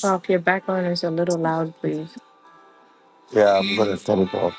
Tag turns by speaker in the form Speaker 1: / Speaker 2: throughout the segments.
Speaker 1: Oh, if your background is a little loud, please.
Speaker 2: Yeah, I'm gonna stop it off.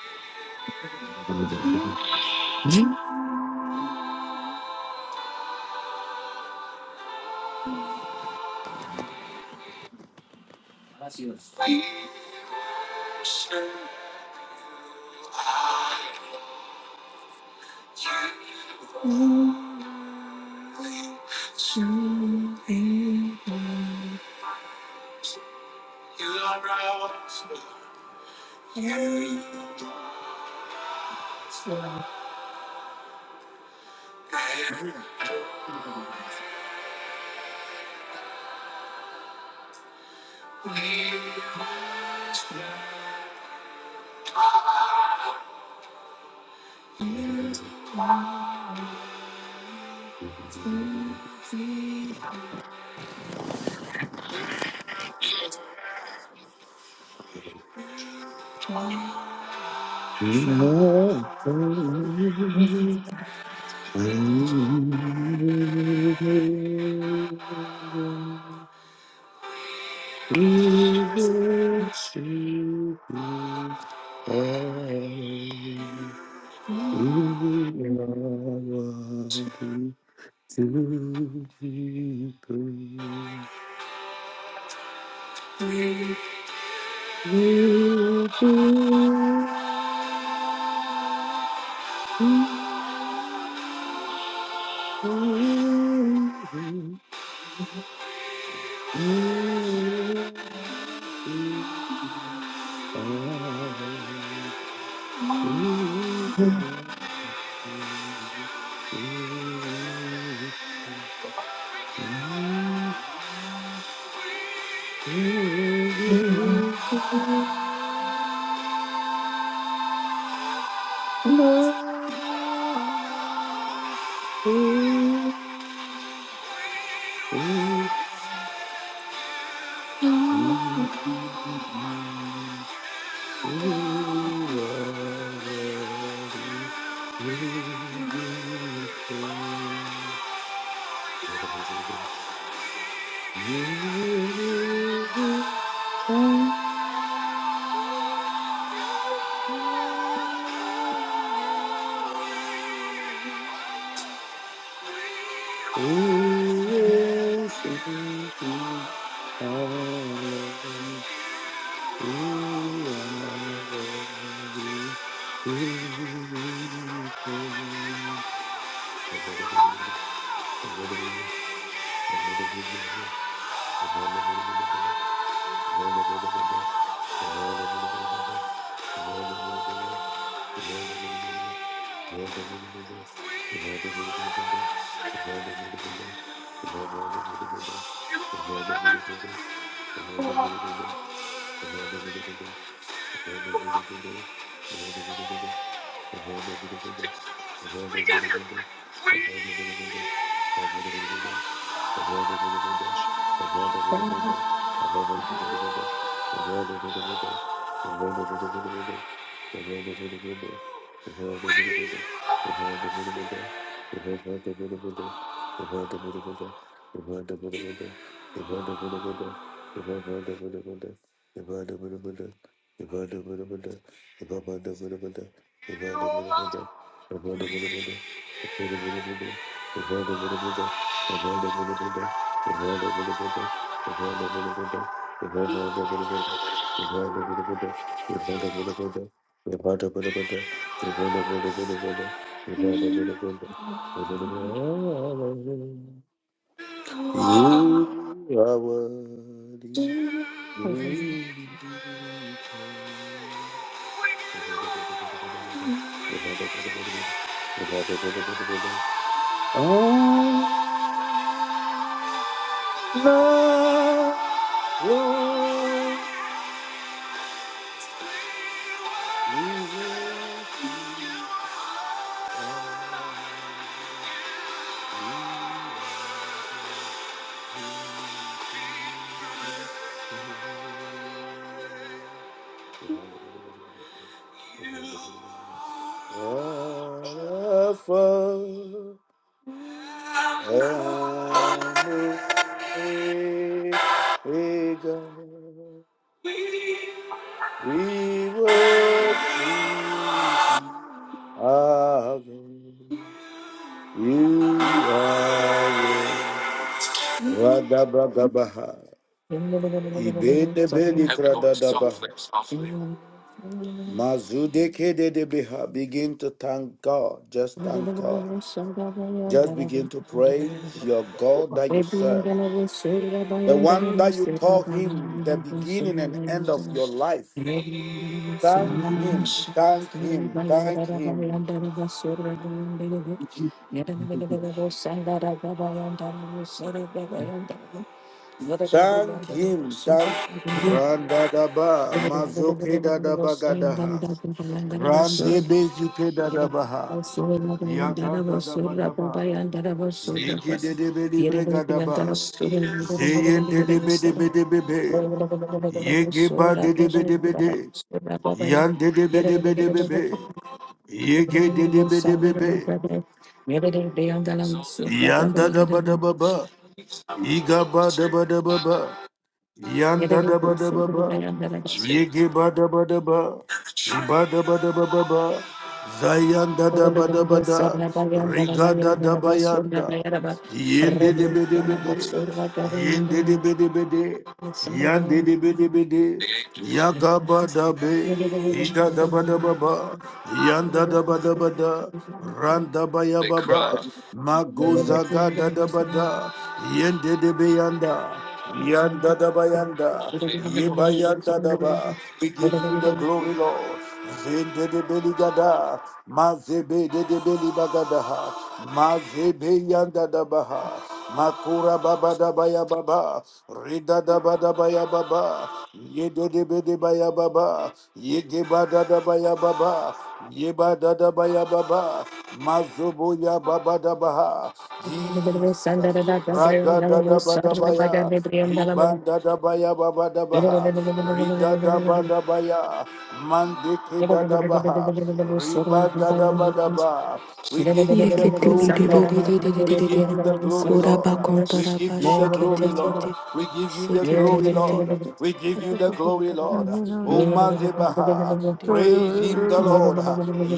Speaker 2: To be praised. Love. Hallelujah. Thank you. Thank you. You are worthy. Oh, love, Lord, you will see I Alpha and Omega, we worship you, our God. You are worthy. Radabagabaha, Ibenebelikradabaha. Mazudeke de Beha, begin to thank God. Just thank God. Just begin to praise your God that you
Speaker 1: Thank
Speaker 2: serve, the one that you call Him the beginning and end of your life.
Speaker 3: Yeah.
Speaker 2: Thank Him, thank Him, thank Him, thank Him, thank Randadaba, Mazoke Dadabagadaha,
Speaker 1: you.
Speaker 2: Randebezike
Speaker 1: Yere
Speaker 2: Dadabaha, Yagadadabadaba, Yegedebedebregadaba, Zeyendebedebedebebe, Yegeba Yan de de be de be de be be. Yege de de be de be be. Yan da da ba da ba ba. Iga ba da ba da ba ba. Yanda da ba da ba ba, yege ba da ba da ba, iba da ba da ba ba ba, zayanda da ba da ba da, riga da da ba yanda, yende de be de be de, yende de be de be de,
Speaker 1: Thank you.
Speaker 2: yande de be de be de, yaga ba da be, ida da ba da ba ba, yanda da ba da ba da, randa ba ya ba ba, mago zaga da da ba da, yende de be yanda. Yanda da ba yanda, ye ba yanda da ba. We give you the glory, Lord. Zende de beli gada, ma de de beli bagada ha, yanda da baha makura ma kura baba da ba ya baba, rida da ba da ba ya baba, ye de de be de ba ya baba, ye ge ba da da ba ya baba, ye ba da da ba ya baba, ma zobo ya baba da baha Jesus, raga da ba da ba ya. Ibanda dabaya baba dabaha, rida daba dabaya, mandeke dadabaha, riba dadaba daba. We give you the
Speaker 4: Yekete de
Speaker 2: glory,
Speaker 4: de de
Speaker 2: Lord.
Speaker 4: de de de de
Speaker 2: We
Speaker 4: de
Speaker 2: give
Speaker 4: de
Speaker 2: you the glory, Lord.
Speaker 4: Koraba
Speaker 2: We give
Speaker 4: kontaraba
Speaker 2: you the glory, Lord.
Speaker 4: sheketekete.
Speaker 2: We give you
Speaker 1: Thank
Speaker 2: the
Speaker 1: you.
Speaker 2: glory,
Speaker 4: Seketekete.
Speaker 2: Lord. We give
Speaker 5: No
Speaker 2: you the
Speaker 4: Raba
Speaker 2: glory,
Speaker 4: kontaraba
Speaker 2: Lord. O
Speaker 4: sekete.
Speaker 2: Mazebaha,
Speaker 4: de de de
Speaker 2: praise
Speaker 4: de
Speaker 2: him, the
Speaker 4: de.
Speaker 2: Lord.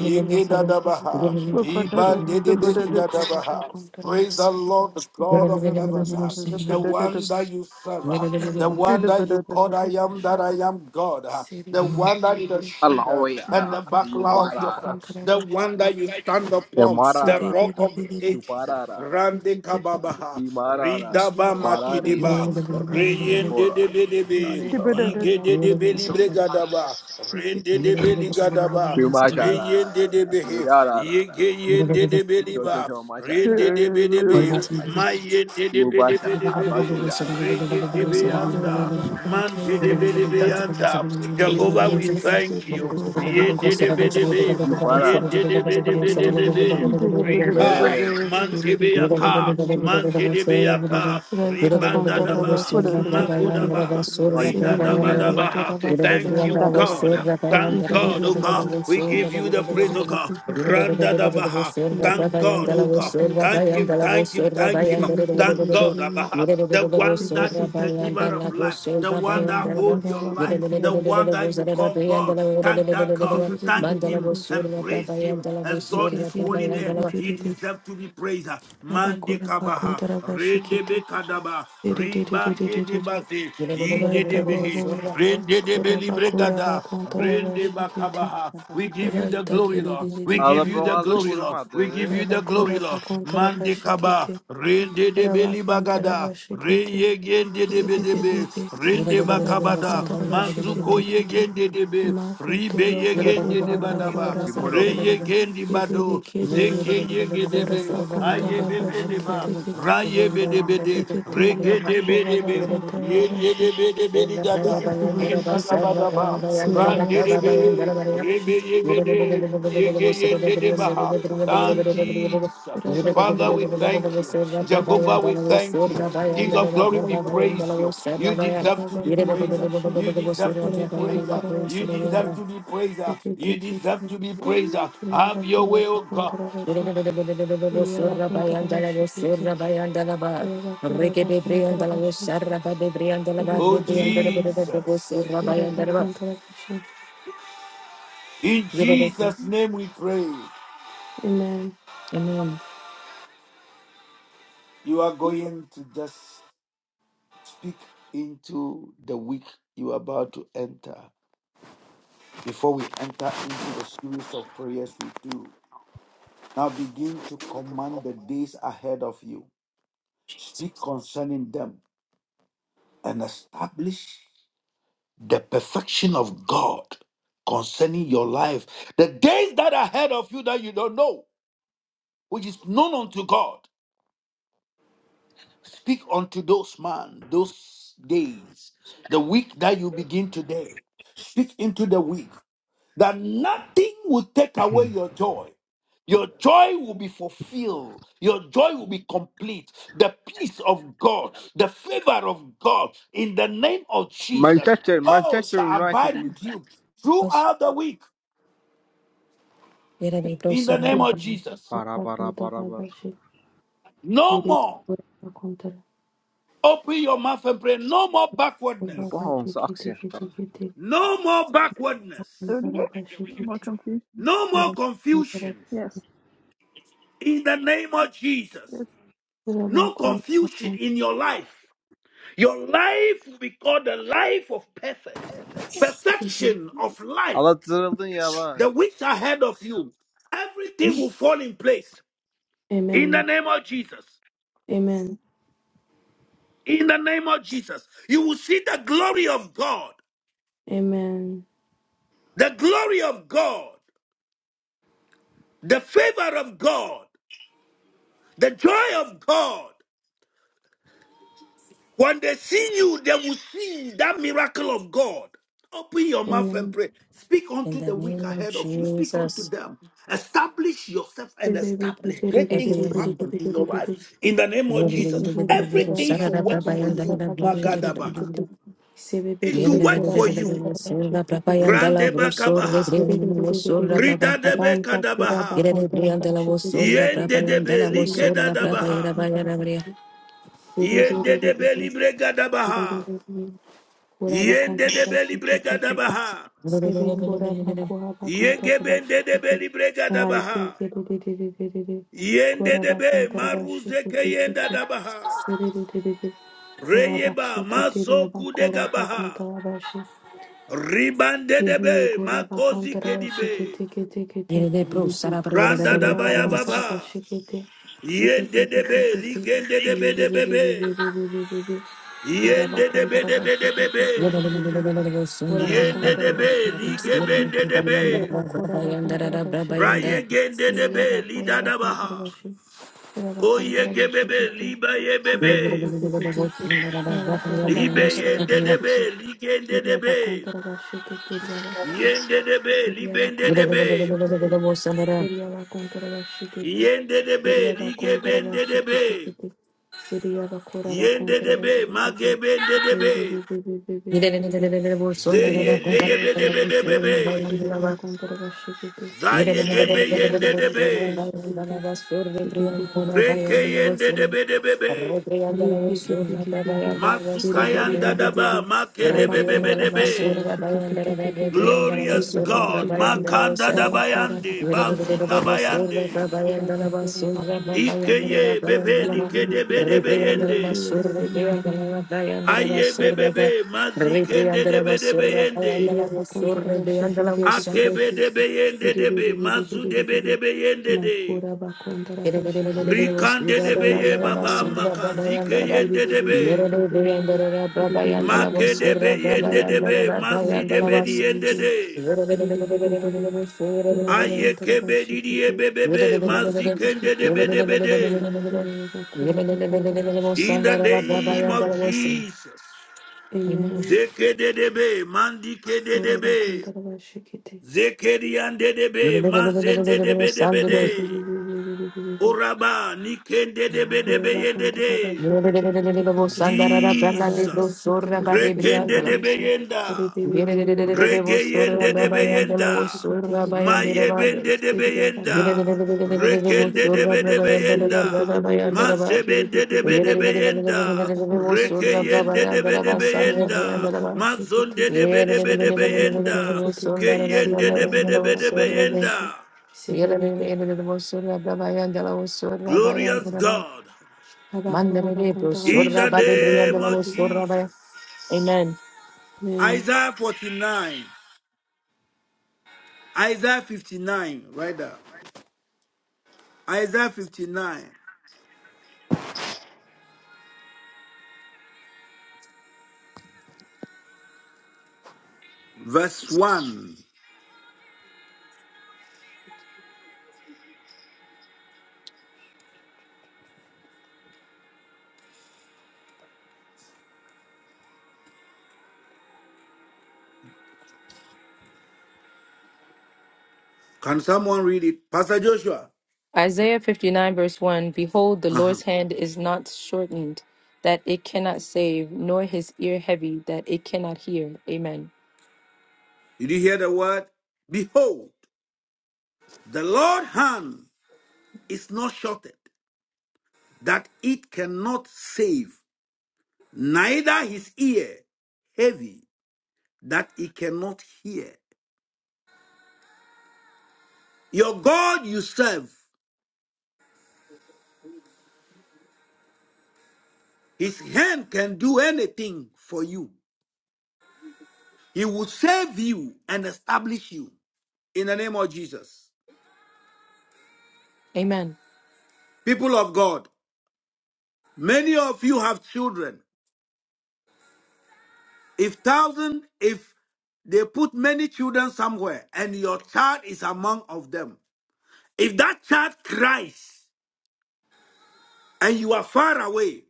Speaker 4: Kete kete kere de
Speaker 2: dadabaha,
Speaker 4: de de de.
Speaker 2: ibande debeli
Speaker 4: Raita koraba
Speaker 2: dadabaha.
Speaker 4: kontaraba
Speaker 2: Praise the Lord God of heaven, uh, the one
Speaker 4: seketeketekete.
Speaker 2: that you serve, uh, the
Speaker 4: Raba
Speaker 2: one that
Speaker 4: koraba
Speaker 2: you call I
Speaker 4: kontaraba
Speaker 2: am that
Speaker 4: she-
Speaker 2: I am God, uh,
Speaker 4: Sere
Speaker 2: the
Speaker 4: de de
Speaker 2: one
Speaker 4: de
Speaker 2: that is
Speaker 4: de
Speaker 2: the
Speaker 4: de.
Speaker 2: shield uh,
Speaker 6: Aloy,
Speaker 2: and
Speaker 6: ah,
Speaker 2: the
Speaker 4: Raita
Speaker 6: you
Speaker 2: buckler of
Speaker 4: koraba
Speaker 2: your
Speaker 6: barara,
Speaker 2: faith, the
Speaker 4: kontaraba
Speaker 2: one that you
Speaker 4: shekete.
Speaker 2: stand
Speaker 6: the
Speaker 2: upon, the
Speaker 6: marara,
Speaker 2: rock of the
Speaker 4: Serererererer.
Speaker 2: ages. uh,
Speaker 6: shuparara,
Speaker 2: Rande
Speaker 4: Seketekete.
Speaker 2: kababaha,
Speaker 6: the marara,
Speaker 2: ridaba
Speaker 4: Raba
Speaker 6: parare,
Speaker 4: koraba
Speaker 2: makidiba,
Speaker 4: kontaraba
Speaker 2: reyende de
Speaker 6: temporara,
Speaker 2: bedebe,
Speaker 4: Raita
Speaker 6: sharifavara,
Speaker 2: ige de de belibre gadaba, rende de beligadaba, reyende de
Speaker 6: shumashara,
Speaker 2: behe,
Speaker 6: mirara,
Speaker 2: ige yende de Riba,
Speaker 6: jojo
Speaker 2: Rindi
Speaker 6: mashara,
Speaker 2: de Bidebe,
Speaker 6: amayara,
Speaker 2: Maye de
Speaker 6: mubasha,
Speaker 2: Bidebe,
Speaker 6: abasuyara,
Speaker 2: Rindi de
Speaker 6: shuba,
Speaker 2: Beanda, Mante de Beanda. Jehovah, we thank you. Yende de Bidebe,
Speaker 6: you barara,
Speaker 2: Yende de Bidebe,
Speaker 6: very,
Speaker 2: Rika,
Speaker 6: very,
Speaker 2: Mante
Speaker 1: Mandala was sure
Speaker 2: Beaka, Mante de Beaka, Ribanda Daba,
Speaker 4: kontarabashi kete kete
Speaker 2: Magodaba,
Speaker 6: I
Speaker 2: Rida Daba
Speaker 6: pollen,
Speaker 4: sebebebe
Speaker 2: Daba.
Speaker 4: koraba
Speaker 2: Thank you,
Speaker 4: kontarabashi
Speaker 2: God. Thank God, oh
Speaker 4: sebebebe
Speaker 2: God. We give you the praise, oh
Speaker 4: sesete
Speaker 2: God.
Speaker 4: kutupete
Speaker 2: Randa da baha. Thank
Speaker 4: iriaba
Speaker 2: God, oh
Speaker 4: koraba
Speaker 2: God.
Speaker 1: that
Speaker 2: Thank
Speaker 1: I am the
Speaker 2: Him,
Speaker 4: kontarabashi
Speaker 1: lava,
Speaker 2: thank Him,
Speaker 1: sure that
Speaker 2: thank Him. Thank God, Abaha. The one that is the giver of
Speaker 4: sebebebe
Speaker 2: life, the one that
Speaker 4: Saita
Speaker 2: holds your
Speaker 4: kuraba
Speaker 2: life, the
Speaker 4: kontoroshi.
Speaker 2: one that you call God. Thank that God. Thank Him and praise
Speaker 1: I am
Speaker 2: Him. Exalt His holy
Speaker 1: the
Speaker 2: name.
Speaker 1: lava.
Speaker 2: He
Speaker 4: Seketiri
Speaker 2: deserves to be praised. Mande
Speaker 4: rabakora
Speaker 2: kabaha. Rende
Speaker 4: bakontorabashikiti.
Speaker 2: be kadaba. Riba kede bazi.
Speaker 1: Thank
Speaker 2: Ide de
Speaker 4: Raita
Speaker 2: behe.
Speaker 4: bobo
Speaker 2: Rende de
Speaker 4: kurabakora
Speaker 2: bregada, rende
Speaker 4: bakontorabashikiti.
Speaker 2: bakabaha. We give you the
Speaker 4: Raita
Speaker 2: glory, Lord. We
Speaker 6: other
Speaker 2: give you
Speaker 6: bro
Speaker 2: the
Speaker 4: kiriri
Speaker 6: hasn't
Speaker 2: glory,
Speaker 6: good
Speaker 2: Lord. We
Speaker 6: mother,
Speaker 2: give you the glory,
Speaker 4: rabakora
Speaker 2: Lord. Mande kaba,
Speaker 4: bakontorabashikiti.
Speaker 2: rende de beli bagada,
Speaker 4: Rabakontorabashikiti.
Speaker 2: reye gende de bedebe,
Speaker 4: Yebibibibi
Speaker 2: rende bakabada, manzuko
Speaker 4: kurabakontorabashikiti
Speaker 2: ye
Speaker 4: kiti.
Speaker 2: gende de be, ribe
Speaker 4: Makotoro
Speaker 2: ye
Speaker 4: boku
Speaker 2: gende de badaba,
Speaker 4: rabakora baku.
Speaker 6: tomorrow.
Speaker 2: reye gendi
Speaker 4: Kiribi
Speaker 2: bado,
Speaker 4: kiribi.
Speaker 2: zeke ye gende be,
Speaker 4: Kurabakunta
Speaker 2: aye bebe
Speaker 4: Habashi
Speaker 2: de ba,
Speaker 4: Kete Kete
Speaker 2: raye bede bede,
Speaker 4: Seketeri
Speaker 2: rege de
Speaker 4: Abako
Speaker 2: bede be,
Speaker 4: Habakunta
Speaker 1: you.
Speaker 2: yende
Speaker 4: Habashi
Speaker 2: de
Speaker 1: Rekete
Speaker 2: bede beli Indadabadaba,
Speaker 4: Siri Abakara
Speaker 2: Randedebe,
Speaker 4: Habashi
Speaker 2: Rebeyebede, Yegeyendedebaha.
Speaker 4: Sekete Kete
Speaker 2: Thank
Speaker 4: Kete
Speaker 2: Jesus.
Speaker 4: Rabakura
Speaker 2: Father, we
Speaker 4: Bakunta
Speaker 2: thank you.
Speaker 4: Habashi Kete
Speaker 2: Jehovah, we thank you. King of glory, we praise you. You deserve to be
Speaker 4: Kurabakunta
Speaker 2: praised.
Speaker 4: Habashi
Speaker 2: You deserve to be praised.
Speaker 4: Kurabakunta
Speaker 2: You
Speaker 4: Habashi Kete
Speaker 2: deserve to be praised.
Speaker 4: Sekete
Speaker 2: You deserve
Speaker 4: Kete
Speaker 2: to be praised. Have your way,
Speaker 4: Rabakura
Speaker 2: O
Speaker 4: Bakunta
Speaker 2: God.
Speaker 4: Habashi Iri Abakunta Habashi Kete Rabakura Bakunta Habashi
Speaker 2: O Jesus.
Speaker 4: Ora ba kontera baše,
Speaker 2: In Jesus' name we pray.
Speaker 4: Amen.
Speaker 1: Amen.
Speaker 2: You are going to just Speak into the week you are about to enter before we enter into the series of prayers we do. Now begin to command the days ahead of you. Speak
Speaker 1: Jesus.
Speaker 2: concerning them and establish the perfection of God concerning your life. The days that are ahead of you that you don't know, which is known unto God. Speak unto those man, those days, the week that you begin today. Speak into the week. that nothing will take away your joy. Your joy will be fulfilled. Your joy will be complete. The peace of God, the favor of God in the name of Jesus,
Speaker 6: Manchester,
Speaker 2: oh, shall
Speaker 6: Manchester United
Speaker 2: abide
Speaker 6: is
Speaker 2: with you
Speaker 1: Us-
Speaker 2: throughout the week
Speaker 1: Yere de bro
Speaker 2: in the
Speaker 1: sura ra
Speaker 2: name
Speaker 4: Ora
Speaker 2: of
Speaker 1: bu.
Speaker 2: Jesus.
Speaker 6: para
Speaker 4: ba
Speaker 6: para para
Speaker 4: kontera
Speaker 6: para.
Speaker 4: baše,
Speaker 2: No
Speaker 4: nudi
Speaker 2: more.
Speaker 4: ba kontera,
Speaker 2: Open your mouth and pray. No more backwardness.
Speaker 4: Ora ba
Speaker 6: Bohong's
Speaker 4: nikiti nikiti
Speaker 6: oxygen.
Speaker 4: nikiti,
Speaker 2: No more
Speaker 4: ba
Speaker 2: backwardness.
Speaker 4: kontera baše
Speaker 5: more
Speaker 4: nikiti.
Speaker 5: confusion.
Speaker 2: No more
Speaker 4: Ora kontera,
Speaker 2: confusion
Speaker 5: Yes,
Speaker 2: in the name of Jesus.
Speaker 5: yes.
Speaker 4: ora ba
Speaker 2: No confusion
Speaker 4: kontera,
Speaker 2: in your life Your life will be called the life of perfect. Perfection of life,
Speaker 6: Allah zırıldın ya bak.
Speaker 2: the weeks ahead of you, everything will fall in place. In the
Speaker 4: Amen,
Speaker 2: name of Jesus.
Speaker 4: Amen,
Speaker 2: In the name of Jesus. You will see the glory of God,
Speaker 4: Amen,
Speaker 2: the glory of God, the favor of God, the joy of God. When they see you, they will see that miracle of God. Open your mouth and
Speaker 4: Amen.
Speaker 2: pray. Speak
Speaker 1: In
Speaker 2: unto
Speaker 1: the
Speaker 2: the weak
Speaker 1: name of
Speaker 2: ahead of you. Speak unto
Speaker 1: Jesus.
Speaker 2: them. Establish yourself and
Speaker 4: Sebebe
Speaker 2: establish
Speaker 4: nikiti,
Speaker 2: great
Speaker 4: ruje
Speaker 2: things
Speaker 4: ruje,
Speaker 2: to
Speaker 4: bude
Speaker 1: Everyone.
Speaker 2: happen
Speaker 4: bude,
Speaker 2: in your
Speaker 4: bude bude, bude
Speaker 2: life. In the name of
Speaker 1: Yere
Speaker 4: bude,
Speaker 1: de
Speaker 4: bude bude,
Speaker 2: Jesus,
Speaker 1: bro bro
Speaker 4: bude bude.
Speaker 1: bro bro bro
Speaker 4: Ora
Speaker 2: everything
Speaker 1: sura
Speaker 2: should
Speaker 1: ra bra
Speaker 2: work
Speaker 1: ba
Speaker 4: ba
Speaker 2: for
Speaker 1: yan da
Speaker 2: you.
Speaker 1: la
Speaker 4: kontera
Speaker 1: bro bro
Speaker 4: baše,
Speaker 1: yere de
Speaker 4: nikiti
Speaker 1: bro bro
Speaker 2: Magadabaha.
Speaker 4: nikiti.
Speaker 1: bro.
Speaker 4: Sebebe
Speaker 2: It
Speaker 1: Yere
Speaker 2: should
Speaker 4: bude,
Speaker 1: de
Speaker 2: work
Speaker 1: bro
Speaker 4: Ora
Speaker 1: bro
Speaker 2: for
Speaker 1: bro
Speaker 4: ba
Speaker 1: bro
Speaker 2: you.
Speaker 1: bro
Speaker 4: kontera baše,
Speaker 1: sura bra
Speaker 4: nikiti
Speaker 1: ba yan da la
Speaker 4: nikiti.
Speaker 1: bro sur de
Speaker 2: Randebakabaha.
Speaker 1: bro bro bro bro sura bra ba.
Speaker 4: Ranta kura
Speaker 2: Ridadebekadabaha.
Speaker 1: Yere de
Speaker 4: bakanta
Speaker 1: bro yan
Speaker 4: randa
Speaker 1: da la wo
Speaker 4: shudu
Speaker 1: sura
Speaker 4: dekete
Speaker 1: bra ba yan da
Speaker 2: Yendedebe
Speaker 1: la wo
Speaker 4: Surya
Speaker 1: sura bra
Speaker 4: kura
Speaker 1: ba
Speaker 2: likedadabaha.
Speaker 1: yere ba
Speaker 4: bakanta
Speaker 1: yere
Speaker 4: randa
Speaker 1: ba ya. yere.
Speaker 4: Dede dede dede
Speaker 2: Yendedebe
Speaker 4: dede
Speaker 2: libregadabaha.
Speaker 4: dede kura bakanta randa
Speaker 2: Yendedebe
Speaker 4: shudu dekete
Speaker 2: libregadabaha.
Speaker 1: Bro bro
Speaker 4: Sebe
Speaker 1: bro bro bro
Speaker 4: kura
Speaker 1: bro bro.
Speaker 4: bakuha bakanta randa
Speaker 2: Yegebende
Speaker 4: shudu
Speaker 2: de
Speaker 4: dekete
Speaker 2: beli brega da
Speaker 4: Raite
Speaker 2: baha.
Speaker 4: kede dede dede dede
Speaker 2: Yende
Speaker 4: kura
Speaker 2: de be
Speaker 4: bakanta randa
Speaker 2: maruze
Speaker 4: shudu
Speaker 2: ke yenda
Speaker 4: dekete
Speaker 2: da baha.
Speaker 4: Sebe dede dede kura bakshte
Speaker 2: Reyeba
Speaker 4: kete diya
Speaker 2: masoku de
Speaker 4: bakura bakanta
Speaker 2: gabaha.
Speaker 4: randa shudu
Speaker 2: Ribande de
Speaker 4: Sebe
Speaker 2: be
Speaker 4: kura
Speaker 2: makozi
Speaker 4: bakanta
Speaker 2: ke
Speaker 4: randa
Speaker 2: di
Speaker 4: shudu dekete
Speaker 1: Yere de bro sura bra yere de bro
Speaker 2: Randa da
Speaker 4: Siria
Speaker 1: bro
Speaker 2: baya
Speaker 1: bro.
Speaker 4: bakantara
Speaker 2: baba.
Speaker 4: bashikete, sekete
Speaker 2: Yende de
Speaker 4: kete
Speaker 2: be
Speaker 4: kete,
Speaker 2: ligende de
Speaker 4: iye
Speaker 2: be de
Speaker 4: bebe
Speaker 2: be
Speaker 4: bebe
Speaker 2: be.
Speaker 4: bebe bebe bebe, ura
Speaker 2: Yende de be
Speaker 4: bakantara
Speaker 2: de be de be
Speaker 4: bashikete
Speaker 1: Thank
Speaker 2: be.
Speaker 4: kete kete, ura
Speaker 2: Yende
Speaker 4: bakantara
Speaker 2: de be
Speaker 4: bashikete,
Speaker 2: ligebende de
Speaker 4: iya
Speaker 2: be.
Speaker 4: bakura bakantara bashikete,
Speaker 2: Rayegende de
Speaker 4: iria
Speaker 2: be
Speaker 4: bakura
Speaker 2: lida
Speaker 4: bakantara
Speaker 2: baha.
Speaker 4: bashi, ura
Speaker 2: Oye
Speaker 4: bakantara
Speaker 2: gebebe
Speaker 4: bashikete,
Speaker 2: liba
Speaker 4: sekete
Speaker 2: yebebe.
Speaker 4: kete kete, ura bakura
Speaker 2: Libe
Speaker 4: bakantara
Speaker 2: yende
Speaker 4: bashikete,
Speaker 2: debe, ligende
Speaker 4: iria
Speaker 2: debe,
Speaker 4: bakantara bashikete, iria bakse,
Speaker 2: yende debe,
Speaker 4: iria
Speaker 2: libende
Speaker 4: bakantara
Speaker 2: debe,
Speaker 4: bashikete, iria bakantara bashikete,
Speaker 2: yende debe,
Speaker 4: Siria bakontra
Speaker 2: ligebende
Speaker 4: bashikiti
Speaker 2: debe,
Speaker 4: kiti. Siria bakora
Speaker 2: yende
Speaker 4: bakontra
Speaker 2: debe,
Speaker 4: bashikiti.
Speaker 2: magebende debe,
Speaker 4: Bibibibibibibibibi.
Speaker 2: ze
Speaker 4: Siria
Speaker 2: yende
Speaker 4: bakontra
Speaker 2: debe debe
Speaker 4: bashikiti.
Speaker 2: debe be, de be be,
Speaker 4: Siria
Speaker 1: you.
Speaker 4: bakontra bashikiti.
Speaker 1: Rebriandala was surra,
Speaker 2: zaye gebe
Speaker 4: Abakora
Speaker 2: yende
Speaker 4: bakontra
Speaker 2: debe,
Speaker 4: bashikiti.
Speaker 1: Bayandala was
Speaker 4: Sikiti kiti
Speaker 2: reke
Speaker 4: kiti.
Speaker 2: yende debe debe be, be,
Speaker 4: Riti kiti kiti kiti.
Speaker 2: mazuka yanda daba,
Speaker 4: Kiribibibibibibi.
Speaker 2: make debe
Speaker 4: Rabakora
Speaker 2: debe
Speaker 4: bakontra
Speaker 2: debe,
Speaker 4: bashikiti kiti kiti.
Speaker 2: glorious
Speaker 4: Sikiti
Speaker 2: God,
Speaker 4: kiti kiti.
Speaker 2: makanda
Speaker 4: Rabakora
Speaker 2: dabayande,
Speaker 4: bakontra bashikiti.
Speaker 2: bazuta
Speaker 1: surra,
Speaker 2: bayande. Ikeye bebe nike debe debe yende. Aye bebebe mazikende
Speaker 1: Bayandala
Speaker 2: debe debe yende.
Speaker 4: Iria bakontara bashikiti
Speaker 1: was
Speaker 4: kiti
Speaker 1: surra,
Speaker 2: Akebe
Speaker 4: kiti.
Speaker 2: debe yende debe mazu debe
Speaker 4: Sidididididididididi.
Speaker 2: debe yende de.
Speaker 4: Makura bakontara bashikiti.
Speaker 1: Amen.
Speaker 2: Rikande debe ye
Speaker 4: Sibibibi
Speaker 2: baba
Speaker 4: kura bako.
Speaker 2: makazike yende debe.
Speaker 4: Kiribibibibibibi.
Speaker 2: Make
Speaker 4: Kiridididididi.
Speaker 2: debe yende debe
Speaker 4: Kiridi.
Speaker 2: mazi debe di yende
Speaker 4: Makiridididi.
Speaker 2: de.
Speaker 4: Kiridididididi. Kura
Speaker 2: Aye
Speaker 4: bakontara
Speaker 2: kebe didiye
Speaker 4: bashikiti.
Speaker 2: bebebe
Speaker 4: Sikiti kiti
Speaker 2: mazikende debe
Speaker 4: kiti.
Speaker 2: debe de.
Speaker 4: Maradadadada kura bakontara bashi.
Speaker 2: In the name of
Speaker 4: Sikiti.
Speaker 2: Jesus.
Speaker 4: Amen.
Speaker 2: Zeke Zekededebe,
Speaker 4: Oraba
Speaker 2: mandikededebe,
Speaker 4: kontraba şekete.
Speaker 2: zekeriandedebe,
Speaker 4: Seri
Speaker 2: mazendedebedebede,
Speaker 4: biri biri biri biri biri.
Speaker 2: oraba, nikendedebedebe
Speaker 4: Oraba
Speaker 2: yendede.
Speaker 4: kontraba şekete kete kete. Arayta
Speaker 2: Jesus,
Speaker 4: kete kete kete kete.
Speaker 2: rekendedebe
Speaker 1: Amen.
Speaker 2: yenda,
Speaker 4: Rebe be be be be be.
Speaker 1: Yere
Speaker 2: Regeyende
Speaker 4: Oraba
Speaker 2: de
Speaker 4: kontraba
Speaker 2: beyenda.
Speaker 4: şekete kete kete.
Speaker 2: Mayebende de
Speaker 4: Seri gaba
Speaker 2: beyenda.
Speaker 4: koraba kontraba
Speaker 2: Rekende
Speaker 4: şekete.
Speaker 2: de be de
Speaker 4: Sebe be be
Speaker 2: beyenda.
Speaker 4: be be be. Kere be
Speaker 2: Mazebende
Speaker 4: be
Speaker 2: de be
Speaker 4: be
Speaker 2: de
Speaker 4: be be.
Speaker 2: beyenda.
Speaker 4: Oraba kontraba şekete.
Speaker 2: Rekeyende de be de
Speaker 4: Makoraba
Speaker 2: beyenda.
Speaker 4: kontraba şekete.
Speaker 2: Mazonde de be de be de
Speaker 4: Sekete kete kete
Speaker 2: beyenda.
Speaker 4: kete. Seri
Speaker 2: Keyende de
Speaker 4: gaba
Speaker 2: be de be
Speaker 4: kontraba
Speaker 2: de
Speaker 4: kontraba
Speaker 2: beyenda.
Speaker 4: şekete.
Speaker 2: Glorious God.
Speaker 4: Habakura bakonta
Speaker 2: In the
Speaker 4: rabashiki tiki
Speaker 2: name
Speaker 4: tiki
Speaker 2: of
Speaker 4: tiki.
Speaker 2: Jesus.
Speaker 1: Amen.
Speaker 4: Amen.
Speaker 2: Isaiah 49. Isaiah 59. Right there. Isaiah 59. verse 1. Can someone read it? Pastor Joshua.
Speaker 1: Isaiah 59, verse 1 Behold, the
Speaker 2: Uh-huh.
Speaker 1: Lord's hand is not shortened, that it cannot save, nor his ear heavy, that it cannot hear. Amen.
Speaker 2: Did you hear the word? Behold, the Lord's hand is not shorted, that it cannot save, neither his ear heavy, that it cannot hear. Your God you serve, his hand can do anything for you. He will save you and establish you in the name of Jesus.
Speaker 1: Amen.
Speaker 2: People of God, many of you have children If thousand, if they put many children somewhere and your child is among of them, if that child cries and you are far away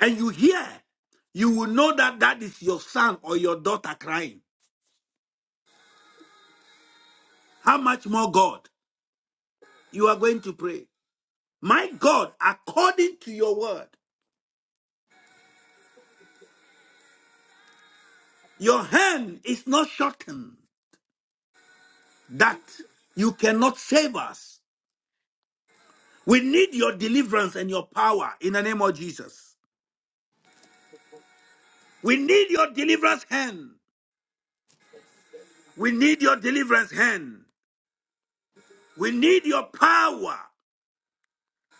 Speaker 2: and you hear, you will know that that is your son or your daughter crying. How much more God you are going to pray? My God, according to your word, your hand is not shortened that you cannot save us. We need your deliverance and your power in the name of Jesus. We need your deliverance hand. We need your deliverance hand. We need your power.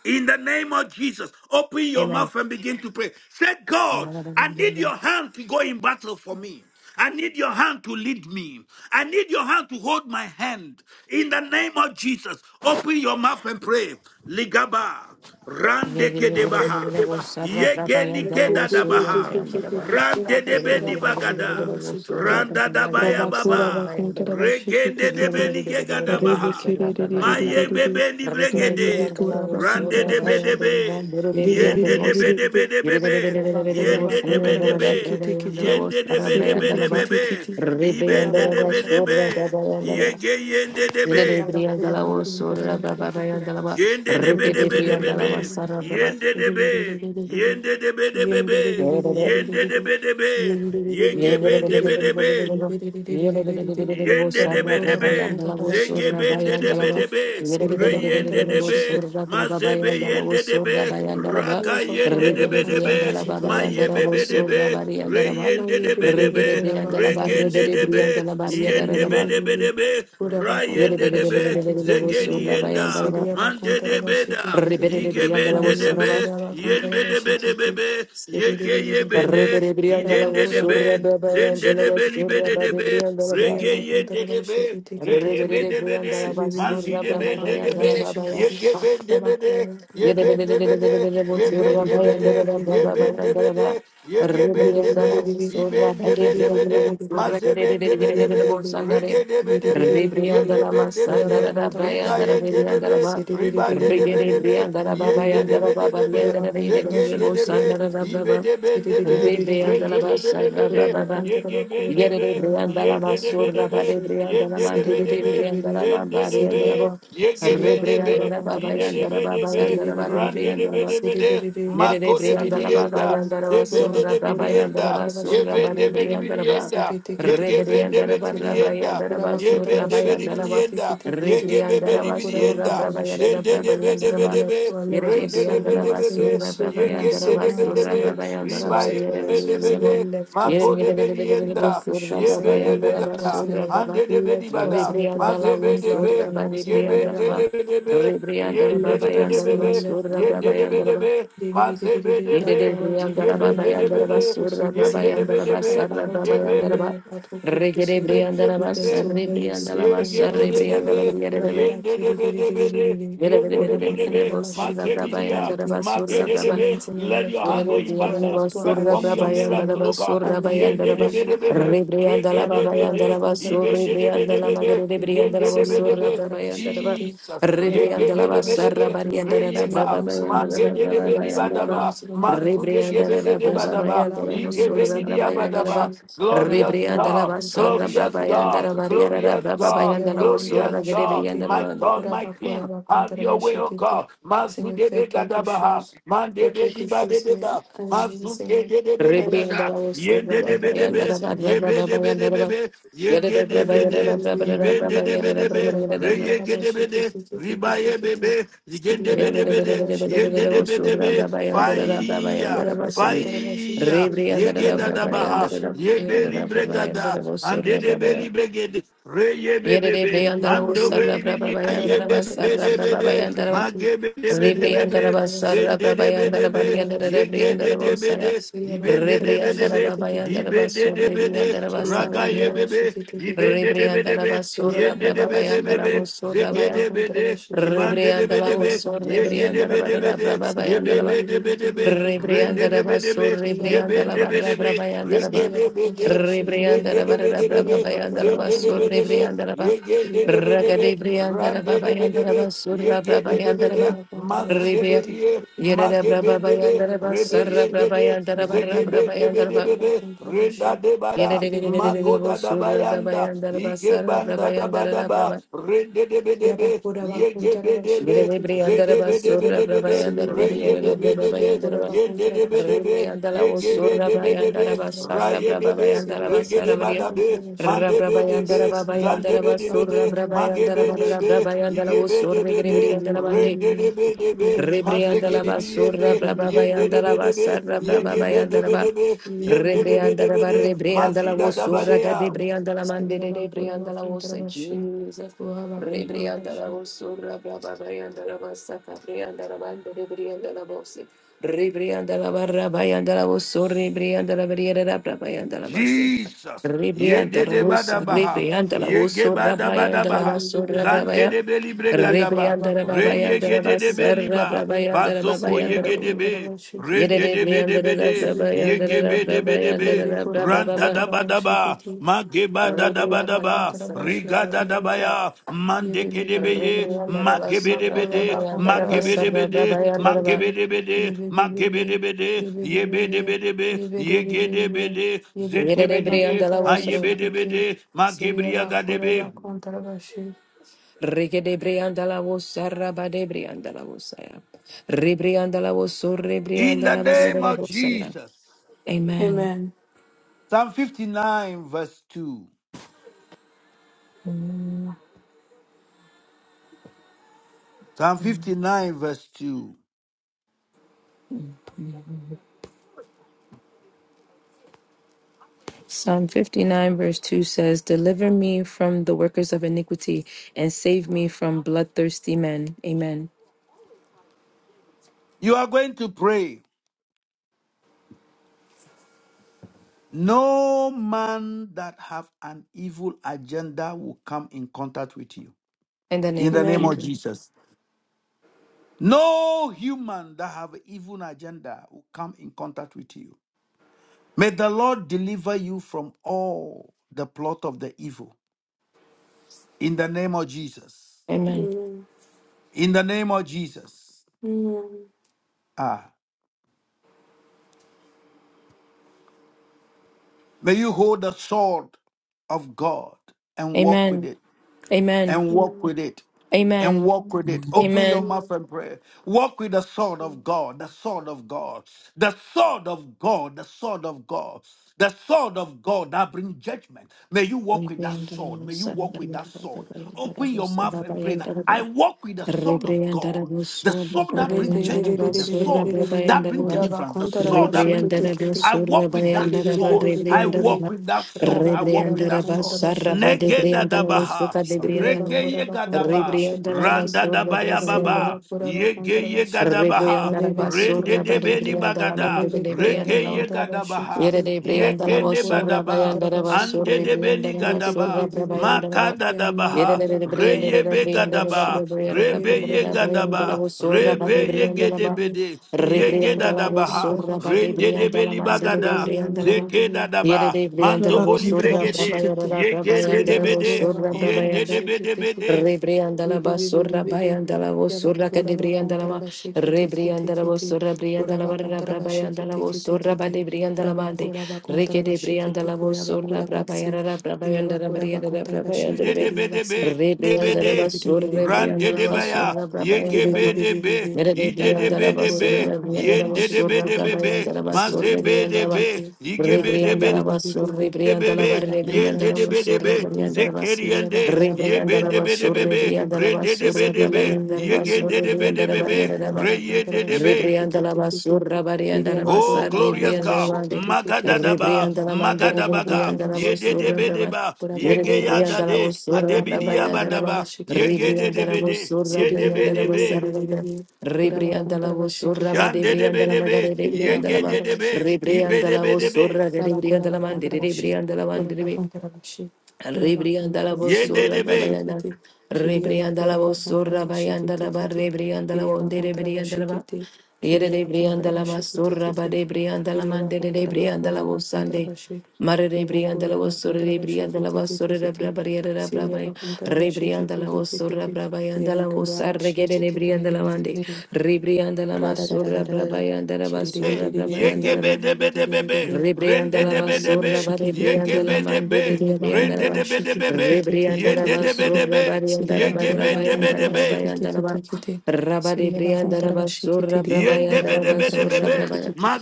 Speaker 2: In the name of Jesus, open your
Speaker 1: Amen.
Speaker 2: mouth and begin to pray. Say, God, I need your hand to go in battle for me. I need your hand to lead me. I need your hand to hold my hand. In the name of Jesus, open your mouth and pray. Ligaba,
Speaker 1: Yere
Speaker 2: rande kedebaha,
Speaker 1: Rebriandala
Speaker 4: Rabakura
Speaker 1: was Sora
Speaker 2: yegeni kedadabaha, rande
Speaker 4: bakonta
Speaker 2: debeni bagada,
Speaker 4: rabashiki tiki.
Speaker 2: randa dabaya
Speaker 4: Rabakura
Speaker 2: baba,
Speaker 4: bakonta rabashiki
Speaker 2: regende
Speaker 4: tiki tiki.
Speaker 2: debeni gegadabaha.
Speaker 4: Rebekiri diri diri
Speaker 2: Maye
Speaker 4: diri diri.
Speaker 2: bebe ni bregede.
Speaker 4: Mayebekura bakonta
Speaker 2: Rande de be de
Speaker 4: rabashi.
Speaker 2: be.
Speaker 4: re, re, re,
Speaker 2: Yende
Speaker 4: re, re.
Speaker 2: de
Speaker 4: re
Speaker 2: be de
Speaker 4: re
Speaker 2: be
Speaker 4: re.
Speaker 2: de be be.
Speaker 4: Rabakura
Speaker 2: Yende de
Speaker 4: bakonta
Speaker 2: be de be.
Speaker 4: rabashiki tiki tiki.
Speaker 2: Yende de be de
Speaker 4: Siki
Speaker 2: be de
Speaker 4: tiki
Speaker 2: be be.
Speaker 4: tiki tiki.
Speaker 2: Ibende de
Speaker 4: Rabakura
Speaker 2: be
Speaker 4: bakonta
Speaker 2: de be.
Speaker 4: rabashiki.
Speaker 2: Yege yende de be.
Speaker 4: Siri rabakura bakonta
Speaker 1: Baba Yandalaba,
Speaker 2: Yende de be
Speaker 1: Reke
Speaker 2: de
Speaker 1: de
Speaker 2: be de be
Speaker 1: Briandala
Speaker 2: be.
Speaker 4: rabashiki
Speaker 1: was
Speaker 4: tiki.
Speaker 1: Sarah
Speaker 4: Yim
Speaker 2: Yende de be. Yende de be de be be.
Speaker 1: Regede
Speaker 2: Yende de be de be. Yege bende be de be. Yende de be de be, zege bende de be de be, re yende de be, mazebe yende de be, raga yende de be de be, maye be be de be, re yende
Speaker 4: Mange
Speaker 2: de be
Speaker 4: bebe
Speaker 2: de
Speaker 4: be
Speaker 2: be,
Speaker 4: kura
Speaker 2: re
Speaker 4: bakanta
Speaker 2: gende de
Speaker 4: bashikiti
Speaker 2: be,
Speaker 4: siri
Speaker 2: yende
Speaker 4: bebe
Speaker 2: be de
Speaker 4: bebe
Speaker 2: be
Speaker 4: be
Speaker 2: de be,
Speaker 4: kura
Speaker 2: ra
Speaker 4: bakanta
Speaker 2: yende de be,
Speaker 4: bashikiti kiti
Speaker 2: zege di
Speaker 4: kiti
Speaker 2: yenda,
Speaker 4: siri
Speaker 2: mande
Speaker 4: bakanta
Speaker 2: de be da,
Speaker 4: bashikiti kiti
Speaker 2: ige bende
Speaker 4: maye
Speaker 2: de
Speaker 4: be
Speaker 2: be,
Speaker 4: kura bakanta
Speaker 2: yende de be de be
Speaker 4: bashikiti
Speaker 2: be,
Speaker 4: siri
Speaker 2: yege
Speaker 4: bebe
Speaker 2: ye
Speaker 4: bebe
Speaker 2: be
Speaker 4: bebe
Speaker 2: de,
Speaker 4: raba
Speaker 2: idende de
Speaker 4: kura
Speaker 2: be,
Speaker 4: bakanta
Speaker 2: Zende de
Speaker 4: bashikiti
Speaker 2: beli
Speaker 4: kiti
Speaker 2: bede de
Speaker 4: kiti
Speaker 2: be,
Speaker 4: siri
Speaker 2: rege
Speaker 4: bakanta
Speaker 2: yende de be,
Speaker 4: bashikiti kiti
Speaker 2: reye
Speaker 1: Reverere
Speaker 4: kiti
Speaker 2: bede bede,
Speaker 1: brianda la
Speaker 4: siri bebe
Speaker 2: manzi
Speaker 4: be
Speaker 1: basura
Speaker 2: de
Speaker 1: baba
Speaker 4: kura
Speaker 2: bende de
Speaker 1: bayanda
Speaker 4: bakanta
Speaker 2: be,
Speaker 1: la baba
Speaker 4: bashikiti
Speaker 2: yege
Speaker 1: yanda.
Speaker 2: bende
Speaker 4: raba
Speaker 2: bede,
Speaker 4: kura
Speaker 2: ye
Speaker 4: bakanta
Speaker 2: bende bede,
Speaker 1: Yededededededededede
Speaker 2: ye
Speaker 1: basura
Speaker 4: yere
Speaker 2: bende
Speaker 4: bebe
Speaker 1: bayanda
Speaker 4: bebe
Speaker 2: bede,
Speaker 1: la
Speaker 2: ye
Speaker 4: bebe
Speaker 1: baba
Speaker 2: bende
Speaker 1: bayanda la
Speaker 2: bede,
Speaker 1: ba.
Speaker 2: yege bende
Speaker 1: Rebrianda
Speaker 2: be,
Speaker 1: la
Speaker 4: bebe
Speaker 2: i
Speaker 1: basura
Speaker 4: Siri
Speaker 2: bende
Speaker 1: bade
Speaker 2: bede
Speaker 1: brianda la
Speaker 2: bede,
Speaker 1: basura
Speaker 2: maze bende bede
Speaker 1: yededededededede
Speaker 2: be,
Speaker 1: basanda re.
Speaker 2: rege de bede be, ye
Speaker 1: Rebrianda
Speaker 2: be
Speaker 1: la
Speaker 2: bende bede,
Speaker 1: masanda la da
Speaker 2: rida
Speaker 1: bayanda la
Speaker 2: yende de
Speaker 1: brianda la
Speaker 2: be,
Speaker 1: ba.
Speaker 2: riba de de
Speaker 1: Regede
Speaker 2: bede be,
Speaker 1: brianda la baba
Speaker 2: yende de
Speaker 1: yanda la
Speaker 2: bede
Speaker 1: baba
Speaker 2: be be,
Speaker 1: yanda la yedededededede
Speaker 2: zegende de be,
Speaker 1: basanda la da
Speaker 2: ibe
Speaker 1: baba.
Speaker 2: de bende be,
Speaker 1: Rebrianda la
Speaker 2: rende de
Speaker 1: basura
Speaker 2: bede
Speaker 1: baba ba. Yere de
Speaker 2: Yegebedebe,
Speaker 1: brianda la masurra ba
Speaker 2: yendedebedebe,
Speaker 1: de brianda la mande de de
Speaker 2: yendedebedebe,
Speaker 1: brianda la mamba de andara bo.
Speaker 2: zendedebe,
Speaker 1: Re
Speaker 2: yegebedebe,
Speaker 1: brianda la baba yanda la baba
Speaker 2: yidedebedebe,
Speaker 1: yanda la
Speaker 2: randedebedebede,
Speaker 1: Mere de briandala ba
Speaker 2: makodebidienda,
Speaker 1: bayandala ba
Speaker 4: Ora
Speaker 1: surra
Speaker 4: baku,
Speaker 1: ba
Speaker 4: ora baku,
Speaker 1: bayandala
Speaker 2: zebendedebidienda,
Speaker 1: surra
Speaker 4: kiti
Speaker 1: bari de
Speaker 4: kiti,
Speaker 1: briandala ba
Speaker 2: yebendebedibidienda,
Speaker 4: kiti kiti
Speaker 1: re
Speaker 4: kiti,
Speaker 1: briandala ba ra
Speaker 4: siria.
Speaker 2: yegebendebedibidienda,
Speaker 1: bayandala
Speaker 4: Ora baku,
Speaker 1: surra
Speaker 4: kiti
Speaker 1: bayandala ba
Speaker 4: kiti
Speaker 2: yebendebedibidienda,
Speaker 4: kiti
Speaker 1: re
Speaker 4: kiti, ora
Speaker 1: briandala ba
Speaker 4: baku, ora baku,
Speaker 1: surra
Speaker 2: yegebebedibidienda,
Speaker 1: ba
Speaker 4: ora bashi
Speaker 1: bayandala
Speaker 2: Zende
Speaker 1: ba
Speaker 4: kiti.
Speaker 2: de be de
Speaker 1: bayandala
Speaker 2: be
Speaker 4: Seigneur,
Speaker 1: ba
Speaker 2: de be,
Speaker 4: lève-toi,
Speaker 1: yere
Speaker 4: lève-toi,
Speaker 1: de
Speaker 2: rende de be
Speaker 1: briandala
Speaker 2: de
Speaker 4: sauve-moi,
Speaker 1: ba
Speaker 2: be
Speaker 4: Seigneur,
Speaker 2: de,
Speaker 1: surra ba
Speaker 4: sauve-moi,
Speaker 2: yege de de be
Speaker 4: sauve-moi,
Speaker 2: de
Speaker 1: surra ba
Speaker 4: Seigneur,
Speaker 2: be,
Speaker 1: bayandala
Speaker 4: sauve
Speaker 2: riba
Speaker 1: ba
Speaker 4: cette
Speaker 2: ye be
Speaker 1: yere de
Speaker 2: be de
Speaker 4: relation,
Speaker 2: be
Speaker 4: Seigneur,
Speaker 2: de,
Speaker 4: lève-toi,
Speaker 2: mako de
Speaker 4: Seigneur,
Speaker 2: be di
Speaker 4: fais
Speaker 2: yenda,
Speaker 4: quelque
Speaker 1: surra
Speaker 4: chose,
Speaker 2: ye
Speaker 1: ba
Speaker 2: be
Speaker 4: Seigneur,
Speaker 2: de be
Speaker 1: bayandala
Speaker 4: lève-toi,
Speaker 2: gada,
Speaker 1: surra
Speaker 4: Seigneur,
Speaker 1: ba ba
Speaker 2: hande de be di
Speaker 4: lève-toi,
Speaker 1: re
Speaker 2: bada,
Speaker 4: Seigneur, pour la plus
Speaker 2: maze
Speaker 1: briandala ba
Speaker 2: be
Speaker 4: grande
Speaker 2: de
Speaker 4: gloire de ton
Speaker 1: surra
Speaker 2: be,
Speaker 4: nom,
Speaker 1: bari re
Speaker 2: ye
Speaker 4: Seigneur,
Speaker 2: be
Speaker 1: briandala
Speaker 2: de
Speaker 1: ba
Speaker 4: lève-toi.
Speaker 2: de be de be,
Speaker 1: re briandala ba
Speaker 2: yende de be
Speaker 4: Lève-toi,
Speaker 2: de be
Speaker 1: bayandala
Speaker 4: Seigneur,
Speaker 2: be,
Speaker 1: ba surra
Speaker 4: lève-toi,
Speaker 1: ba
Speaker 2: yende de be
Speaker 4: lève-toi.
Speaker 1: bayandala
Speaker 2: de be,
Speaker 4: Dé- dé- dé- dé-
Speaker 2: maze
Speaker 4: dé- dé-
Speaker 2: be
Speaker 4: dé.
Speaker 2: de
Speaker 1: Yere
Speaker 4: Ta
Speaker 2: be,
Speaker 4: parole dit que
Speaker 2: ye
Speaker 4: ta
Speaker 2: be
Speaker 4: main n'est
Speaker 2: de
Speaker 4: pas
Speaker 2: de
Speaker 4: trop
Speaker 2: be de,
Speaker 4: courte pour sauver,
Speaker 2: yende de
Speaker 4: Seigneur.
Speaker 2: be de be,
Speaker 4: Ta parole dit
Speaker 2: ye
Speaker 4: que
Speaker 2: be
Speaker 4: ta
Speaker 2: de
Speaker 4: main n'est pas trop courte pour
Speaker 2: be
Speaker 4: sauver,
Speaker 2: de
Speaker 4: ni tes
Speaker 2: be,
Speaker 4: oreilles s'ouvrent pour entendre, Seigneur.
Speaker 2: Yegedebedebe,
Speaker 4: Ranta ki- dé- dé- dé- dé- dé- dé- dé-
Speaker 2: yendedebedebede,
Speaker 4: dé. Oraba kontra
Speaker 2: yendedebedebe,
Speaker 4: ba shi ki- ti- ki- ti- ki-
Speaker 2: mazebidia,
Speaker 4: ti. Cette semaine,
Speaker 2: magededebe.
Speaker 4: Seigneur,
Speaker 2: Let your
Speaker 4: lève-toi,
Speaker 2: hand go in
Speaker 4: lève-toi,
Speaker 2: battle.
Speaker 4: lève-toi,
Speaker 1: Surra
Speaker 2: Perform your
Speaker 4: agis,
Speaker 1: Brabayandala
Speaker 4: Seigneur.
Speaker 2: miracle, O God.
Speaker 1: Basura
Speaker 4: Agis,
Speaker 1: Bayandalaba
Speaker 4: agis,
Speaker 2: Yendedebedebebe,
Speaker 4: agis.
Speaker 1: Rebriandala
Speaker 4: Rabakura
Speaker 1: Babayandala
Speaker 2: regedebede,
Speaker 4: bakontra ba
Speaker 1: Basuri
Speaker 4: shi ki- ti- ki-
Speaker 1: Briandala
Speaker 4: ti- ki-
Speaker 2: ibendedebedebebe,
Speaker 1: Magari
Speaker 4: ti.
Speaker 1: Briandala
Speaker 4: Siri,
Speaker 1: Basura
Speaker 2: yendedebedebe.
Speaker 4: rabakura ba shi ki-
Speaker 1: Brabayandalaba
Speaker 4: ti.
Speaker 2: Jesus.
Speaker 4: Kuraba
Speaker 1: Rebriandala
Speaker 4: Pantaraba
Speaker 2: Yegedebedebe,
Speaker 1: Basara
Speaker 4: Shikiti,
Speaker 1: Bariandala
Speaker 4: sing your
Speaker 2: reyeba,
Speaker 4: own song, sing your
Speaker 1: Brabayandala
Speaker 4: parler, sing your
Speaker 1: Brabayandalaba
Speaker 4: own
Speaker 2: makedebedibadaba,
Speaker 4: song, fais quelque chose.
Speaker 1: Rebriandala
Speaker 4: En ce
Speaker 2: mazudegebedebadaba,
Speaker 4: moment-là où
Speaker 1: Brabayandala
Speaker 4: il est,
Speaker 1: Basura
Speaker 4: Seigneur, fais quelque
Speaker 2: ikebedidiabadaba.
Speaker 1: Brabayandalaba
Speaker 4: chose. Rabba
Speaker 2: Glorious
Speaker 1: Rebriandala
Speaker 4: Kuraba
Speaker 2: God,
Speaker 4: kete,
Speaker 1: Basara
Speaker 2: glorious
Speaker 4: Shikiti,
Speaker 2: God,
Speaker 1: Brabayandala
Speaker 4: kete, Kiti,
Speaker 1: Mariana
Speaker 2: glorious God,
Speaker 4: Siriaba
Speaker 1: Brabayandala
Speaker 2: glorious
Speaker 4: Pantaraba
Speaker 1: Basura
Speaker 2: God,
Speaker 4: Shikiti,
Speaker 2: my
Speaker 1: Gedebriandala
Speaker 2: God, my
Speaker 4: Kuraba
Speaker 2: King,
Speaker 4: Kuraba
Speaker 2: have your
Speaker 4: Pantaraba
Speaker 2: way, O
Speaker 4: Shikiti,
Speaker 2: God.
Speaker 4: Seigneur, fais quelque
Speaker 2: Mazudebegadabaha,
Speaker 4: chose. Fais quelque chose, Seigneur.
Speaker 2: mandebedibadebeba,
Speaker 4: Agis,
Speaker 2: Mazuke
Speaker 4: Seigneur.
Speaker 2: de de
Speaker 1: Sorry.
Speaker 2: beni
Speaker 4: Agis,
Speaker 2: gada,
Speaker 4: Père, comme
Speaker 2: yende de
Speaker 4: gloire de
Speaker 2: be
Speaker 4: ton
Speaker 2: de be,
Speaker 4: nom, Seigneur.
Speaker 2: yebe
Speaker 4: Agis.
Speaker 2: de be de be be, yege
Speaker 4: Siria
Speaker 2: de be de, ibende de be de be, reyege de be de, ribaye be be, yigende be de be de, yende de be de be, fire, fire, yege da da baha, yebe libre gada, ande de be libre Reye
Speaker 1: Yerere
Speaker 2: bebe,
Speaker 1: briyandala wo
Speaker 2: ando
Speaker 1: sarra braba
Speaker 2: baby, ye
Speaker 1: bayandala ba
Speaker 2: bebe
Speaker 1: sarra braba
Speaker 2: bebe,
Speaker 1: bayandala ba.
Speaker 2: magebe bebe bebe,
Speaker 1: Rebriyandala ba sarra
Speaker 2: zende
Speaker 1: braba
Speaker 2: bebe
Speaker 1: yandala ba
Speaker 2: bebe,
Speaker 1: riyandala
Speaker 2: ye
Speaker 1: re
Speaker 2: gede
Speaker 1: briyandala wo
Speaker 2: bebe,
Speaker 1: saya.
Speaker 2: ibende bebe
Speaker 1: Rebriyandala
Speaker 2: bebe,
Speaker 1: ba bayandala ba
Speaker 2: libende
Speaker 1: sur
Speaker 2: bebe,
Speaker 1: rebriyandala ba
Speaker 4: Kiriaba
Speaker 1: sarra
Speaker 2: raka ye
Speaker 1: rebriya.
Speaker 2: bebe,
Speaker 4: kontrabashikite
Speaker 2: ibende
Speaker 4: tikite.
Speaker 2: bebe
Speaker 1: Rebriyandala
Speaker 2: bebe,
Speaker 1: ba
Speaker 4: Siriaba
Speaker 1: surra
Speaker 2: yende
Speaker 1: braba
Speaker 2: bebe
Speaker 1: bayandala
Speaker 4: kontrabashikite.
Speaker 2: bebe,
Speaker 1: wo surra baya.
Speaker 2: zegede
Speaker 4: Uraba
Speaker 2: bebe,
Speaker 4: kontrabashikite.
Speaker 2: ibande bebe
Speaker 1: Rebriandala
Speaker 2: bebe,
Speaker 1: was
Speaker 4: Uraba
Speaker 1: so
Speaker 2: ye Reyebebebe, andobebebebe, yebebebebebe, magebebebebebe, zendebebebe, yegedebebe, libendebebe, libendebebe, rakayebebe, libendebebe, yendebebebe,
Speaker 1: rebriandala
Speaker 4: kontrabashikite.
Speaker 1: barra
Speaker 2: zegedebebe, ibandebebe, yegedebebe,
Speaker 1: brava by andalava.
Speaker 2: yebebebebe,
Speaker 1: Rebriandala
Speaker 4: Siririririririririririririri.
Speaker 1: was
Speaker 2: rendebebe,
Speaker 1: so
Speaker 4: Kiriaba
Speaker 1: rebriandala barra
Speaker 2: yebendebebe,
Speaker 1: brava
Speaker 4: kontrabashi.
Speaker 1: by andalava.
Speaker 4: Siriaba
Speaker 2: regebebebe,
Speaker 4: kontrabashikite.
Speaker 1: Rebriandala barra brava by
Speaker 4: Siriaba
Speaker 2: ibendebebe,
Speaker 4: koraba
Speaker 1: andalava
Speaker 2: zende de
Speaker 1: so
Speaker 2: be de be,
Speaker 4: kontrabashi.
Speaker 1: rebriandala.
Speaker 2: yegende de de
Speaker 4: Siriaba
Speaker 2: be de
Speaker 4: koraba
Speaker 2: be,
Speaker 1: Ragadebriandala
Speaker 2: rande
Speaker 1: baba
Speaker 2: de be de be,
Speaker 1: yandalava surra
Speaker 2: yegende
Speaker 1: brava
Speaker 2: de
Speaker 4: raba
Speaker 2: de be de,
Speaker 1: yandalava.
Speaker 4: koraba
Speaker 2: mazu de be
Speaker 1: Rebria.
Speaker 4: kontrabashikite
Speaker 2: diye,
Speaker 4: tikite.
Speaker 1: Yerada
Speaker 2: makebe
Speaker 1: brava
Speaker 2: de
Speaker 1: by
Speaker 2: be,
Speaker 4: Siriaba
Speaker 1: andalava
Speaker 2: rebe
Speaker 1: sarra
Speaker 4: kontrabashi.
Speaker 2: yende
Speaker 1: brava
Speaker 2: de,
Speaker 1: yandalava
Speaker 4: Nabi
Speaker 1: barra
Speaker 2: zegebe
Speaker 1: brava
Speaker 2: de
Speaker 4: yoraba
Speaker 2: be de
Speaker 1: yandalava.
Speaker 2: be
Speaker 4: koraba
Speaker 2: be,
Speaker 4: kontrabashi.
Speaker 2: renda de baya,
Speaker 1: Yerada
Speaker 2: magoda da
Speaker 1: surra brava
Speaker 2: bayanda,
Speaker 1: yandalava sarra brava
Speaker 2: igebanda da ba da ba,
Speaker 1: yandalava
Speaker 2: rende de be de be,
Speaker 4: Yabakura bakuntara
Speaker 2: yegebe de be,
Speaker 4: bashikiti titi
Speaker 1: Briandara
Speaker 4: titi
Speaker 2: zede be de
Speaker 4: titi
Speaker 2: be
Speaker 1: Basura
Speaker 2: de be be,
Speaker 4: sibi
Speaker 1: Brabayandara
Speaker 2: re
Speaker 4: bibi
Speaker 2: ye
Speaker 4: bibi
Speaker 2: de
Speaker 1: Barriera
Speaker 2: be
Speaker 4: bibi
Speaker 2: de be,
Speaker 1: Brabayandara
Speaker 4: kura
Speaker 1: Bas.
Speaker 2: ye de
Speaker 4: bakuntara
Speaker 2: de be de
Speaker 4: bashikiti
Speaker 2: be,
Speaker 1: Ribriandala
Speaker 2: ye
Speaker 1: was
Speaker 2: ge
Speaker 4: siri
Speaker 2: be
Speaker 1: Sura
Speaker 2: de be
Speaker 4: yabakura
Speaker 2: de
Speaker 1: Bayandara
Speaker 2: be,
Speaker 4: bakuntara
Speaker 2: ra
Speaker 4: bashi
Speaker 1: Basara
Speaker 2: ye de be,
Speaker 4: siri
Speaker 1: Brabayandara
Speaker 2: re ge
Speaker 1: Basara
Speaker 2: de
Speaker 4: yabakura
Speaker 2: ba
Speaker 1: Maria.
Speaker 2: da
Speaker 4: bakuntara
Speaker 2: be,
Speaker 4: bashi
Speaker 2: man de be de
Speaker 1: Rabrabayandara
Speaker 4: mesi
Speaker 2: be, zan
Speaker 4: siri
Speaker 2: de
Speaker 1: Babayandara
Speaker 2: be de be
Speaker 1: Basura
Speaker 2: de,
Speaker 4: yabakura bakuntara
Speaker 1: Brabayandara
Speaker 2: be de
Speaker 1: Bara
Speaker 2: be,
Speaker 4: bashikiti
Speaker 2: i
Speaker 1: Brabayandala was
Speaker 2: be
Speaker 1: Sura
Speaker 2: de be
Speaker 4: yibi
Speaker 2: de,
Speaker 4: bibi bibi
Speaker 1: Gribriandala
Speaker 2: de de
Speaker 4: bibi
Speaker 2: be de be,
Speaker 4: yibi bibi
Speaker 2: ma se
Speaker 4: bibi
Speaker 2: ge
Speaker 1: Rebriandala
Speaker 2: de
Speaker 4: bibi
Speaker 2: bi ye
Speaker 1: basura
Speaker 2: de,
Speaker 4: yibi
Speaker 1: braba
Speaker 4: bibi
Speaker 2: ye
Speaker 4: bibi
Speaker 2: de de
Speaker 1: bayandala
Speaker 2: be
Speaker 4: bibi
Speaker 2: de be,
Speaker 1: basara
Speaker 4: yibi
Speaker 2: ye
Speaker 1: braba
Speaker 4: bibi
Speaker 2: ge be
Speaker 4: bibi
Speaker 2: de
Speaker 1: bayandala
Speaker 2: be
Speaker 4: bibi
Speaker 1: ba.
Speaker 2: de be,
Speaker 4: yibi
Speaker 2: ye
Speaker 4: bibi
Speaker 2: de de
Speaker 4: bibi
Speaker 2: be de
Speaker 1: Rebriandala
Speaker 2: be
Speaker 1: ba
Speaker 2: de,
Speaker 4: yabakura
Speaker 2: ma zi
Speaker 1: rebriandala
Speaker 2: da
Speaker 4: bakuntara
Speaker 2: da ba
Speaker 1: wosura
Speaker 2: de
Speaker 1: gade
Speaker 4: bashikiti
Speaker 2: ya.
Speaker 1: briandala
Speaker 4: siri
Speaker 1: mande de de
Speaker 4: yabakura
Speaker 1: briandala
Speaker 4: bakuntara
Speaker 1: wosa
Speaker 4: bashi
Speaker 1: Jesus.
Speaker 4: kura bakuntara bashi
Speaker 1: Rebriandala wosura braba bayandala basaka briandala mande de briandala wosi. Rebriandala barra bayandala wosura rebriandala briandala braba bayandala basi.
Speaker 2: Jesus. Ye de
Speaker 1: Rebriandala
Speaker 2: de
Speaker 1: wosa
Speaker 2: badabaha.
Speaker 1: rebriandala
Speaker 2: Ye ge
Speaker 1: wosura bayandala
Speaker 2: badabadabaha.
Speaker 1: basura braba
Speaker 2: Zante
Speaker 1: ya.
Speaker 2: de beli bregadaba.
Speaker 4: Irekura
Speaker 1: Rebriandara Baba
Speaker 2: Re
Speaker 4: bakondera
Speaker 2: ye ge
Speaker 1: Yandara
Speaker 2: de de
Speaker 4: bashikiti
Speaker 2: beli
Speaker 4: kiti
Speaker 1: Basara
Speaker 2: ba.
Speaker 1: Baba Yandara Baba
Speaker 2: Bazoko
Speaker 4: Syria
Speaker 2: ye ge de
Speaker 1: Yandara
Speaker 4: bakondera
Speaker 2: be. Re
Speaker 1: Yere
Speaker 4: bashikiti
Speaker 2: de de be de be
Speaker 1: Rebriandara
Speaker 2: de.
Speaker 4: ibi
Speaker 1: Baba
Speaker 4: bibi
Speaker 2: Ye ge
Speaker 4: bibi
Speaker 1: Yandara
Speaker 2: be de
Speaker 1: Baba
Speaker 2: be de be.
Speaker 1: Yandara
Speaker 4: Irekura
Speaker 1: Baba
Speaker 2: Ranta
Speaker 1: Baba
Speaker 2: da
Speaker 4: bakondera
Speaker 2: badaba.
Speaker 4: bashikiti
Speaker 2: Mageba
Speaker 4: Yabakura
Speaker 1: Rebriandara
Speaker 2: dadabadaba,
Speaker 4: bakondera
Speaker 2: riga
Speaker 4: bashikiti kiti
Speaker 2: dadabaya,
Speaker 1: Basara
Speaker 4: ibi
Speaker 2: mandeke
Speaker 4: bibi bibi
Speaker 2: debeye,
Speaker 4: bibi
Speaker 1: Rebriandara
Speaker 2: magebe
Speaker 1: Basara
Speaker 4: Makura
Speaker 1: Baba
Speaker 2: debede,
Speaker 1: Yandara
Speaker 4: bakondera
Speaker 2: magebe
Speaker 1: Basara
Speaker 4: bashikiti
Speaker 1: Baba
Speaker 2: debede,
Speaker 4: kiti
Speaker 1: Yandara
Speaker 4: kiti
Speaker 1: Ba
Speaker 2: magebe
Speaker 4: ibi
Speaker 2: debede,
Speaker 4: bibi
Speaker 2: magebe
Speaker 4: bibi
Speaker 2: debede,
Speaker 4: ibi bibi
Speaker 2: yebe debedebe,
Speaker 4: bibi ibi
Speaker 2: yege
Speaker 4: bibi bibi
Speaker 2: debede,
Speaker 1: Yere
Speaker 4: Irekura
Speaker 2: zentebediye,
Speaker 1: Rebriandala
Speaker 4: bakondera
Speaker 1: Vosra
Speaker 2: ayebe
Speaker 4: bashikiti
Speaker 2: debede,
Speaker 4: Syria
Speaker 2: magebria
Speaker 4: bakura
Speaker 2: gadebe.
Speaker 4: bakondera bashikiti
Speaker 1: Rike Debriandala Vosara Bade Briandala Vosaya Rebriandala Vosur
Speaker 2: In the
Speaker 1: Rebriandala
Speaker 2: name
Speaker 1: Basara
Speaker 2: of
Speaker 1: Vosaya
Speaker 2: Jesus.
Speaker 1: Amen
Speaker 4: Amen
Speaker 2: Psalm 59 verse 2. Psalm 59 verse 2.
Speaker 1: Psalm 59, verse 2 says, Deliver me from the workers of iniquity and save me from bloodthirsty men. Amen.
Speaker 2: You are going to pray. No man that have an evil agenda will come in contact with you.
Speaker 1: In the
Speaker 2: In
Speaker 1: name
Speaker 2: the
Speaker 1: of
Speaker 2: name of
Speaker 4: Amen.
Speaker 1: Jesus.
Speaker 2: Jesus. No human that have an evil agenda will come in contact with you. May the Lord deliver you from all the plot of the evil. In the name of Jesus.
Speaker 1: Amen.
Speaker 4: Amen.
Speaker 2: In the name of Jesus.
Speaker 4: Amen.
Speaker 2: Ah. May you hold the sword of God and walk with
Speaker 1: Amen.
Speaker 2: it
Speaker 1: Amen.
Speaker 2: and walk
Speaker 4: Amen.
Speaker 2: with it. And
Speaker 1: Amen.
Speaker 2: walk with it. Open your
Speaker 1: Amen.
Speaker 2: mouth and pray. Walk with the sword of
Speaker 4: Amen.
Speaker 2: God, the sword of God, the sword of God, the sword of God, the sword of God that brings judgment. May you walk with that sword. May
Speaker 1: Rebriandarabus,
Speaker 2: you walk with that sword. Open your
Speaker 1: Rabayandarabus,
Speaker 2: mouth and pray that I
Speaker 1: Rabayandarabus,
Speaker 2: walk with the sword of God
Speaker 1: Rebriandarabus,
Speaker 2: the sword that
Speaker 4: Re
Speaker 2: brings
Speaker 4: te re re re
Speaker 2: judgment,
Speaker 4: re
Speaker 1: Rabayandarabus,
Speaker 2: the
Speaker 4: re re re
Speaker 2: sword
Speaker 4: re re re.
Speaker 2: that brings
Speaker 1: Rabayandarabus,
Speaker 4: Kura ba
Speaker 2: deliverance, the
Speaker 4: konta ra ba
Speaker 2: sword that brings
Speaker 4: shiki tiki
Speaker 2: peace.
Speaker 4: tiki.
Speaker 1: Rebriandarabus,
Speaker 2: I walk with that
Speaker 1: Rabayandarabus,
Speaker 2: sword. I walk with that sword. I walk
Speaker 4: Rabakura
Speaker 2: with that
Speaker 1: Rebriandarabus,
Speaker 4: bakontara
Speaker 2: sword.
Speaker 4: bashikiti kiti kiti.
Speaker 1: Rebriandarabus, Rabadebriandarabus,
Speaker 2: Negedadabaha,
Speaker 4: Siria
Speaker 1: Sukadebriandarabus,
Speaker 4: bakura bakontara
Speaker 2: rekeyegadaba,
Speaker 4: bashikiti
Speaker 1: Rebriandarabus,
Speaker 4: kiti. Siria
Speaker 1: Rabayandarabus,
Speaker 2: randadabayababa,
Speaker 4: bakura bakontara bashi.
Speaker 2: yegeyegadabaha,
Speaker 4: Rebe
Speaker 1: Rebriandarabus,
Speaker 4: kiti kiti
Speaker 2: rendedebeni
Speaker 4: kiti.
Speaker 1: Rabadebriandarabus,
Speaker 2: bagada,
Speaker 4: Rebe kura
Speaker 1: Rebriandarabus,
Speaker 4: bakontara
Speaker 2: rekeyegadabaha,
Speaker 1: Yere
Speaker 4: bashikiti.
Speaker 1: de briandala was
Speaker 4: Rabakura
Speaker 1: surra
Speaker 2: yekendebadaba,
Speaker 4: bakontara
Speaker 1: bayandara was
Speaker 2: Ande
Speaker 1: surri
Speaker 4: bashikiti.
Speaker 2: de beni
Speaker 1: briandara was
Speaker 4: Debe
Speaker 1: surra
Speaker 2: gadaba,
Speaker 4: bebe bebe bebe.
Speaker 1: brabayandara was.
Speaker 2: makada
Speaker 1: Yere
Speaker 2: dabaha,
Speaker 4: Yambandara
Speaker 1: de de
Speaker 4: bakura
Speaker 1: briandara de
Speaker 2: reyebe
Speaker 4: bakontara
Speaker 1: briandara de
Speaker 2: gadaba,
Speaker 4: bashi.
Speaker 1: brabayandara
Speaker 4: Yebe
Speaker 2: rebeye
Speaker 4: bebe bebe bebe.
Speaker 1: brabayandara
Speaker 2: gadaba,
Speaker 1: was surra
Speaker 4: Yebe
Speaker 1: ba de
Speaker 4: bebe
Speaker 2: rebeye
Speaker 4: bebe
Speaker 1: briandala ba.
Speaker 4: bebe.
Speaker 2: gedebede,
Speaker 4: Yebe
Speaker 2: yege
Speaker 4: bakura
Speaker 1: Rebriandala was
Speaker 2: dadabaha,
Speaker 4: bakontara
Speaker 1: surra ba de
Speaker 2: rende
Speaker 4: bashikiti.
Speaker 2: de
Speaker 1: briandala
Speaker 2: beli
Speaker 1: mande de de
Speaker 2: bagada,
Speaker 1: briandala ba.
Speaker 2: zeke
Speaker 1: Yere
Speaker 2: dadaba,
Speaker 1: de
Speaker 2: mando
Speaker 1: briandala was
Speaker 2: boli
Speaker 4: Rabakuntara
Speaker 1: surra
Speaker 2: bregede,
Speaker 4: bashikete.
Speaker 1: brabayandara
Speaker 2: yege de
Speaker 4: Seria
Speaker 1: brabayandara was
Speaker 2: debede,
Speaker 4: bakura
Speaker 1: surra
Speaker 4: bakuntara
Speaker 2: yende de
Speaker 1: brabayandara.
Speaker 4: bashikete kete.
Speaker 2: bede
Speaker 1: Rebriandala
Speaker 4: Yebe bebe
Speaker 1: basura
Speaker 4: bebe bebe.
Speaker 1: bayandala vosura
Speaker 4: Yabakura
Speaker 1: cadebriandala
Speaker 4: bakuntara
Speaker 1: ma
Speaker 4: bashikete kete
Speaker 1: rebriandala
Speaker 4: kete.
Speaker 1: vosura
Speaker 4: Kura
Speaker 1: briandala barra
Speaker 4: bakuntara
Speaker 1: brabayandala
Speaker 4: bashikete kete
Speaker 1: vosura
Speaker 4: kete.
Speaker 1: badebriandala mande
Speaker 4: Rabakura bakuntara
Speaker 1: reke
Speaker 4: bashikete
Speaker 1: debriandala
Speaker 4: kura
Speaker 1: vosura
Speaker 4: bakura bakse.
Speaker 1: brabayara
Speaker 4: Kiria
Speaker 1: brabayandala
Speaker 4: bakura
Speaker 1: briandala
Speaker 4: bakuntara
Speaker 1: brabayandala
Speaker 4: bashikete
Speaker 1: be
Speaker 4: riabasi.
Speaker 2: Dedebedebe,
Speaker 1: rebriandala
Speaker 2: debede,
Speaker 1: basura
Speaker 2: ran
Speaker 1: rebriandala
Speaker 4: Rabakure
Speaker 2: dedebeya,
Speaker 1: basura brabayandala ma
Speaker 2: yegebedebe,
Speaker 4: Kiribibibibibibib.
Speaker 1: mere debriandala
Speaker 4: Raita
Speaker 2: idedebedebe,
Speaker 1: basura
Speaker 4: koraba
Speaker 1: rebriandala
Speaker 4: kontaraba
Speaker 1: vosura
Speaker 4: shikiti
Speaker 2: yendedebedebebe,
Speaker 4: kiti.
Speaker 1: brabayandala basura
Speaker 4: Sikiti kiti
Speaker 1: rebriandala
Speaker 2: mazebedebe,
Speaker 4: kiti.
Speaker 2: igebedebedebe.
Speaker 1: Rebriandalaba sur
Speaker 4: Madibibibibibib.
Speaker 1: rebriandalaba
Speaker 2: Bebe,
Speaker 4: Kuraba kontaraba
Speaker 2: yende de
Speaker 1: rebriandalaba sur
Speaker 4: shikiti
Speaker 2: bedebe,
Speaker 4: kiti.
Speaker 1: rebriandalaba
Speaker 4: Siriaba
Speaker 2: zekeriyende,
Speaker 4: koraba
Speaker 1: rebriandalaba
Speaker 2: yebende
Speaker 4: kontaraba
Speaker 1: sur
Speaker 2: bedebebe,
Speaker 4: shikiti kiti.
Speaker 1: rebriandalaba
Speaker 2: rende de
Speaker 1: sur
Speaker 2: bedebe,
Speaker 1: rebriandalaba sur
Speaker 2: yegende de
Speaker 4: Siribibibibibib.
Speaker 1: rebriandalaba
Speaker 2: bedebebe,
Speaker 4: Raba
Speaker 1: rebriandalaba
Speaker 4: koraba kontaraba
Speaker 2: reyende
Speaker 4: shikiti kiti
Speaker 1: rebriandalaba
Speaker 4: kiti.
Speaker 1: sur
Speaker 4: Kiriaba
Speaker 1: rebriandalaba
Speaker 2: Oh,
Speaker 1: sur
Speaker 4: koraba
Speaker 2: glorious
Speaker 4: kontaraba
Speaker 2: God.
Speaker 1: rebriandalaba de
Speaker 4: shikiti kiti kiti
Speaker 2: Magadadaba,
Speaker 4: kiti.
Speaker 1: rebriandalaba de
Speaker 4: Kuraba
Speaker 2: Magadabaga,
Speaker 4: kontaraba
Speaker 1: rebriandalaba
Speaker 4: shikiti
Speaker 1: sur
Speaker 4: kiti.
Speaker 1: rebriandalaba
Speaker 2: Yedebedeba,
Speaker 4: Kuraba
Speaker 1: Yerebe
Speaker 4: kontaraba
Speaker 1: brianda
Speaker 4: shikiti.
Speaker 1: la
Speaker 2: Yegeyadade,
Speaker 4: Kuraba
Speaker 1: vosurra
Speaker 4: koraba
Speaker 1: brabaya daraba,
Speaker 4: kontaraba
Speaker 2: Adebidiabadaba,
Speaker 4: shikiti kiti
Speaker 1: ribrianda la
Speaker 4: kiti.
Speaker 2: Yegedebede,
Speaker 1: vosurra brianda la
Speaker 2: Yedebedebe,
Speaker 1: vasarada,
Speaker 4: Sididididididididididi.
Speaker 1: ribrianda la vosurra bade brianda la
Speaker 4: Kurabakontarabashikitikitikiti.
Speaker 2: Shandedebedebe,
Speaker 1: magare de brianda la ma,
Speaker 2: Yegedebe,
Speaker 1: ribrianda la
Speaker 4: Kiriabakontarabashikitikiti.
Speaker 2: Ibedebedebe,
Speaker 1: vosurra de brianda la mandi de
Speaker 4: Rabakurabakondarabashi.
Speaker 1: brianda la mandi
Speaker 4: Kurabakontarabashi.
Speaker 1: Rebrianda la bosura
Speaker 2: Yendebe,
Speaker 1: brabayana.
Speaker 4: Kurabakontarabashikitikiti.
Speaker 1: Rebrianda la bosura
Speaker 4: Kiriabakurabakondarabashi.
Speaker 1: bayanda la ba rebrianda la bonde rebrianda la ba.
Speaker 4: Kiriabakontarabashikiti.
Speaker 1: Yere rebrianda la masura
Speaker 4: Kiriabakontarabashikiti.
Speaker 1: ba rebrianda la
Speaker 4: Kiriaba
Speaker 1: mande
Speaker 4: Kantaraba
Speaker 1: rebrianda la
Speaker 4: Kuraba
Speaker 1: bosande.
Speaker 4: Kantarabashi,
Speaker 1: Mare rebrianda la
Speaker 4: Robokuraba
Speaker 1: bosura
Speaker 4: Kantarabashi
Speaker 1: rebrianda la
Speaker 4: Kiti Kiti
Speaker 1: bosura da
Speaker 4: Kiti,
Speaker 1: brabayere da brabay.
Speaker 4: Siriaba Kantarabashi
Speaker 1: Rebrianda
Speaker 4: Kiti
Speaker 1: la
Speaker 4: Kiti
Speaker 1: bosura
Speaker 4: Kiti,
Speaker 1: brabayanda la bosar
Speaker 4: Rebikuraba Shi
Speaker 1: regere rebrianda la mande.
Speaker 4: Kiti
Speaker 1: Rebrianda
Speaker 4: Siria
Speaker 1: la masura brabayanda la basura brabayanda la ba.
Speaker 2: Yegebedebedebe,
Speaker 1: Rebrianda la basura,
Speaker 2: Rendedebedebe,
Speaker 1: rebrianda la mande,
Speaker 2: Yegebedebe,
Speaker 1: rebrianda la ba,
Speaker 2: Rendedebedebe,
Speaker 1: rebrianda la basura,
Speaker 2: Yendebedebe,
Speaker 1: rebrianda la ba, rebrianda andala
Speaker 2: Yegebedebedebe.
Speaker 1: ba, rebrianda andala ba, raba rebrianda la basura,
Speaker 2: Ye de
Speaker 1: rebrianda
Speaker 2: de
Speaker 1: la
Speaker 2: de de de. de
Speaker 1: basura,
Speaker 2: de de de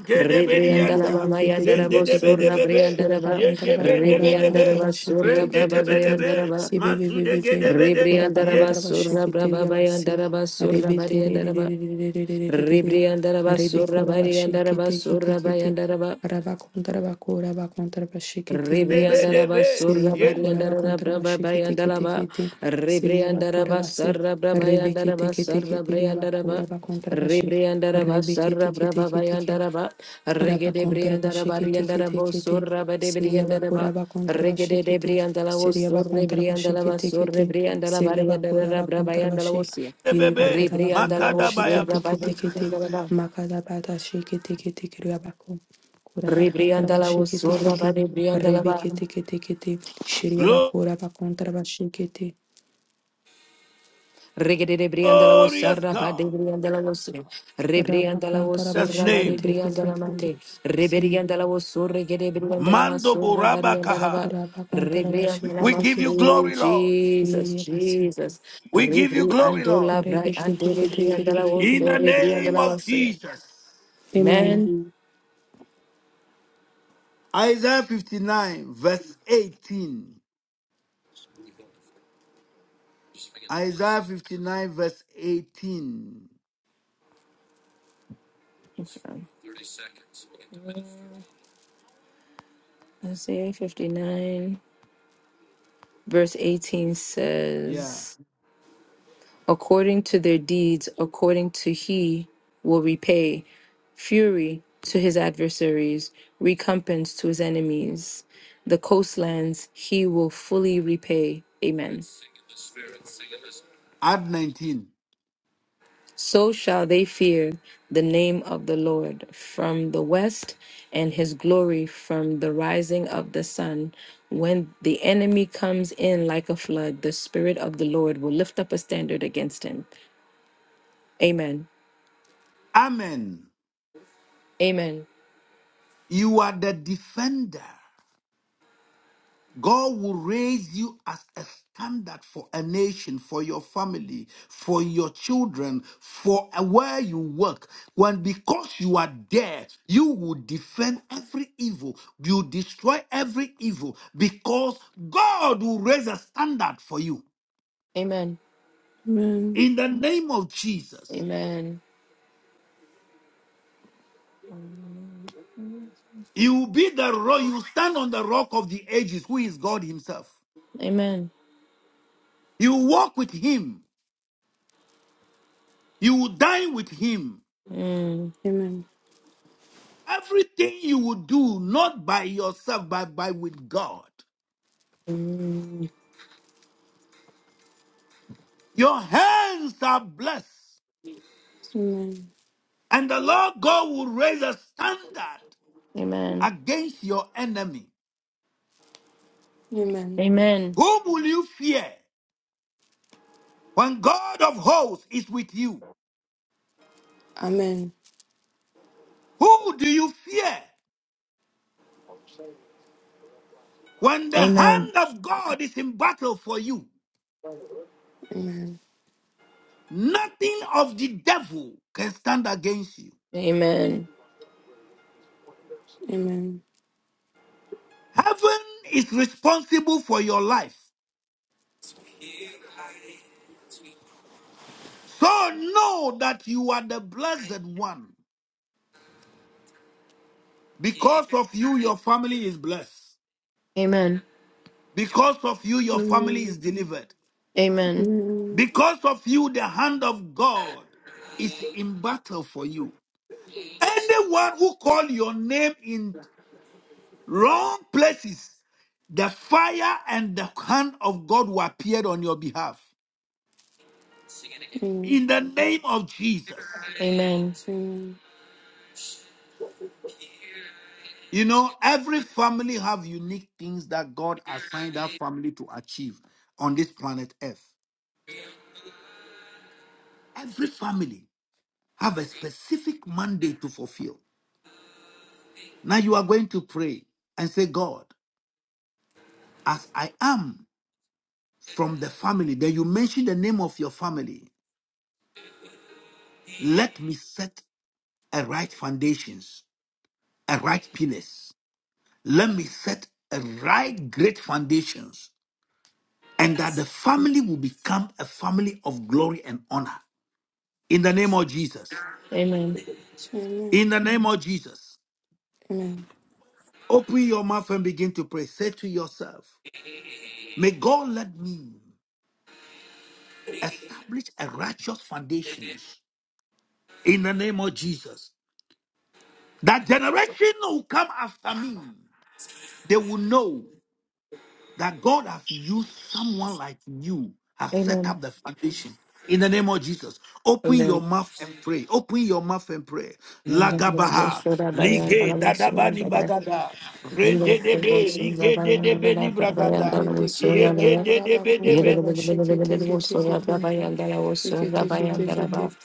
Speaker 2: de de de be be mage de be, di
Speaker 1: rebrianda la
Speaker 2: yanda, zende de be de be be
Speaker 1: ba,
Speaker 2: yege be, de be de
Speaker 1: rebrianda la
Speaker 2: be
Speaker 1: basura,
Speaker 2: rende de be. de
Speaker 1: rebrianda la
Speaker 2: be
Speaker 1: ba,
Speaker 2: mazu de ge de be, de,
Speaker 1: rebrianda la
Speaker 2: ye
Speaker 1: basura, rebrianda la ba, rebrianda la basura, rebrianda la basura,
Speaker 4: Rebe re re
Speaker 1: rebrianda
Speaker 4: re re
Speaker 1: la
Speaker 4: re
Speaker 1: ba.
Speaker 4: Rebeterererererererererere.
Speaker 1: Rebriandaraba
Speaker 4: Rebekora
Speaker 1: Surabari andala
Speaker 4: bashike teke
Speaker 1: basurda
Speaker 4: teke
Speaker 1: baya
Speaker 4: te.
Speaker 1: andala ba.
Speaker 4: Rabakontra bakora bakontra bashike teria
Speaker 2: be be
Speaker 4: base.
Speaker 2: ge be. magedebedianda, zendebedebebe, yegebendebedebe, de
Speaker 1: Rebriandaraba
Speaker 2: be,
Speaker 1: surra
Speaker 4: Seria bakora
Speaker 1: bariandaraba
Speaker 4: bakontra
Speaker 1: braba
Speaker 4: bashike teke
Speaker 1: bayandaraba
Speaker 4: teke te. Seria bakora
Speaker 1: Rebriandaraba
Speaker 4: base.
Speaker 1: sarra braba
Speaker 4: Rebeke
Speaker 1: yandaraba
Speaker 4: teke teke
Speaker 1: sarra
Speaker 4: teria
Speaker 1: briandaraba
Speaker 4: bakora bakontra bashi.
Speaker 1: Rebriandaraba
Speaker 4: rebe
Speaker 1: sarra
Speaker 4: kete kete
Speaker 1: braba
Speaker 4: kete kete
Speaker 1: bayandaraba Regede
Speaker 4: Rabakontra
Speaker 1: briandaraba
Speaker 4: bashikiti kiti
Speaker 1: riandarabo
Speaker 4: kiti.
Speaker 1: surra bade
Speaker 4: Siria bakura
Speaker 1: briandaraba
Speaker 4: bakontra
Speaker 1: Regede de
Speaker 4: bashikiti.
Speaker 1: briandalavo
Speaker 4: Siria
Speaker 1: surre
Speaker 4: bakontra
Speaker 1: briandalava
Speaker 4: bashikiti
Speaker 1: surre
Speaker 4: kiti.
Speaker 1: briandalava
Speaker 4: Siria bakura
Speaker 1: riandaraba braba
Speaker 4: bakontra bashik.
Speaker 1: yandalavosia
Speaker 4: Iri
Speaker 2: yebebedebe, yendebebe,
Speaker 4: bakura bakontra
Speaker 1: Rebriandalavo
Speaker 2: makadabaya.
Speaker 1: surra
Speaker 4: bashikiti
Speaker 1: bade
Speaker 4: kiti kiti.
Speaker 1: briandalava
Speaker 4: Makada bata shikiti kiti kriya bakun. Kura bakontra
Speaker 1: Rebriandalavo
Speaker 4: bashikiti
Speaker 1: surra
Speaker 4: kiti.
Speaker 1: bade
Speaker 4: Rebe
Speaker 1: briandalava
Speaker 4: kiti kiti kiti. Siria bakura bakontra bashikiti.
Speaker 1: Regede brianda la
Speaker 2: Glorious
Speaker 1: osarra ba de
Speaker 2: God,
Speaker 1: brianda la osre.
Speaker 4: Raba
Speaker 1: Rebrianda la
Speaker 4: kontra
Speaker 2: that's
Speaker 1: de
Speaker 2: name.
Speaker 4: bashikiti
Speaker 1: brianda
Speaker 4: kiti kiti.
Speaker 1: mande.
Speaker 4: Siri.
Speaker 1: Reberianda la osurre gede brianda la
Speaker 2: Mando
Speaker 1: masurra
Speaker 2: Borabakaha.
Speaker 4: Kura bakontra
Speaker 2: We
Speaker 4: bashikiti
Speaker 1: mas.
Speaker 2: give you
Speaker 4: kiti.
Speaker 1: Oh,
Speaker 2: glory, Lord.
Speaker 1: Jesus,
Speaker 4: Iri basi.
Speaker 1: Jesus.
Speaker 2: We give you glory,
Speaker 1: Rebriando
Speaker 2: Lord.
Speaker 1: la
Speaker 4: Amen. Amen.
Speaker 1: bra ande rebrianda la
Speaker 4: Amen.
Speaker 2: In
Speaker 1: oso
Speaker 2: the
Speaker 1: rebrianda
Speaker 2: name of Jesus.
Speaker 4: Amen.
Speaker 1: Man.
Speaker 2: Isaiah 59, verse 18. Isaiah 59, verse 18.
Speaker 1: Isaiah 59 verse 18
Speaker 2: Yeah.
Speaker 1: says. according to their deeds, according to he will repay fury to his adversaries, recompense to his enemies. The coastlands he will fully repay. Amen.
Speaker 2: Add 19.
Speaker 1: So shall they fear the name of the Lord from the west and his glory from the rising of the sun. When the enemy comes in like a flood, the Spirit of the Lord will lift up a standard against him. Amen.
Speaker 2: Amen.
Speaker 1: Amen.
Speaker 2: You are the defender. God will raise you as a standard for a nation, for your family, for your children, for where you work. When because you are there, you will defend every evil. You destroy every evil because God will raise a standard for you.
Speaker 1: Amen.
Speaker 2: In the name of Jesus.
Speaker 1: Amen.
Speaker 2: He will be the rock. You stand on the rock of the ages, who is God Himself.
Speaker 1: Amen.
Speaker 2: You walk with Him. You will dine with Him.
Speaker 1: Mm.
Speaker 4: Amen.
Speaker 2: Everything you will do, not by yourself, but by with God.
Speaker 1: Mm.
Speaker 2: Your hands are blessed, and the Lord God will raise a standard
Speaker 1: Amen.
Speaker 2: against your enemy.
Speaker 4: Amen.
Speaker 1: Amen.
Speaker 2: Whom will you fear when God of hosts is with you?
Speaker 4: Amen.
Speaker 2: Who do you fear when the
Speaker 1: Amen.
Speaker 2: hand of God is in battle for you?
Speaker 4: Amen.
Speaker 2: Nothing of the devil can stand against you.
Speaker 1: Amen.
Speaker 4: Amen. Amen.
Speaker 2: Heaven is responsible for your life. So know that you are the blessed one. Because of you, your family is blessed.
Speaker 1: Amen. Amen.
Speaker 2: Because of you, your family is
Speaker 4: Amen.
Speaker 2: delivered.
Speaker 1: Amen.
Speaker 2: Because of you, the hand of God is in battle for you. Anyone who call your name in wrong places, the fire and the hand of God will appear on your behalf.
Speaker 4: Amen.
Speaker 2: in the name of Jesus.
Speaker 1: Amen.
Speaker 4: Amen.
Speaker 2: You know, every family have unique things that God assigned that family to achieve on this planet Earth. Every family have a specific mandate to fulfill. Now you are going to pray and say, God, as I am from the family, then you mention the name of your family. Let me set a right foundations, a right pillars. Let me set a right great foundations and that the family will become a family of glory and honor. In the name of Jesus.
Speaker 1: Amen.
Speaker 4: Amen.
Speaker 2: In the name of Jesus.
Speaker 4: Amen.
Speaker 2: Open your mouth and begin to pray. Say to yourself, May God let me establish a righteous foundations in the name of Jesus. That generation who come after me, they will know. that God has used someone like you, has set up the foundation. In the name of Jesus, open your mouth and pray. Open your mouth and pray. Lagabaha, lige dadabani bagada, rende debe, lige dedebe ni
Speaker 1: Amen.
Speaker 2: bragada,
Speaker 4: Redekereba
Speaker 2: yege
Speaker 1: Amen.
Speaker 4: kuraba
Speaker 1: Ye le
Speaker 2: dedebe
Speaker 1: le le
Speaker 4: kontraba
Speaker 1: le le le le le
Speaker 4: shikete
Speaker 1: le wo
Speaker 4: kete
Speaker 1: so ra ba
Speaker 4: kete
Speaker 1: ba yanda la wo so ra
Speaker 4: kete
Speaker 1: ba
Speaker 4: kete
Speaker 1: yanda la ba.
Speaker 4: kete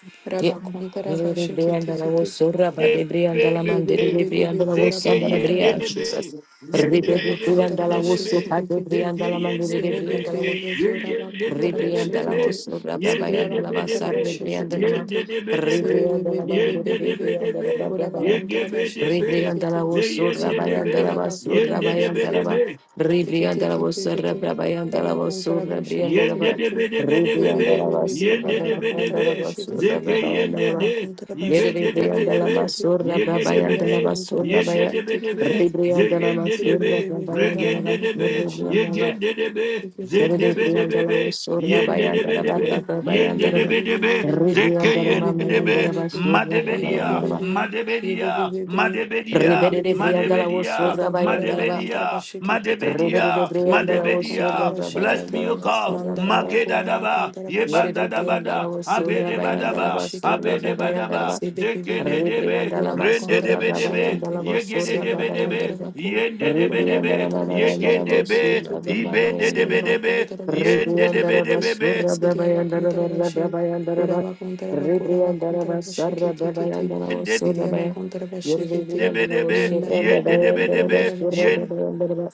Speaker 1: Ye
Speaker 4: raba
Speaker 1: ye le
Speaker 4: kontraba
Speaker 1: le le
Speaker 4: shikete
Speaker 1: yanda la wo
Speaker 4: kete
Speaker 1: so ra ba de bri yanda la man de
Speaker 4: sebe
Speaker 1: de
Speaker 2: Yen
Speaker 4: bebe
Speaker 1: bri
Speaker 4: bebe
Speaker 1: yanda la wo so
Speaker 4: kuraba
Speaker 1: yanda la bri
Speaker 4: kontraba
Speaker 1: yanda Jesus. Re be be
Speaker 4: Siria
Speaker 1: bri
Speaker 4: bakontara
Speaker 1: yanda la wo so ka
Speaker 4: bashikete
Speaker 1: de bri
Speaker 4: kete.
Speaker 1: yanda la man de de bri
Speaker 4: Sirebe
Speaker 1: yanda la wo.
Speaker 4: kere bekiora bakontara
Speaker 1: Ribrianda la
Speaker 4: bashikete.
Speaker 1: vosso
Speaker 4: Siria
Speaker 1: rabrabayanda la
Speaker 4: bakontara
Speaker 1: bassa ribrianda
Speaker 4: bashikete
Speaker 1: la ma
Speaker 4: kete. Sirebe
Speaker 1: ribrianda la
Speaker 4: bebe bebe
Speaker 1: mando
Speaker 4: bebe. bebe.
Speaker 1: ribrianda la
Speaker 4: Kora
Speaker 1: rabrabaya
Speaker 4: bakontara bashikete
Speaker 1: ribrianda la
Speaker 4: kete.
Speaker 1: vosso
Speaker 4: Sirebe
Speaker 1: rabayanda la
Speaker 4: kora
Speaker 1: basso
Speaker 4: bakontara
Speaker 2: de
Speaker 1: rabayanda la
Speaker 2: de
Speaker 1: ba
Speaker 4: bashikete.
Speaker 2: be,
Speaker 4: Sikete
Speaker 1: ribrianda la
Speaker 4: kete
Speaker 1: vosso
Speaker 4: kete.
Speaker 1: rabrabayanda la
Speaker 4: Raba
Speaker 1: vosso
Speaker 4: kontara
Speaker 1: ribrianda la
Speaker 4: bashikete
Speaker 2: Yende
Speaker 1: ba
Speaker 2: de
Speaker 4: kete.
Speaker 2: be de be de be
Speaker 4: Sirebe
Speaker 1: ribrianda la
Speaker 2: be.
Speaker 4: bebe
Speaker 1: bassa
Speaker 4: bebe
Speaker 2: Yende
Speaker 4: kora
Speaker 2: de be de
Speaker 1: rabayanda
Speaker 4: bakontara
Speaker 1: la
Speaker 2: be.
Speaker 1: vosso
Speaker 4: bashikete.
Speaker 2: Zeke
Speaker 1: rabrabayanda la
Speaker 2: yende
Speaker 4: Raba
Speaker 1: ba
Speaker 2: de.
Speaker 4: kontara
Speaker 2: Ibe de de
Speaker 4: bashikete
Speaker 2: be
Speaker 1: ribrianda
Speaker 2: de
Speaker 4: kete
Speaker 1: la
Speaker 2: be.
Speaker 4: kete.
Speaker 1: masso
Speaker 2: Yege de be
Speaker 4: Siria
Speaker 1: rabrabayanda la
Speaker 2: de.
Speaker 1: basso
Speaker 4: bakontara
Speaker 2: Yende
Speaker 1: rabaya
Speaker 2: de be
Speaker 4: bashikete
Speaker 2: de
Speaker 4: kete.
Speaker 2: be. Ze
Speaker 1: ribrianda la
Speaker 2: yende de
Speaker 1: masso
Speaker 2: be.
Speaker 4: Bebebebebe kora
Speaker 1: rabrabayanda la
Speaker 2: Regende
Speaker 1: basso
Speaker 2: de
Speaker 4: bakura
Speaker 2: be.
Speaker 1: ribrianda
Speaker 4: bashikete
Speaker 1: la
Speaker 2: Yegende de be.
Speaker 4: sekete
Speaker 1: Rebriandala
Speaker 2: Zende
Speaker 4: kete
Speaker 2: be de
Speaker 4: kete
Speaker 2: be be. Yende de be de
Speaker 4: yebebebebebe
Speaker 2: be. Yende de be de be.
Speaker 4: yebebebebebe
Speaker 2: Zeke yende de be.
Speaker 4: yebebebebebe
Speaker 2: Madebedia.
Speaker 4: yebebebebe
Speaker 2: Madebedia.
Speaker 4: yebebebebe
Speaker 2: Madebedia.
Speaker 4: yebebebebebe
Speaker 2: Madebedia.
Speaker 4: rabakora bakontra
Speaker 2: Madebedia.
Speaker 4: bashikete kete
Speaker 2: Madebedia.
Speaker 4: kirya bakontra
Speaker 2: Madebedia.
Speaker 4: bashikete
Speaker 2: God,
Speaker 4: mandara
Speaker 2: Mageda
Speaker 4: bakora
Speaker 2: daba,
Speaker 4: bakontra
Speaker 2: Yebanda
Speaker 4: bashikete
Speaker 2: dabada,
Speaker 1: Yerebriandala was
Speaker 4: Kiria
Speaker 1: Surda
Speaker 2: Abede
Speaker 4: Bakuntara
Speaker 1: Bayandala
Speaker 2: badaba,
Speaker 1: was
Speaker 4: Bashikete
Speaker 1: Surda
Speaker 2: Abede
Speaker 4: Kete,
Speaker 2: badaba,
Speaker 1: Babayandala.
Speaker 2: Zekede
Speaker 4: Sebebebe,
Speaker 2: debe,
Speaker 1: Ribriandala
Speaker 4: Kura
Speaker 1: was
Speaker 2: Rende
Speaker 4: Bakuntara
Speaker 1: Surda
Speaker 2: debe debe,
Speaker 1: Babayandala
Speaker 4: Bashikete,
Speaker 1: was
Speaker 2: Yegede
Speaker 1: Surda
Speaker 4: Siria
Speaker 2: debe debe,
Speaker 4: Bakuntara
Speaker 1: Babayandalava.
Speaker 4: Baku,
Speaker 2: Yende debe
Speaker 4: Kura
Speaker 2: debe,
Speaker 1: Ribriandalama
Speaker 4: Bakuntara
Speaker 2: Yegede
Speaker 4: Bashikete Kete
Speaker 2: debe,
Speaker 1: Babayandala.
Speaker 4: Kete,
Speaker 2: Ibende debe
Speaker 4: Siria
Speaker 2: debe,
Speaker 4: Bakuntara
Speaker 2: Yende
Speaker 4: Bashikete
Speaker 2: debe
Speaker 1: Ribriandala Mamayandala was Surda Babayandala. Ribriandala was
Speaker 4: Kete,
Speaker 2: debe, be,
Speaker 1: Surda
Speaker 4: Siria Bakuntara
Speaker 1: Babayandala
Speaker 4: Bashi, Kura
Speaker 1: Babayandala.
Speaker 4: Bakuntara Bakura
Speaker 1: Ribriandala
Speaker 4: Bakuntara
Speaker 1: was Surda
Speaker 4: Bashikete Kete,
Speaker 1: Babayandala was
Speaker 2: Yende
Speaker 1: Surda
Speaker 4: Siria
Speaker 1: Babayandala.
Speaker 4: Bakuntara Bashikete,
Speaker 2: debe
Speaker 1: Yerebriandala was
Speaker 2: debe,
Speaker 4: Yendara
Speaker 1: Surda
Speaker 2: Yende
Speaker 4: Bakura
Speaker 2: debe
Speaker 1: Babayandala was
Speaker 2: debe,
Speaker 1: Surda
Speaker 4: Bakuntara
Speaker 2: Yen
Speaker 1: Babayandala.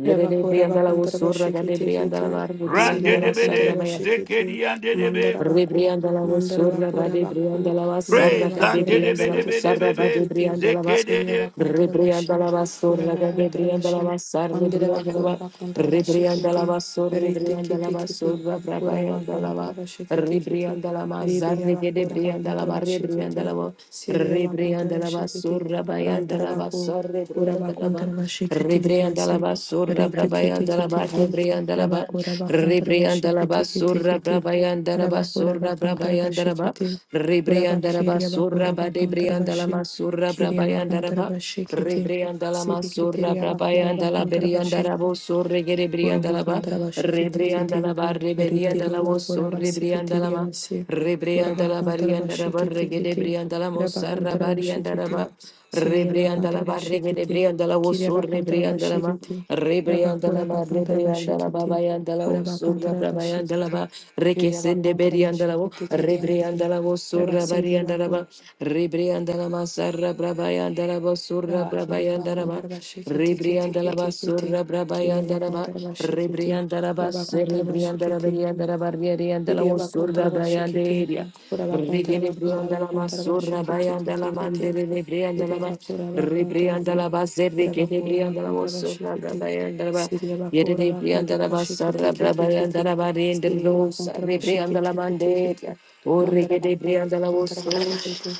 Speaker 1: Yere de
Speaker 4: Rabakura,
Speaker 1: brianda la
Speaker 4: bakontara
Speaker 1: usura, gade
Speaker 4: bashikiti
Speaker 1: brianda la
Speaker 4: kiti,
Speaker 1: mar, brianda la
Speaker 2: Rande
Speaker 4: Siria
Speaker 2: debe
Speaker 4: bakontara
Speaker 2: de,
Speaker 1: masarra,
Speaker 4: bashikiti,
Speaker 2: Zekedi ande debe,
Speaker 4: Mandara baku,
Speaker 1: Rebrianda la
Speaker 4: Mandara
Speaker 1: vosurra,
Speaker 4: bakora
Speaker 1: bade
Speaker 4: baku,
Speaker 1: brianda la
Speaker 4: Mandara
Speaker 1: vasarra,
Speaker 2: Praise
Speaker 1: cade
Speaker 2: and
Speaker 4: bakora
Speaker 2: debe
Speaker 1: brianda la
Speaker 2: debe
Speaker 4: basikiti
Speaker 1: vosarra,
Speaker 2: debe,
Speaker 4: kiti
Speaker 2: be,
Speaker 1: bade
Speaker 4: kiti,
Speaker 1: brianda la va.
Speaker 2: Zekede
Speaker 4: Siria
Speaker 2: de.
Speaker 4: bakontara
Speaker 1: Rebrianda
Speaker 4: bashi,
Speaker 1: la
Speaker 4: Kura
Speaker 1: basura,
Speaker 4: bakontara
Speaker 1: rebrianda la
Speaker 4: bashi,
Speaker 1: basar,
Speaker 4: Mandara
Speaker 1: rebrianda la
Speaker 4: bakora
Speaker 1: ba,
Speaker 4: bakontara
Speaker 1: rebrianda la
Speaker 4: bashikiti,
Speaker 1: basura,
Speaker 4: Riti
Speaker 1: rebrianda la
Speaker 4: kiti kiti,
Speaker 1: basura,
Speaker 4: Kura
Speaker 1: rebrianda la
Speaker 4: bakontara
Speaker 1: ba,
Speaker 4: bashikiti kiti,
Speaker 1: rebrianda la mazar,
Speaker 4: Ribiya bakora
Speaker 1: rebrianda la
Speaker 4: bakontara
Speaker 1: ba, rebrianda
Speaker 4: bashikiti,
Speaker 1: la ba,
Speaker 4: Siria bakontara
Speaker 1: rebrianda la
Speaker 4: bashikiti,
Speaker 1: basura, rebrianda
Speaker 4: Rantara
Speaker 1: la
Speaker 4: baku,
Speaker 1: basar,
Speaker 4: Kura
Speaker 1: rebrianda la ba,
Speaker 4: bakontara
Speaker 1: rebrianda
Speaker 4: bashikiti,
Speaker 1: la basura,
Speaker 4: Retiki
Speaker 1: rebrianda
Speaker 4: tiki
Speaker 1: la ba,
Speaker 4: tiki.
Speaker 1: rebrianda la ba,
Speaker 4: Rabakura bakontra
Speaker 1: rebrianda la
Speaker 4: bashiki tiki tiki
Speaker 1: basura,
Speaker 4: tiki.
Speaker 1: rebrianda la basura,
Speaker 4: Rabakura
Speaker 1: surra
Speaker 4: bakontra
Speaker 1: brabayandaraba,
Speaker 4: bashiki tiki.
Speaker 1: Rebriandaraba
Speaker 4: Kurabakiria
Speaker 1: surra
Speaker 4: bakura bakontra
Speaker 1: badebriandalama
Speaker 4: bashi.
Speaker 1: surra
Speaker 4: Kiria bakontra
Speaker 1: brabayandaraba,
Speaker 4: bashiki tiki.
Speaker 1: Rebriandalama surra
Speaker 4: Sibikitiria bakura
Speaker 1: brabayandala
Speaker 4: bakontra bashi.
Speaker 1: beriandarabo surre
Speaker 4: Korobo
Speaker 1: gerebriandalaba,
Speaker 4: kontra bashikete kete.
Speaker 1: Rebriandalaba
Speaker 4: Reteria
Speaker 1: reberiandalabo
Speaker 4: bakora
Speaker 1: surre
Speaker 4: basikete ria
Speaker 1: briandalama,
Speaker 4: basi. Koraba
Speaker 1: Rebriandala
Speaker 4: kontra
Speaker 1: bariandaraba
Speaker 4: bashikete kete.
Speaker 1: regedebriandalamo
Speaker 4: Raba
Speaker 1: sarra
Speaker 4: kontra bashikete.
Speaker 1: bariandaraba,
Speaker 4: Siria bakontra
Speaker 1: Rebriandalaba
Speaker 4: bashikete.
Speaker 1: regedebriandalabo
Speaker 4: Kiria
Speaker 1: surre
Speaker 4: bakontra
Speaker 1: briandalama,
Speaker 4: bashikete. Raba
Speaker 1: Rebriandala
Speaker 4: koraba
Speaker 1: ma
Speaker 4: kontra
Speaker 1: rebriandala
Speaker 4: bashikete.
Speaker 1: babayandala wo
Speaker 4: Koraba
Speaker 1: surra
Speaker 4: kontra
Speaker 1: brabayandala
Speaker 4: bashikete.
Speaker 1: ba
Speaker 4: Kiria
Speaker 1: rekesende
Speaker 4: bakontra
Speaker 1: beriandala o
Speaker 4: bashikete kiria basi.
Speaker 1: rebriandala wo
Speaker 4: Raba
Speaker 1: surra
Speaker 4: siria
Speaker 1: bariandala ba
Speaker 4: bako.
Speaker 1: rebriandala ma sarra brabayandala wo surra
Speaker 4: Raba kiria
Speaker 1: brabayandala ba
Speaker 4: bakontra bashikete kete
Speaker 1: rebriandala
Speaker 4: kete
Speaker 1: ba
Speaker 4: kete.
Speaker 1: surra
Speaker 4: Kiria
Speaker 1: brabayandala ba
Speaker 4: bakontra bashikete.
Speaker 1: rebriandala ba
Speaker 4: Raba kontra
Speaker 1: serebriandala
Speaker 4: bashikete.
Speaker 1: beriandala ba rebriandala
Speaker 4: Kiriya
Speaker 1: wo
Speaker 4: bakundara
Speaker 1: surra
Speaker 4: bashikiti,
Speaker 1: brayanderia
Speaker 4: kura bakundara
Speaker 1: Brigere
Speaker 4: bakura
Speaker 1: brianda la
Speaker 4: bakundara
Speaker 1: masurra
Speaker 4: bashikiti
Speaker 1: bayanda la
Speaker 4: kiti kiti.
Speaker 1: mandere de brianda la
Speaker 4: Siriya
Speaker 1: ba
Speaker 4: bakura bakundara
Speaker 1: Rebriandala
Speaker 4: bakura,
Speaker 1: Basere,
Speaker 4: kura bakura
Speaker 1: Gedebriandala
Speaker 4: bakundara
Speaker 1: Oso,
Speaker 4: bashikiti.
Speaker 1: Rabrabayandala,
Speaker 4: Siriya bakura bakundara
Speaker 1: Yedebriandala
Speaker 4: bashikiti
Speaker 1: Basara,
Speaker 4: kiti kiti.
Speaker 1: Brabayandala
Speaker 4: Siriya
Speaker 1: Barindosa,
Speaker 4: bakundara
Speaker 1: Rebriandala
Speaker 4: bashikiti kiti
Speaker 1: Mande,
Speaker 4: kiti.
Speaker 1: Ore
Speaker 4: Mandara bakura
Speaker 1: Gedebriandala
Speaker 4: bakundara
Speaker 1: Oso,
Speaker 4: bashikiti.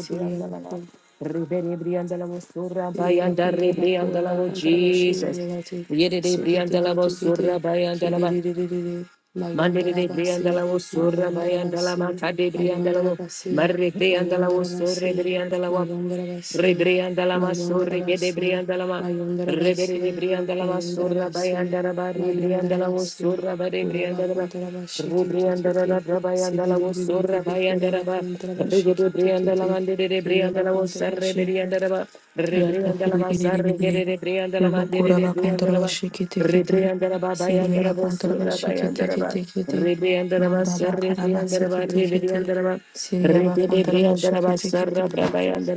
Speaker 4: Siriya bakura.
Speaker 1: Rebriandala Oso,
Speaker 4: Siriya
Speaker 1: Rabayanda,
Speaker 4: bakundara bakura
Speaker 1: Rebriandala,
Speaker 4: bakundara
Speaker 1: Jesus.
Speaker 4: bashingiye bati
Speaker 1: Yede de
Speaker 4: sigede
Speaker 1: brianda la
Speaker 4: gede gede
Speaker 1: basura
Speaker 4: kirerererere
Speaker 1: Mandere
Speaker 4: mayundara
Speaker 1: de
Speaker 4: basi
Speaker 1: Briandala was Sura by
Speaker 4: mayundara
Speaker 1: Andala
Speaker 4: basi
Speaker 1: Mata de
Speaker 4: mayundara
Speaker 1: Briandala,
Speaker 4: basi
Speaker 1: Marre Briandala
Speaker 4: mayundara
Speaker 1: was Sura
Speaker 4: basi
Speaker 1: Briandala,
Speaker 4: mayundara basi
Speaker 1: Rebriandala
Speaker 4: mayundara
Speaker 1: Masuri Gede
Speaker 4: basi
Speaker 1: Briandala,
Speaker 4: mayundara
Speaker 1: Rebere de
Speaker 4: basi
Speaker 1: Briandala
Speaker 4: mayundara
Speaker 1: Masura by
Speaker 4: basi
Speaker 1: Andaraba,
Speaker 4: mayundara
Speaker 1: Rebriandala was
Speaker 4: basi
Speaker 1: Sura by
Speaker 4: kura
Speaker 1: Briandala,
Speaker 4: bakundara bashikiti kiti kiti
Speaker 1: Rebriandala Rabayandala was Sura
Speaker 4: sibibibibibi
Speaker 1: by
Speaker 4: kura
Speaker 1: Andaraba,
Speaker 4: bakundara
Speaker 1: Regede
Speaker 4: bashikiti kiti
Speaker 1: Briandala
Speaker 4: kiti
Speaker 1: Mandere de
Speaker 4: kiriya
Speaker 1: Briandala was Sarre
Speaker 4: bakundara
Speaker 1: Briandaraba, Rebriandala Mazarre Gede Briandala Mandere
Speaker 4: Robokura
Speaker 1: de
Speaker 4: bakontra
Speaker 1: Briandala.
Speaker 4: bashikete kete.
Speaker 1: Rebriandaraba
Speaker 4: Siriye
Speaker 1: Bayandarabo
Speaker 4: bakontra
Speaker 1: Sura
Speaker 4: bashikete
Speaker 1: Bayandaraba Rebriandaraba
Speaker 4: Manda
Speaker 1: Sir
Speaker 4: bakara
Speaker 1: Rebriandaraba
Speaker 4: basikete kete.
Speaker 1: Rebriandaraba
Speaker 4: Siriye bakontra
Speaker 1: Rebriandaraba Sarra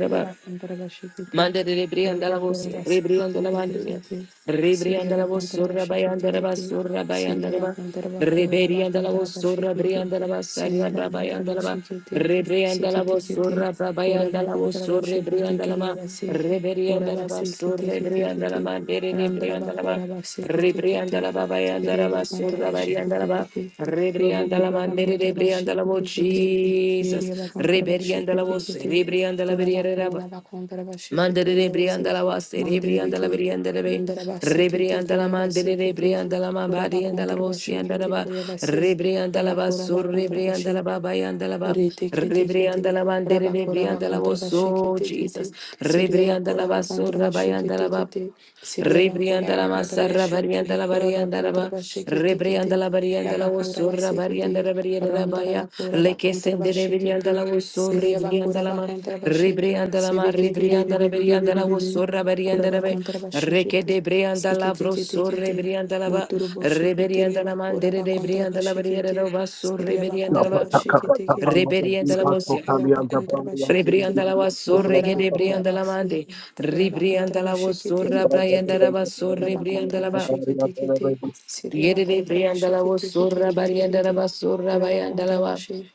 Speaker 4: Siriya Bakantara Bashikiti,
Speaker 1: Manda de rebrianda la voz,
Speaker 4: Yabakura
Speaker 1: rebrianda
Speaker 4: Basikiti,
Speaker 1: la
Speaker 4: Kiti,
Speaker 1: manduria,
Speaker 4: kiti. Siriya
Speaker 1: rebrianda la voz,
Speaker 4: Bakantara
Speaker 1: surra
Speaker 4: Bashikiti,
Speaker 1: bayanda la bas,
Speaker 4: Kiti,
Speaker 1: surra bayanda
Speaker 4: Siriya
Speaker 1: la bas,
Speaker 4: Bakantara Bakura
Speaker 1: rebrianda la
Speaker 4: Bakantara
Speaker 1: voz, surra
Speaker 4: Bashikiti,
Speaker 1: brianda la bas,
Speaker 4: Siriya
Speaker 1: sarra
Speaker 4: Bakantara
Speaker 1: bayanda la bas,
Speaker 4: Bashikiti,
Speaker 1: rebrianda la
Speaker 4: Sikiti
Speaker 1: voz,
Speaker 4: Kiti,
Speaker 1: surra
Speaker 4: Kura
Speaker 1: bayanda la voz,
Speaker 4: Bakantara
Speaker 1: surra
Speaker 4: Bashikiti,
Speaker 1: brianda la
Speaker 4: Kiriya
Speaker 1: ma,
Speaker 4: Basi, Kura
Speaker 1: rebrianda la bas,
Speaker 4: Basikiti,
Speaker 1: surra
Speaker 4: Kiti,
Speaker 1: brianda la
Speaker 4: Kiti,
Speaker 1: ma, dere
Speaker 4: Randara
Speaker 1: rebrianda la bas,
Speaker 4: Bakura Basikiti,
Speaker 1: rebrianda
Speaker 4: Kiti,
Speaker 1: la ba bayanda
Speaker 4: Siriya
Speaker 1: la bas,
Speaker 4: Bakantara
Speaker 1: surra bayanda la
Speaker 4: Bashikiti,
Speaker 1: bas,
Speaker 4: Kiti,
Speaker 1: rebrianda la
Speaker 4: Robokura
Speaker 1: ma, dere
Speaker 4: Bakantara
Speaker 1: rebrianda la voz,
Speaker 4: Bashikiti, Kiti,
Speaker 1: Jesus,
Speaker 4: Kiriya Bakantara
Speaker 1: rebrianda la
Speaker 4: Bashikiti,
Speaker 1: voz,
Speaker 4: Kiti,
Speaker 1: rebrianda la
Speaker 4: Kuraba
Speaker 1: veriera
Speaker 4: kontra
Speaker 1: Mandere de brianda la wase, re brianda la brianda la be, re brianda la mandere de brianda la mambadi and la bosi and la
Speaker 4: bashikiti
Speaker 1: ba,
Speaker 4: kurabasi,
Speaker 1: re brianda la
Speaker 4: raba
Speaker 1: basso,
Speaker 4: kuraba
Speaker 1: re
Speaker 4: kontra bashi,
Speaker 1: brianda la baba and la ba,
Speaker 4: Orete
Speaker 1: re
Speaker 4: kete kete.
Speaker 1: brianda la mandere de
Speaker 4: Rabakura
Speaker 1: brianda la
Speaker 4: bakontra
Speaker 1: boso,
Speaker 4: bashikete
Speaker 1: Jesus,
Speaker 4: kete.
Speaker 1: re
Speaker 4: Siria
Speaker 1: brianda
Speaker 4: bakura
Speaker 1: la
Speaker 4: Oreteketekete,
Speaker 1: basso,
Speaker 4: rabakoraba
Speaker 1: rabayanda la
Speaker 4: kontrabasheketekete, siriabakoraba
Speaker 1: ba.
Speaker 4: kontrabasheketekete, siriabakoraba
Speaker 1: Rebriandala masarra
Speaker 4: kontrabashi,
Speaker 1: bariandala
Speaker 4: koraba
Speaker 1: bariandala ba
Speaker 4: kontrabasheketekete,
Speaker 1: rebriandala bariandala osurra
Speaker 4: rabakorabasekete,
Speaker 1: bariandala bariandala baya
Speaker 4: rondarabakoraba
Speaker 1: lekesendere bariandala
Speaker 4: kontrabashekete,
Speaker 1: osurre bariandala
Speaker 4: siriabakoraba
Speaker 1: ma
Speaker 4: kontrabashi,
Speaker 1: rebriandala ma
Speaker 4: sebekete
Speaker 1: rebriandala bariandala
Speaker 4: rerererererere,
Speaker 1: osurra
Speaker 4: koraba
Speaker 1: bariandala be
Speaker 4: kontrabashekete,
Speaker 1: rekede briandala vrosurre
Speaker 4: siketeketekete,
Speaker 1: bariandala ba rebriandala mandere
Speaker 4: muturuboshekuteriabakoraba
Speaker 1: de briandala
Speaker 4: kontrabashekete,
Speaker 1: bariandala ba surre
Speaker 4: Siria ba
Speaker 1: bariandala
Speaker 4: kontra
Speaker 1: ba
Speaker 4: ba shikete kete.
Speaker 1: Reberianda la
Speaker 4: Siria ba
Speaker 1: voz.
Speaker 4: kora ba kontra ba
Speaker 1: Rebrianda
Speaker 4: shikete.
Speaker 1: la wasorre
Speaker 4: Mandara
Speaker 1: che
Speaker 4: ba kora
Speaker 1: debrianda
Speaker 4: ba
Speaker 1: la
Speaker 4: se.
Speaker 1: mande,
Speaker 4: Kora ba kontra
Speaker 1: ribrianda
Speaker 4: ba
Speaker 1: la
Speaker 4: shikete
Speaker 1: wasorra
Speaker 4: kete
Speaker 1: braianda
Speaker 4: kete.
Speaker 1: la
Speaker 4: Kora
Speaker 1: basorre
Speaker 4: ba
Speaker 1: brianda
Speaker 4: kontra
Speaker 1: la
Speaker 4: ba
Speaker 1: ba,
Speaker 4: shikete kete. Siria ba
Speaker 1: yede
Speaker 4: kontra ba
Speaker 1: debrianda la
Speaker 4: shikete kete
Speaker 1: wasorra
Speaker 4: kete
Speaker 1: barianda la
Speaker 4: kete.
Speaker 1: basorra
Speaker 4: Kora ba
Speaker 1: baianda la
Speaker 4: kontra ba
Speaker 1: ba,
Speaker 4: she.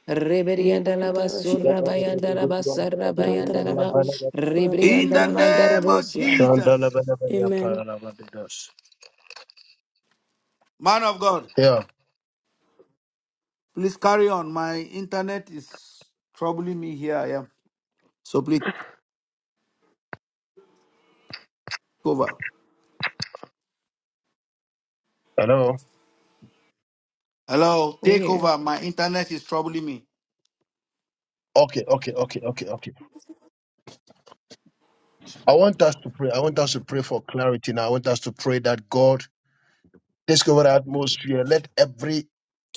Speaker 4: Kiria ba
Speaker 1: rebrianda la
Speaker 4: kontra ba
Speaker 1: wasorra
Speaker 4: shikete
Speaker 1: baianda
Speaker 4: kete.
Speaker 1: la basarra
Speaker 4: Rantara
Speaker 1: baianda la
Speaker 4: ba
Speaker 1: ba,
Speaker 4: ku. Kora ba
Speaker 2: In
Speaker 1: ribrianda
Speaker 4: kontra
Speaker 2: the
Speaker 1: la
Speaker 4: ba
Speaker 1: mandara
Speaker 2: name of
Speaker 4: shikete.
Speaker 1: bosia.
Speaker 2: Jesus.
Speaker 4: Amen.
Speaker 2: Man of God, please carry on. My internet is troubling me here. I am. So please take over.
Speaker 3: Hello.
Speaker 2: Hello, take
Speaker 1: Where?
Speaker 2: over. My internet is troubling me.
Speaker 3: Okay, okay, okay, okay, okay. I want us to pray. I want us to pray for clarity now. I want us to pray that God Let's go our atmosphere. Let every